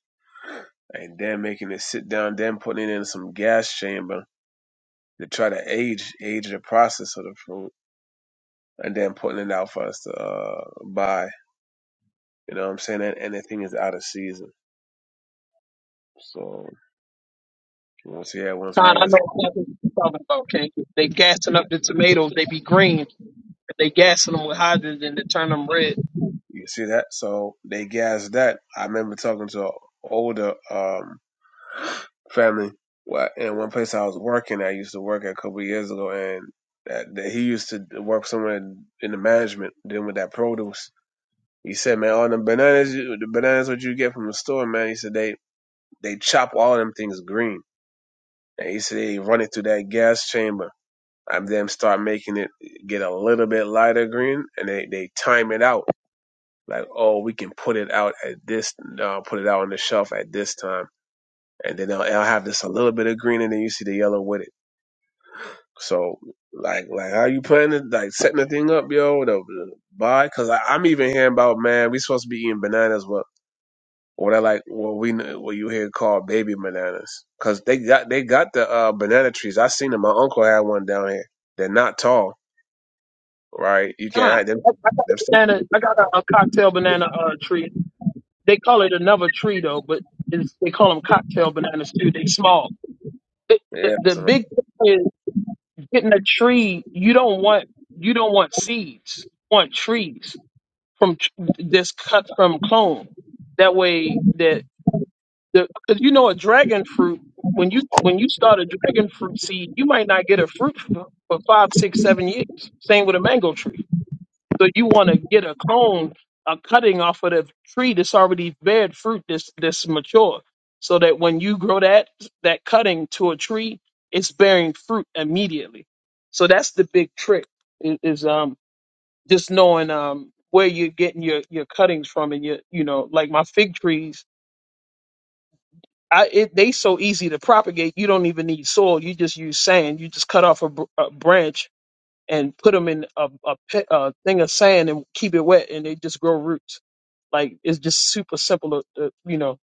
S7: And then making it sit down, then putting it in some gas chamber to try to age age the process of the fruit and then putting it out for us to uh, buy. You know what I'm saying? And anything is out of season. So once yeah, once we
S3: Con,
S7: can
S3: I
S7: just
S3: know exactly what you're talking about. Okay, they gassing up the tomatoes. They be green. But they gassing them with hydrogen to turn them red.
S7: you see that. So they gassed that. I remember talking to an older um family Well, in one place I was working. I used to work at a couple of years ago, and that, that he used to work somewhere in, in the management dealing with that produce. He said, "Man, all the bananas, you- the bananas what you get from the store, man." He said, "They They chop all them things green. And he said they run it through that gas chamber and then start making it get a little bit lighter green and they, they time it out. Like, oh, we can put it out at this, uh, put it out on the shelf at this time. And then they'll, they'll have this a little bit of green and then you see the yellow with it. So, like, like how you planning, like setting the thing up, yo, to buy? Cause I, am even hearing about, man, we supposed to be eating bananas. with Or they're like, well, we kn- what you hear called baby bananas, cause they got they got the uh, banana trees. I seen them. My uncle had one down here. They're not tall, right? You can't
S3: Con,
S7: hide them.
S3: I I got a
S7: them stuff.
S3: banana. I got a, a cocktail banana uh, tree They call it another tree though, but it's, they call them cocktail bananas too. They small. The, the
S7: Yeah.
S3: the
S7: So
S3: big thing is getting a tree. You don't want you don't want seeds. You want trees from tr- this cut from clone. That way that the because you know a dragon fruit when you when you start a dragon fruit seed, you might not get a fruit for, for five, six, seven years. Same with a mango tree. So you want to get a cone, a cutting off of the tree that's already bared fruit, that's that's mature, so that when you grow that that cutting to a tree, it's bearing fruit immediately. So that's the big trick is, is um just knowing um where you're getting your your cuttings from and your you know like my fig trees. I, it, they so easy to propagate. You don't even need soil. You just use sand. You just cut off a, br- a branch and put them in a, a, pe- a thing of sand and keep it wet, and they just grow roots. Like it's just super simple, to, to, you know,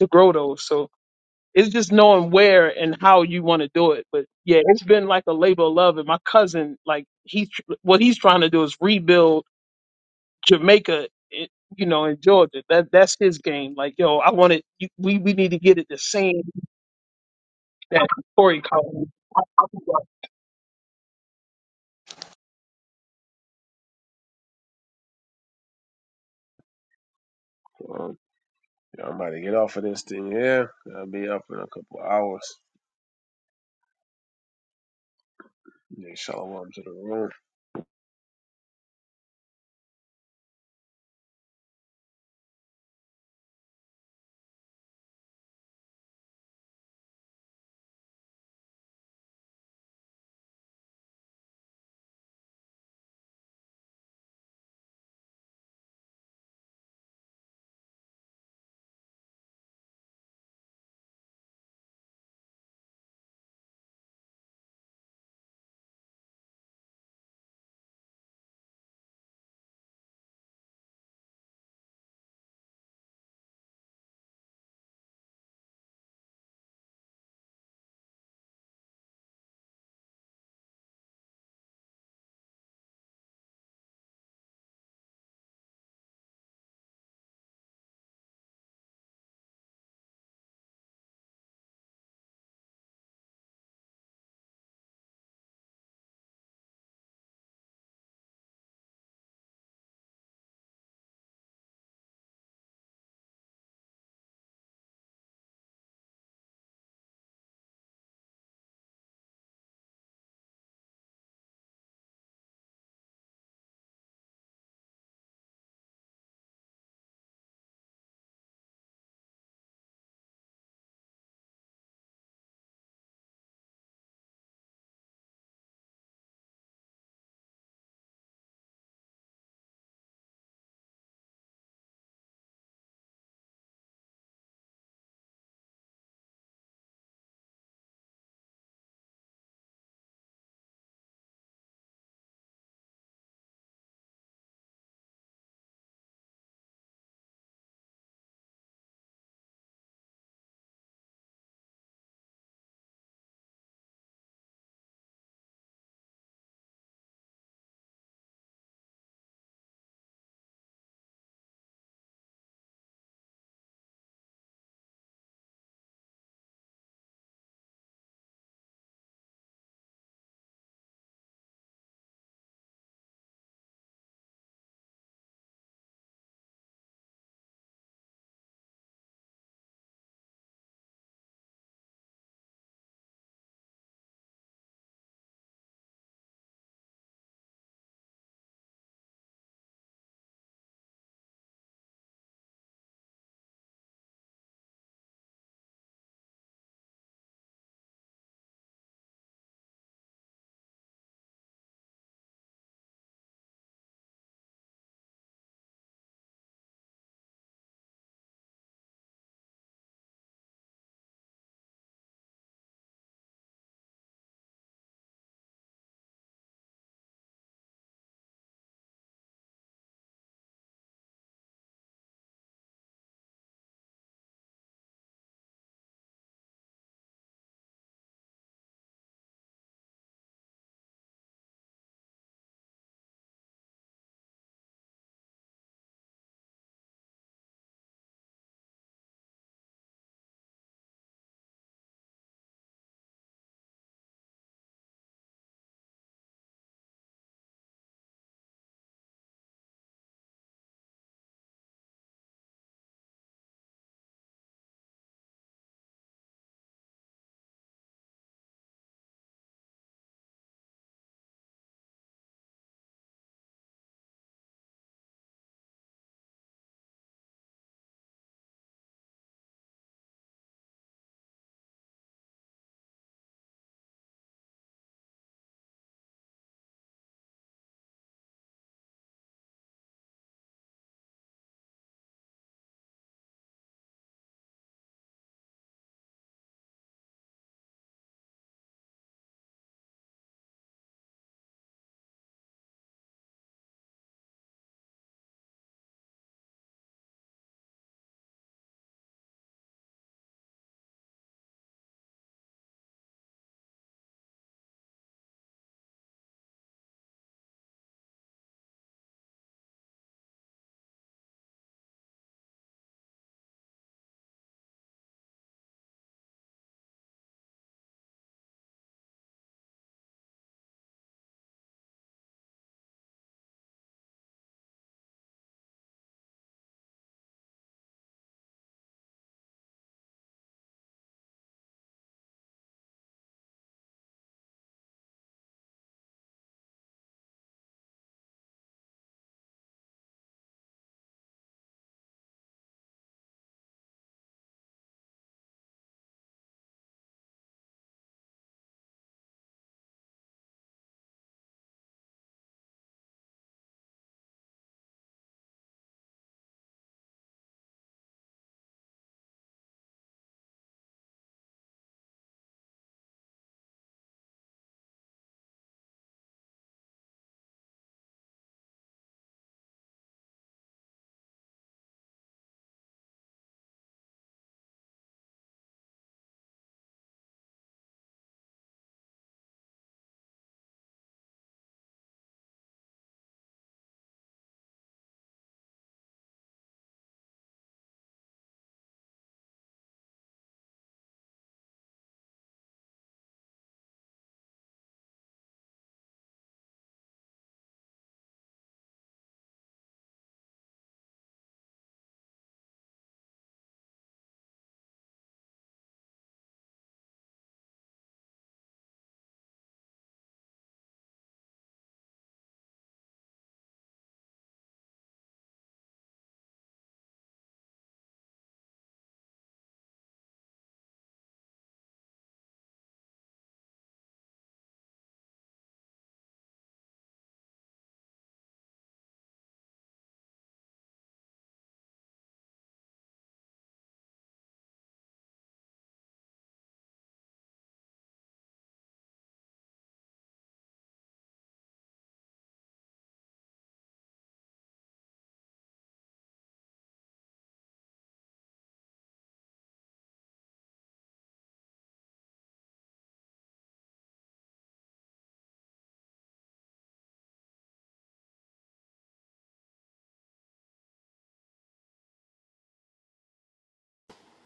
S3: to grow those. So it's just knowing where and how you want to do it. But yeah, it's been like a labor of love. And my cousin, like he, tr- what he's trying to do is rebuild Jamaica. i- You know, in Georgia, that that's his game. Like, yo, I want it. you- We we need to get it the same that Corey called.
S7: um, I'm about to get off of this thing. Yeah, I'll be up in a couple of hours. Shalom to the room.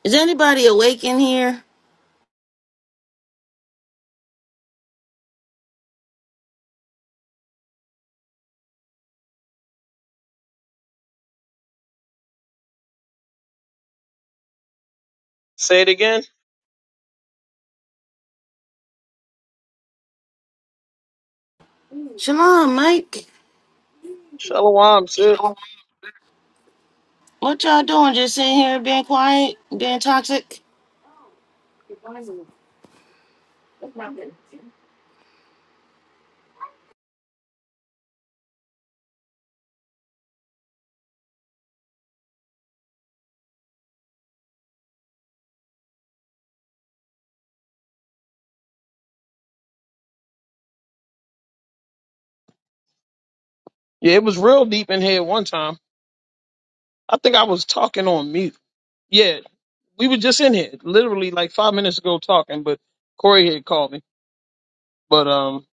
S10: Is anybody awake in here?
S3: Say it again.
S10: Shalom, Mike.
S3: Shalom, sis.
S10: Shalom. What y'all doing? Just sitting here being quiet, being toxic?
S3: Yeah, it was real deep in here at one time. I think I was talking on mute. Yeah, we were just in here, literally like five minutes ago talking, but Corey had called me. But um,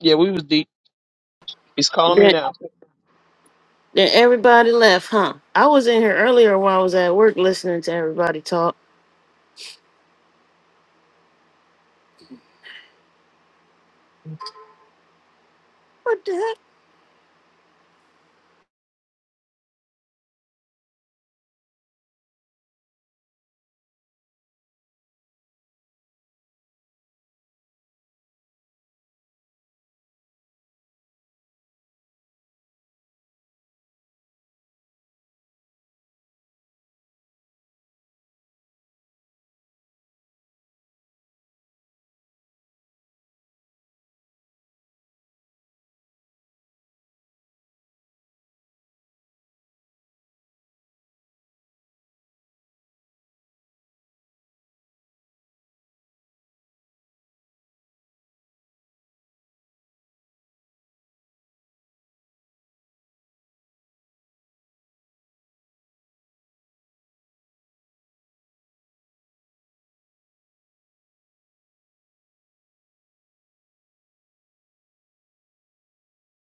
S3: yeah, we was deep. He's calling me
S10: That,
S3: now.
S10: that everybody left, huh? I was in here earlier while I was at work listening to everybody talk. What the hell?